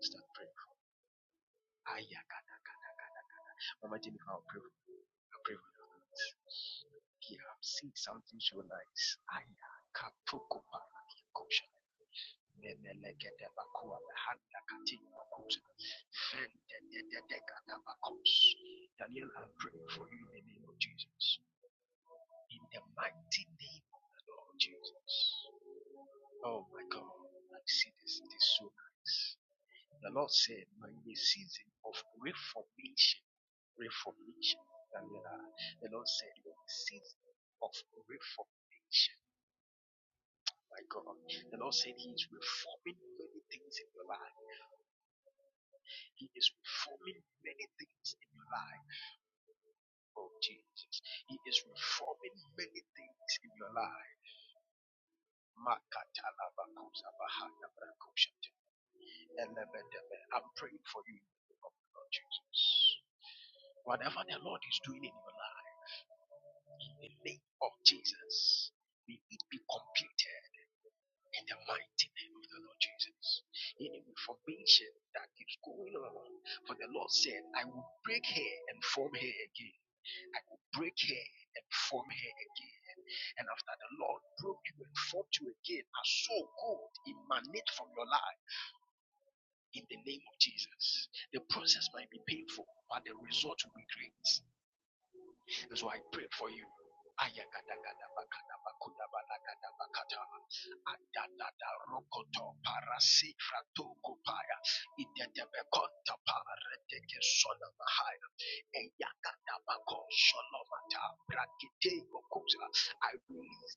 Start praying. Ayakadaka. Mama Jennifer, I'll pray for you. I'll pray for you. Here, I'm seeing something so nice. Aya Ayakapukuparakikosha. Memelekedebakua. Daniel, I'm praying for you in the name of Jesus. in the mighty name of the Lord Jesus. Oh my God, I see this. It is so nice. The Lord said, "Now in the season of reformation, reformation, and uh, the Lord said, in the season of reformation, my God, the Lord said He is reforming many things in your life. He is reforming many things in your life. Oh Jesus, He is reforming many things in your life. Makatalabakuzabahanabrakusha. I'm praying for you in the name of the Lord Jesus. Whatever the Lord is doing in your life, in the name of Jesus, may it be completed in the mighty name of the Lord Jesus. Any information that is going on, for the Lord said, I will break her and form her again. I will break her and form her again. And after the Lord broke you and formed you again, as so gold emanate from your life. In the name of Jesus, the process might be painful, but the result will be great. And so I pray for you. I release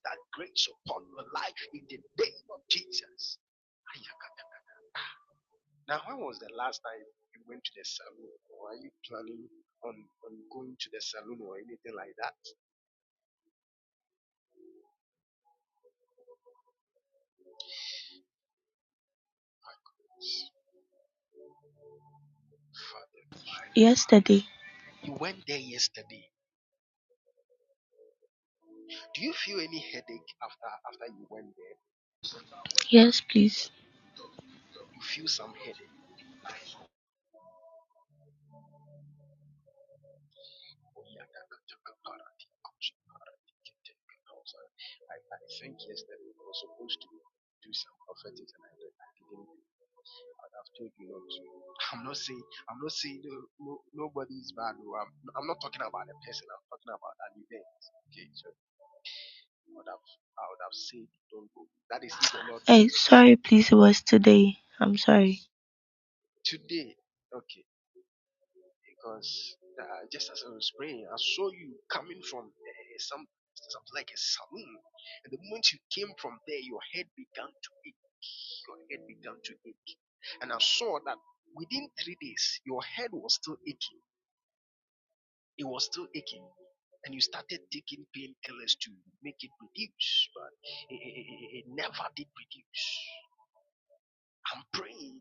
that grace upon your life in the name of Jesus. Now, when was the last time you went to the salon, or are you planning on, on going to the salon or anything like that? Father,
Yesterday.
you went there yesterday. Do you feel any headache after after you went there?
Yes, please.
You feel some headache. Oh, yeah, that- that- that- that- that- I, I think yesterday I was supposed to do some prophetic and I, did- I didn't. do I've told you not to. I'm not saying I'm not saying no, no, nobody is bad. Or I'm I'm not talking about a person. I'm talking about an event. Okay, so I would have I would have said don't go. That is if the Lord
Hey,
wants it
sorry, please. It was today. I'm sorry.
today. Okay, because uh, just as I was praying, I saw you coming from uh, some something like a saloon, and the moment you came from there, your head began to ache. Your head began to ache, and I saw that within three days, your head was still aching It was still aching. And you started taking pain killers to make it reduce, but it, it, it it never did reduce. I'm praying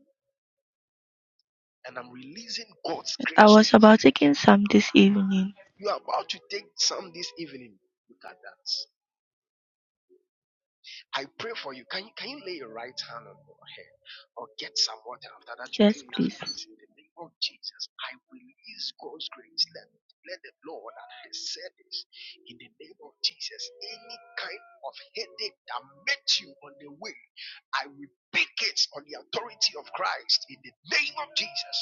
and I'm releasing God's
I
grace.
was about taking some this evening.
You are about to take some this evening. Look at that. I pray for you. Can you can you lay your right hand on your head or get some water after that you
Yes,
clean your
please.
face? In the name of Jesus, I release God's grace. Let, let the Lord and His service in the name of Jesus. Any kind of headache that met you on the way, I rebuke it on the authority of Christ in the name of Jesus.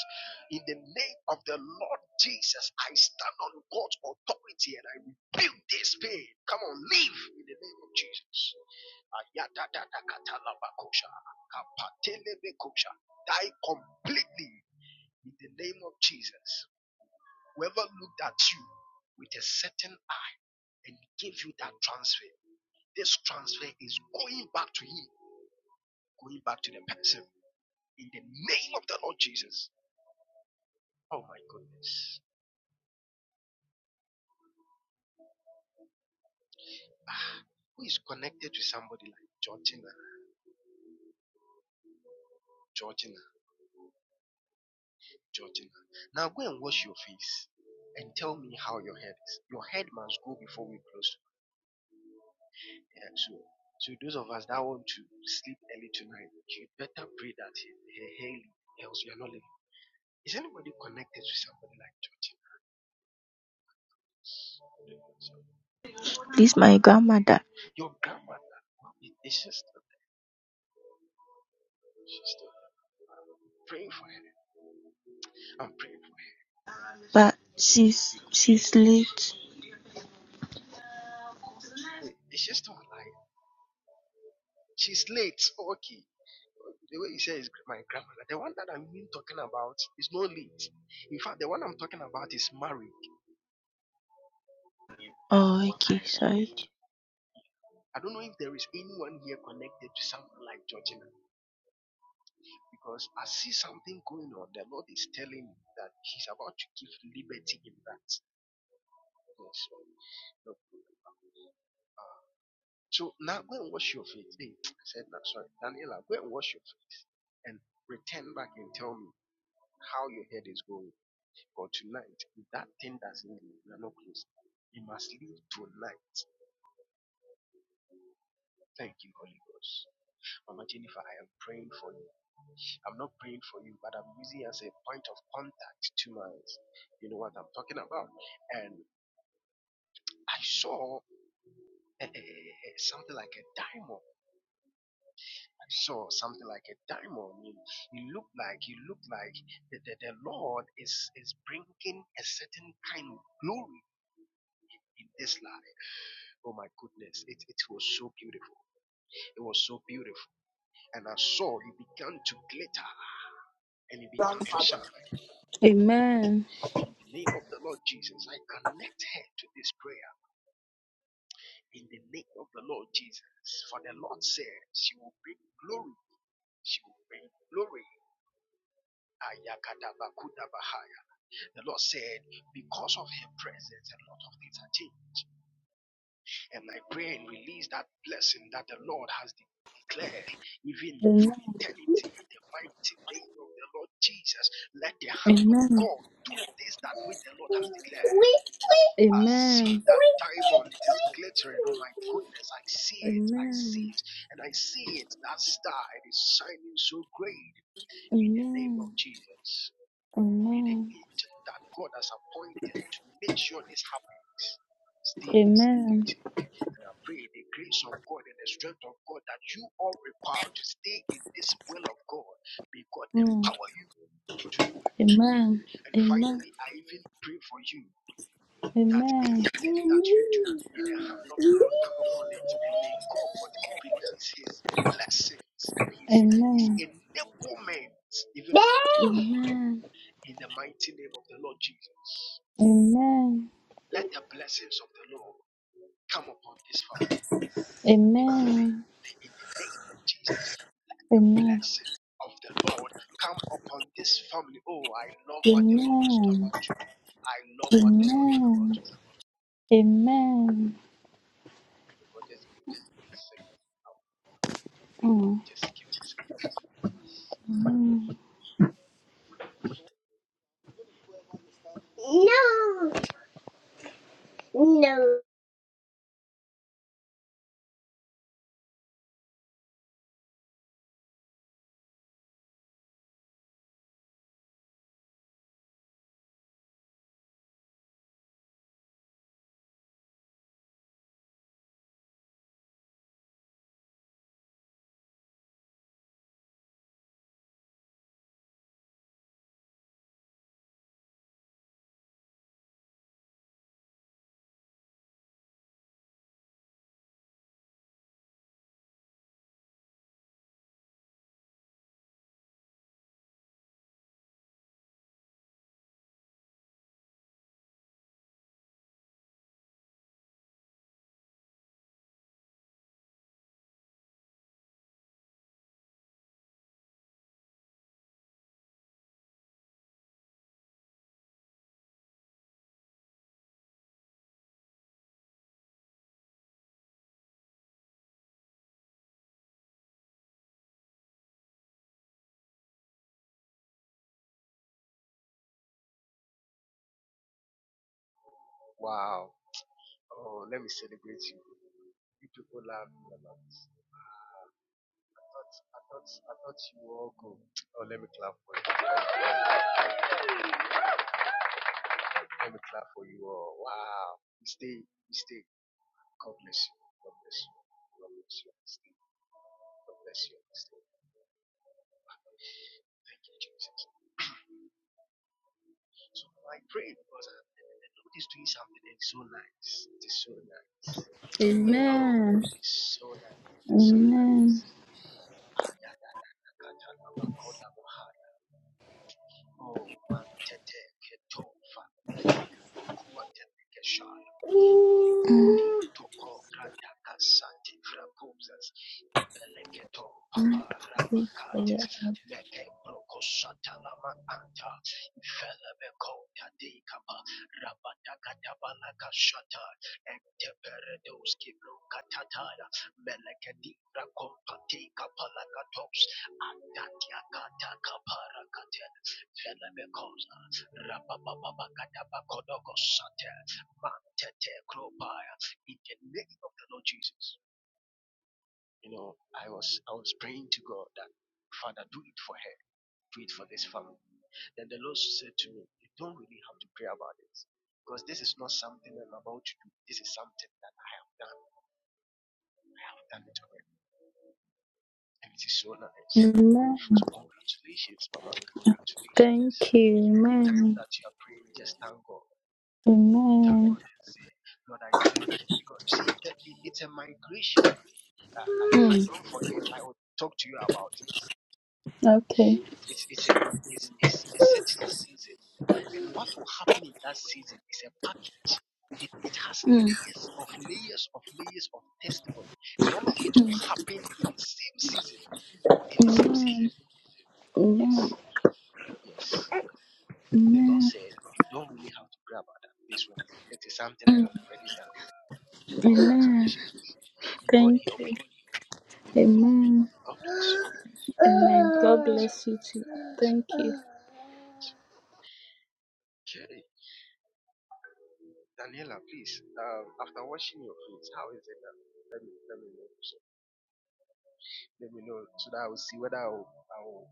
In the name of the Lord Jesus, I stand on God's authority and I rebuke this pain. Come on, live in the name of Jesus. Ayadadadakatalabakosha, kapatelebekosha. Die completely in the name of Jesus. Whoever looked at you with a certain eye and gave you that transfer, this transfer is going back to him, going back to the person in the name of the Lord Jesus. Oh my goodness. Ah, who is connected to somebody like Georgina, Georgina, Georgina? Now go and wash your face and tell me how your head is. Your head must go before we close Yeah, so, so those of us that want to sleep early tonight, you better pray that he he- he else you are not living. Is anybody connected to somebody like George? So,
This my grandmother,
your grandmother, it's just, she still, she's still praying for her. I'm praying for her.
but she's
Because,
she's late.
It's just still alive? She's late. Oh, okay. The way you say is my grandmother. The one that I'm even talking about is not late. In fact, the one I'm talking about is married.
Oh, okay. Sorry.
I don't know if there is anyone here connected to someone like Georgina. Because I see something going on. The Lord is telling me that He's about to give liberty in that. Yes, Lord. No So now go and wash your face. Hey, I said that. Sorry. Daniela, go and wash your face and return back and tell me how your head is going. For tonight, if that thing doesn't leave, we are not close. You must leave tonight. Thank you, Holy Ghost. Mama Jennifer, I am praying for you. I'm not praying for you, but I'm using it as a point of contact to my, you know what I'm talking about. and. I saw eh, eh, eh, eh, something like a diamond. I saw something like a diamond. You, you look like you look like the, the, the Lord is is bringing a certain kind of glory in this life. Oh my goodness, it, it was so beautiful. It was so beautiful, and I saw it began to glitter and it began to shine.
Amen.
In the name of the Lord Jesus, I connect her to this prayer. In the name of the Lord Jesus, for the Lord says she will bring glory She will reign. in Glory. Ayakadabakudabahaya. The Lord said, because of her presence, a lot of things are changed. And I pray and release that blessing that the Lord has de- declared, even
Amen.
from eternity, in the mighty name of the Lord Jesus. Let the hand of
Amen.
God do this that which the Lord has declared. I
Amen.
see that diamond, it is glittering. Oh my goodness, I see it, I see
Amen.
it, and I see it. That star, it is shining so great in the name of
Amen.
Jesus. Be the
Amen.
agent that God has appointed to make sure this happens. Stay in
Amen.
duty. And I pray the grace of God and the strength of God that you all require to stay in this will of God. May God
Mm.
empower you to do it.
Amen.
And
Amen.
finally, I even pray for you that
Amen. Amen.
anything that you do, may the hand of the Lord come upon it and may God release his blessings and his, his
Amen.
enablement even upon it. In the mighty name of the Lord Jesus.
Amen. Amen.
Let the blessings of the Lord come upon this family in the
Amen.
name, in the name of Jesus. Let the
Amen.
blessing of the Lord come upon this family. Oh, I love what the Lord is about to do. I love what the Lord is about
Amen.
to do.
Amen.
God, just give me a second. I'll
Mm.
Just give me a second.
Mm. No. No.
Wow. Oh, let me celebrate you. You people love me a lot. I thought, I thought, I thought you all go. Oh, let me clap for you. Let me clap for you all. Wow. stay. stay. God bless you. God bless you. God bless you. Stay. God bless you. Stay. Thank you, Jesus. So I pray because uh, the Lord is doing something that is so nice. It is so nice. Oh,
Amen.
it is so nice. It is so nice.
Amen.
Ayadadadakatalabakodabahaya. Oh, tete, keto, fabigabi,
Mm.
Likatitoko radakasati frakuzas ipeleketo
Mm.
paparapakatis
Amen.
meke prokosatalama anta ifelebekota dikapa rabadakatabalakashata enteperedoski brokatataya melekedi rakompatikapalakatos andatiakatakapara kate felebekosa rabababakatabakodokosate Mantete Kropaya, In the name of the Lord Jesus. You know, I was I was praying to God that Father, do it for her, do it for this family. Then the Lord said to me, You don't really have to pray about this Because this is not something I'm about to do. This is something that I have done. I have done it already. And it is so nice. So congratulations, Mama. Congratulations.
Thank you.
Anytime
Amen.
that you are praying, just thank God. Thank
Amen.
God and say, Lord, I thank you. Because you see, that it's a migration. Uh, if I
Mm.
don't forget, I will talk to you about it.
Okay.
it's, it's, a, it's, it's a certain season, and what will happen in that season is a package. It, it has
Mm.
layers of layers of layers of testimony, and all of it will happen in the same season. In the same
Amen.
season,
Amen.
yes, yes. The Lord
Amen.
said, You don't really have to pray about that. This one, it is something I
Mm.
have already done.
Amen.
Congratulations. May God
Thank
help
you.
you. May God,
Amen.
help. you. God bless you.
Amen.
God
God
bless
bless you too. Thank
you.
you.
Okay. Daniela, please, um, after washing your clothes, how is it now? Let me know. So, let me know so that I will see whether I will, I will,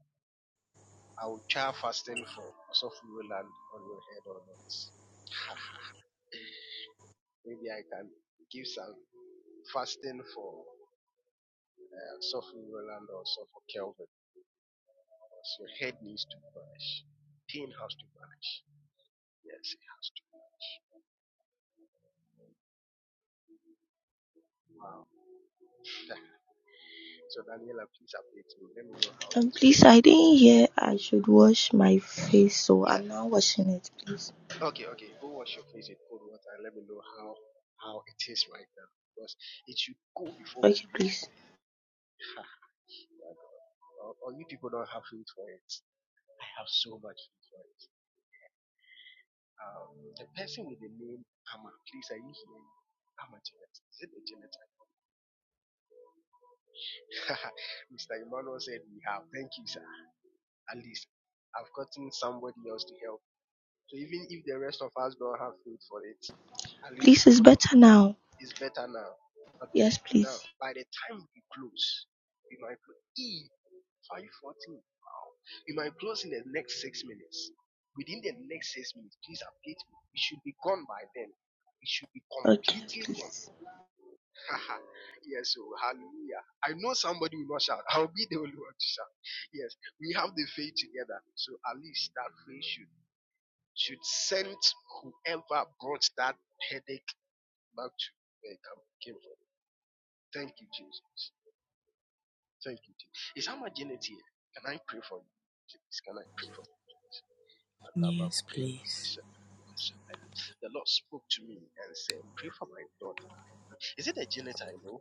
I will try fasting for so if you will land on your head or not. Maybe I can give some fasting for uh, Sophie Roland or so for Kelvin. Because your head needs to vanish. Pain has to vanish. Yes, it has to. Wow. so, Daniela, please update me. Let me know how it
Um,
is
please,
right
I didn't hear I should wash my face, so
Yeah.
I'm not washing it, please.
Okay, okay. Go wash your face in cold water and let me know how how it is right now. Because it should go before we
Okay,
leave
please.
here. Ha, my God. Or, or you people don't have food for it. I have so much food for it. Um, the person with the name Amma, please, are you here? Amma Janet. Is it a Janet? Mr. Emmanuel said we have. Thank you, sir. At least I've gotten somebody else to help. So even if the rest of us don't have food for it, at least
Please,
the
it's
both of
better now.
It's better now. Okay.
Yes,
Now,
please.
by the time we close, we might close. E, 514. Wow. We might close in the next six minutes. Within the next six minutes, please update me. We should be gone by then. It should be
Okay,
completely gone.
please.
Haha. yes, oh, hallelujah. I know somebody will not shout. I'll be the only one to shout. Yes, we have the faith together. So at least that faith should, should send whoever brought that headache back to where it came from. Thank you, Jesus. Thank you, Jesus. Is Amma Janet here? Can I pray for you? Please, can I pray for you? please?
Yes, please.
The Lord spoke to me and said, Pray for my daughter. Is it a Janet I know?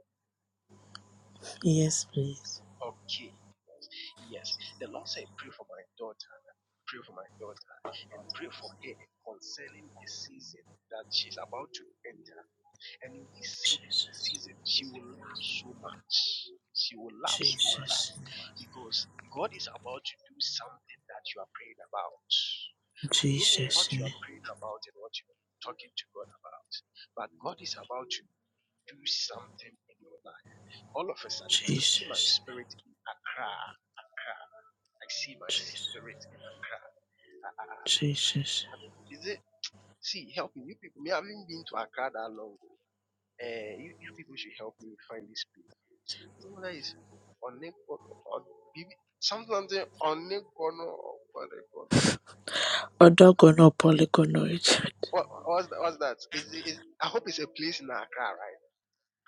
Yes, please.
Okay. Yes. The Lord said, Pray for my daughter. Pray for my daughter. And pray for her concerning a season that she's about to enter. And in this seed-
Jesus.
season, she will laugh so much. She will laugh so much
Jesus.
because God is about to do something that you are praying about. I don't know what you
Jesus.
are praying about and what you're talking to God about, but God is about to do something in your life. All of a sudden, I see my
Jesus.
spirit in Accra. Accra. I see my
Jesus.
spirit in Accra. Ah, ah, ah.
Jesus.
Is it? See, help me. You people, me, I haven't been to Accra that long. Uh, you, you people should help me find this place. Nice. Örnek konu, ör- bir- sometimes they örnek konu, örnek konu.
Odogono polygonoid.
What what's that? What's that? Is it- is I hope it's a place in Accra, right?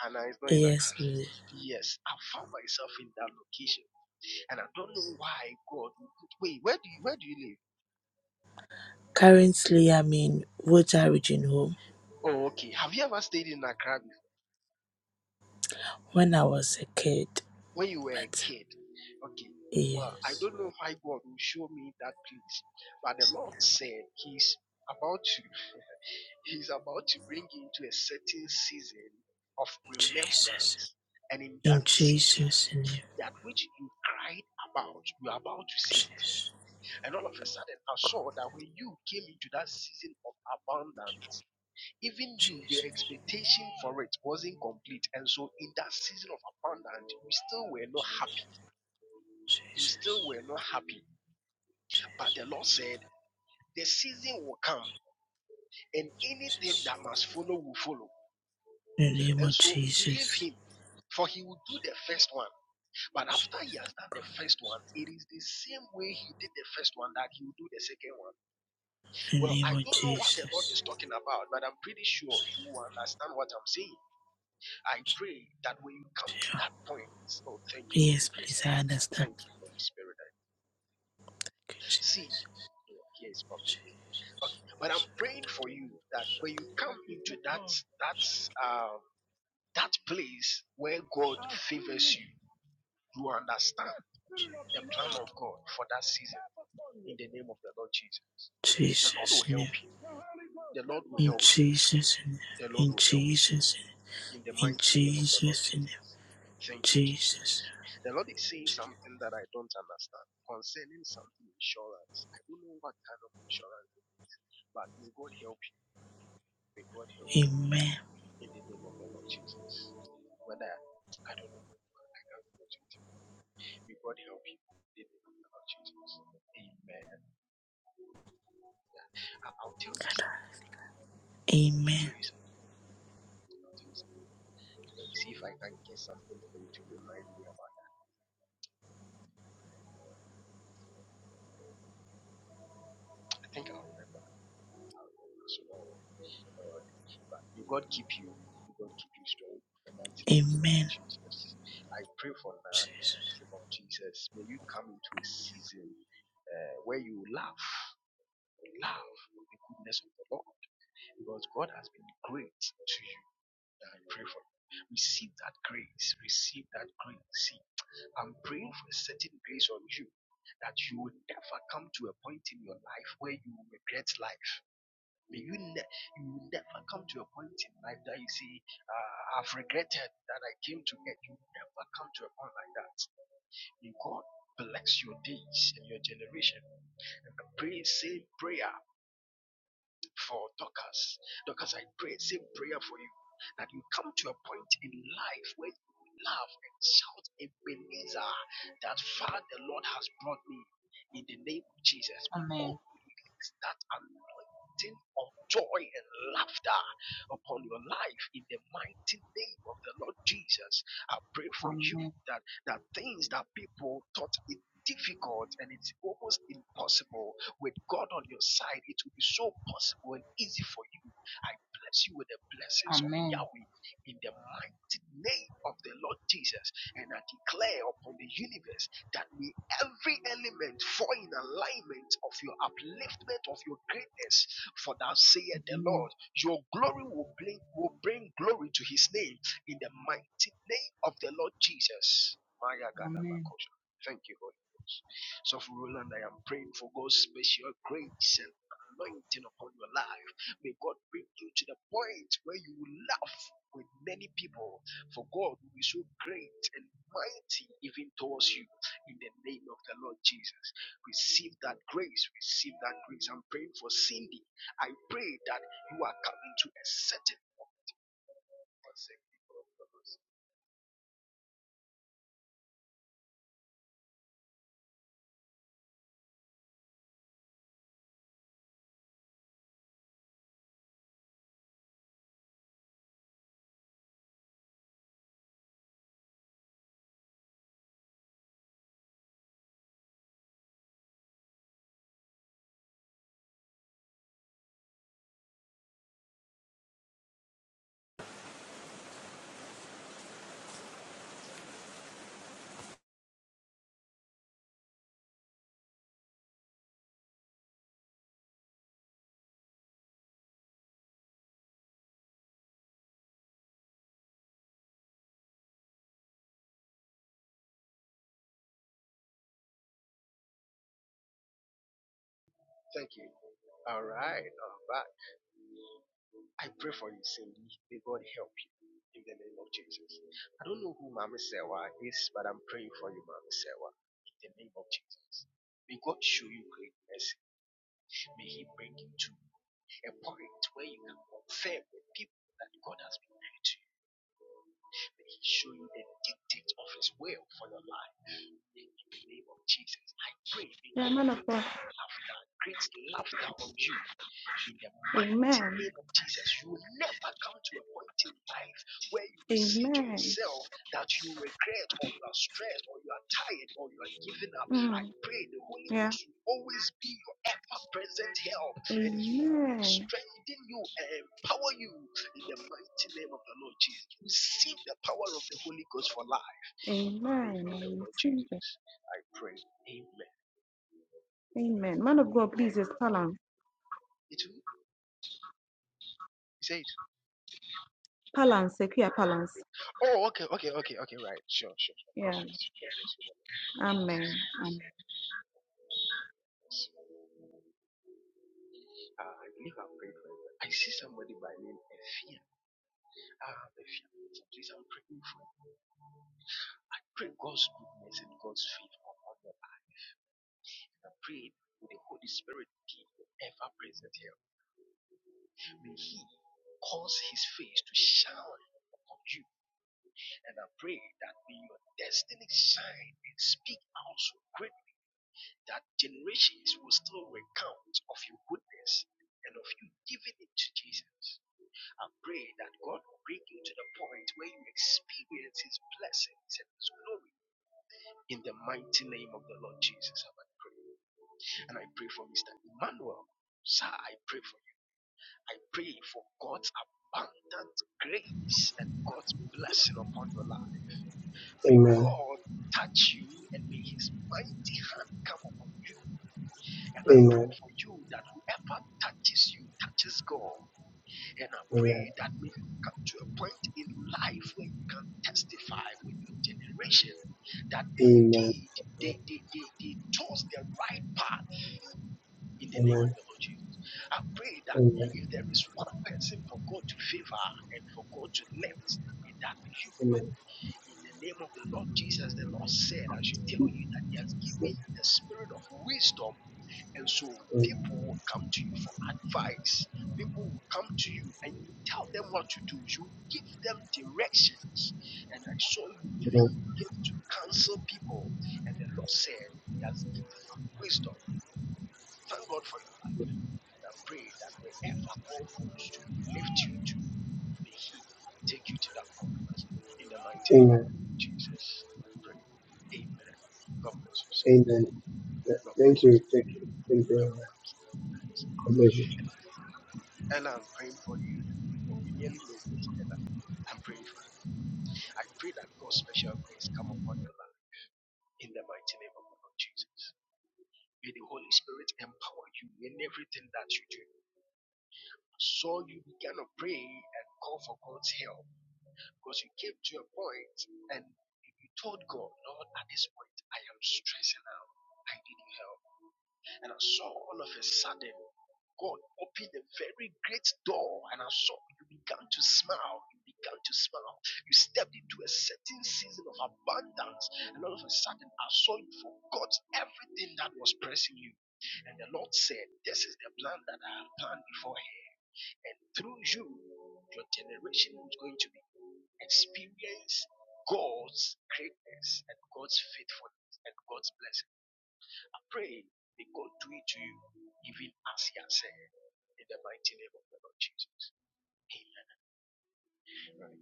And it's not in Accra.
Yes, please.
Yes, I found myself in that location, and I don't know why God. Wait, where do you where do you live?
Currently, I'm in Woja Region Home
Oh, okay. Have you ever stayed in Accra before
when I was a kid.
when you were a
But,
kid? Okay. Well, I
yes.
don't know why God will show me that place, but the Lord said He's about to. He's about to bring you into a certain season of
Jesus.
remembrance. And in
In
that season,
Jesus' name.
that which you cried about, you are about to see it.
Jesus.
And all of a sudden, I
God,
saw that when you came into that season of abundance, even you, your
Jesus.
expectation for it wasn't complete. And so, in that season of abundance, you still were not happy. You still
Jesus.
were not happy. But the Lord said, The season will come, and anything
Jesus.
that must follow will follow.
In the name
And
of
so believe
Jesus.
him, for he will do the first one. But
Jesus.
after he has done the first one, it is the same way he did the first one that he will do the second one.
In the
Well,
name
I
of
don't know what the Lord
Jesus.
is talking about, but I'm pretty sure you will understand what I'm saying. I pray that when you come to that point, oh, thank you,
Yes,
Holy Ghost.
please, I understand.
Thank you, Holy Spirit. I See,
Jesus,
yeah, here is public. Okay, but I'm praying for you that when you come into that that um that place where God favors you You understand the plan of God for that season in the name of the Lord Jesus. The Lord will
Jesus,
help
name.
you. The Lord will
in
help you.
Jesus, name.
The Lord
in
will help you
Jesus,
in the
name. in
mighty name of the Lord
Jesus, name.
Jesus. Thank you,
Jesus.
Jesus. The Lord is saying something that I don't understand concerning something insurance. I don't know what kind of insurance it is, but may God help you. May God help you
Amen,
in the name of the Lord Jesus. Whether I don't know, I can't imagine. May God help you in the name of Jesus. Amen. Yeah. I'll tell you something. I'll tell
amen,
you something. I'll tell you something. Let me see if I can get something for you to remind me about that. I think I'll remember. I'll remember. So don't worry. Don't worry. But may God keep you. May God keep you strong. in The mighty name of the Lord
amen.
Jesus. I pray for that in
Jesus.
the name of Jesus. May you come into a season uh, where you laugh. Laugh with the goodness of the Lord. Because God has been great to you. I pray for you. Receive that grace. Receive that grace. See, I'm praying for a certain grace on you that you will never come to a point in your life where you regret life. May you, ne- you will never come to a point in life that you say, uh, I've regretted that I came to get you. Never come to a point like that. May God bless your days and your generation. And pray, the same prayer for Dorcas. Dorcas, I pray, the same prayer for you, that you come to a point in life where you will laugh and shout Ebenezer, that far the Lord has brought me in the name of Jesus, because
Amen.
you release that anointing of joy and laughter upon your life in the mighty name of the Lord Jesus. I pray for you
Amen.
that, that things that people thought it difficult and it's almost impossible with God on your side, it will be so possible and easy for you. I bless you with the blessings of
Amen.
Yahweh in the mighty name of the Lord Jesus. And I declare upon the universe that may every element fall in alignment of your upliftment of your greatness. For thou sayest the
Amen.
Lord, your glory will bring, will bring glory to his name in the mighty name of the Lord Jesus.
Amen.
Thank you, Holy Ghost. So, for Roland, I am praying for God's special grace and anointing upon your life. May God bring you to the point where you will laugh with many people, for God will be so great and mighty even towards you. In the name of the Lord Jesus, receive that grace. Receive that grace. I'm praying for Cindy. I pray that you are coming to a certain. purpose. Thank you. All right. All right. I pray for you, Cindy. May God help you in the name of Jesus. I don't know who Mama Sewa is, but I'm praying for you, Mama Sewa, in the name of Jesus. May God show you great mercy. May He bring you to a point where you can confirm with people that God has been good to you. May He show you the dictates of His will for your life. In the name of Jesus, I pray, may
Yeah,
God
man of
put
God.
in laughter, great laughter on you in the mighty
Amen.
name of Jesus, you will never come to a point in life where you will say to
Amen.
yourself that you regret or you are stressed or you are tired or you are giving up. I
Mm,
pray the Holy
yeah.
Ghost will always be your ever present help and He will
Amen.
strengthen you and empower you in the mighty name of the Lord Jesus. Receive the power of the Holy Ghost for life in the name
Amen.
of the
I
Lord
receive it.
Jesus. I pray. Amen. Amen.
Amen. Man of God, please just balance.
It will, say it
Balance. Secure balance.
Oh, okay, okay, okay, okay, right. Sure, sure, sure. God
Yeah.
bless you. God bless you. God bless
Amen.
you.
Amen.
Uh, I believe I'm praying for you. I see somebody by name Ephia. Ah, Efian. Please, I'm praying for you. I pray God's goodness and God's favor upon your life. I pray with the Holy Spirit give you ever present help. May He cause His face to shine upon you. And I pray that may your destiny shine and speak out so great that generations will still recount of your goodness and of you giving it to Jesus. I pray that God will bring you to the point where you experience His blessings and His glory in the mighty name of the Lord Jesus. I pray. And I pray for Mr. Emmanuel. Sir, I pray for you. I pray for God's abundant grace and God's blessing upon your life.
Amen.
May
Amen.
God touch you and may His mighty hand come upon you And
Amen.
I pray
Amen.
for you that whoever touches you touches God. And I pray that may you come to a point in life where you can testify with your generation that
Amen.
indeed they, they, they, they chose the right path in the name of the Lord Jesus. I pray that
Amen.
if there is one person for God to favor and for God to lift, may that you. In the name of the Lord Jesus, the Lord said, I should tell you that He has given you the spirit of wisdom. And so people will come to you for advice. People will come to you and you tell them what to do. You give them directions. And I saw you even get to counsel people. And the Lord said, He has given you wisdom. Thank God for your life. And I pray that wherever God wants to lift you to, May He take you to that point in the mighty name of
Amen.
Jesus. I pray. Amen. God bless you.
Amen.
God bless
Thank
you.
you. Thank you. Thank
You're
you.
welcome.
God bless you
Ella, I'm praying for you. Oh, you nearly missed it, Ella. I'm praying for you. I pray that God's special grace come upon your life in the mighty name of the Lord Jesus. May the Holy Spirit empower you in everything that you do. So you began to pray and call for God's help Because you came to a point and you told God, Lord, at this point, I am stressing out. I need your help. And I saw all of a sudden, God opened a very great door. And I saw you began to smile. You began to smile. You stepped into a certain season of abundance. And all of a sudden, I saw you forgot everything that was pressing you. And the Lord said, This is the plan that I have planned before him. And through you, your generation is going to be experience God's greatness and God's faithfulness and God's blessing. I pray may God do it to you, even as He has said, in the mighty name of the Lord Jesus. Amen.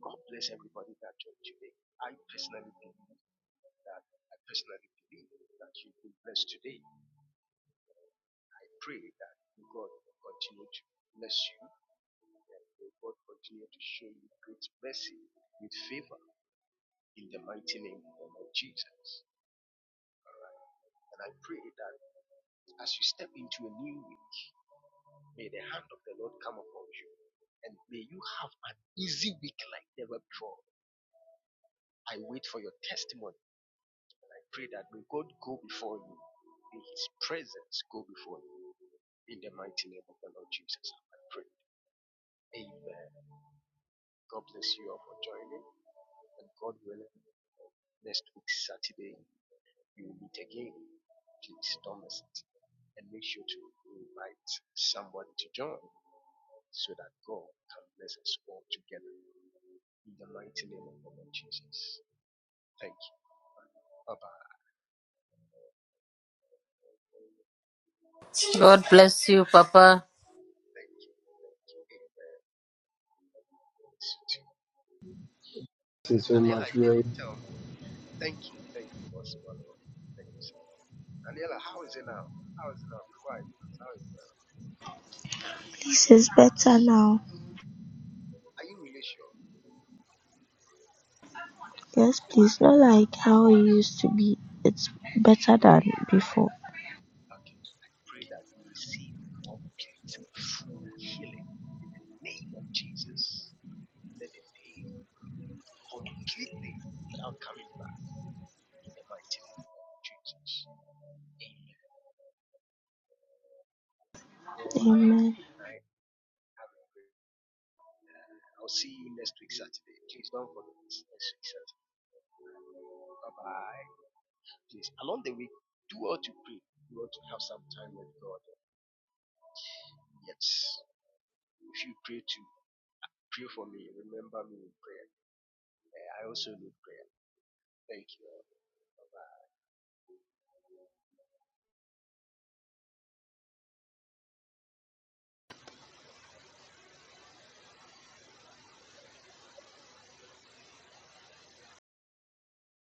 God bless everybody that joined today. I personally believe that I personally believe that you've been blessed today. I pray that God will continue to bless you and May God continue to show you great mercy with favor in the mighty name of the Lord Jesus. And I pray that as you step into a new week, may the hand of the Lord come upon you and may you have an easy week like never before. I wait for your testimony and I pray that may God go before you, may His presence go before you in the mighty name of the Lord Jesus. I pray. Amen. God bless you all for joining and God willing, next week, Saturday. you will meet again. Please don't miss it. And make sure to invite somebody to join so that God can bless us all together. In the mighty name of our Lord Jesus. Thank you. Bye bye.
God bless you, Papa.
Thank you. Thank you. Amen.
Thank you so
Daniela,
much.
you
Really
didn't tell me. Thank you. Thank you. Thank you so Daniela, how is it now? How is it now? Quiet. How is it now?
Please, it's better now.
Are you really sure?
Yes please, not like how it used to be, it's better than before.
Okay. I pray that you receive complete, full healing in the name of Jesus. Let the pain leave completely without coming back in the mighty name of Jesus. Amen. You all have a
Amen.
good night. Have a great night. I'll see you next week Saturday. Please don't forget next week Saturday. Bye bye. Please, along the week, do all to pray. You want to have some time with God. Yes. If you pray to pray for me, remember me in prayer. I also look great. Thank you.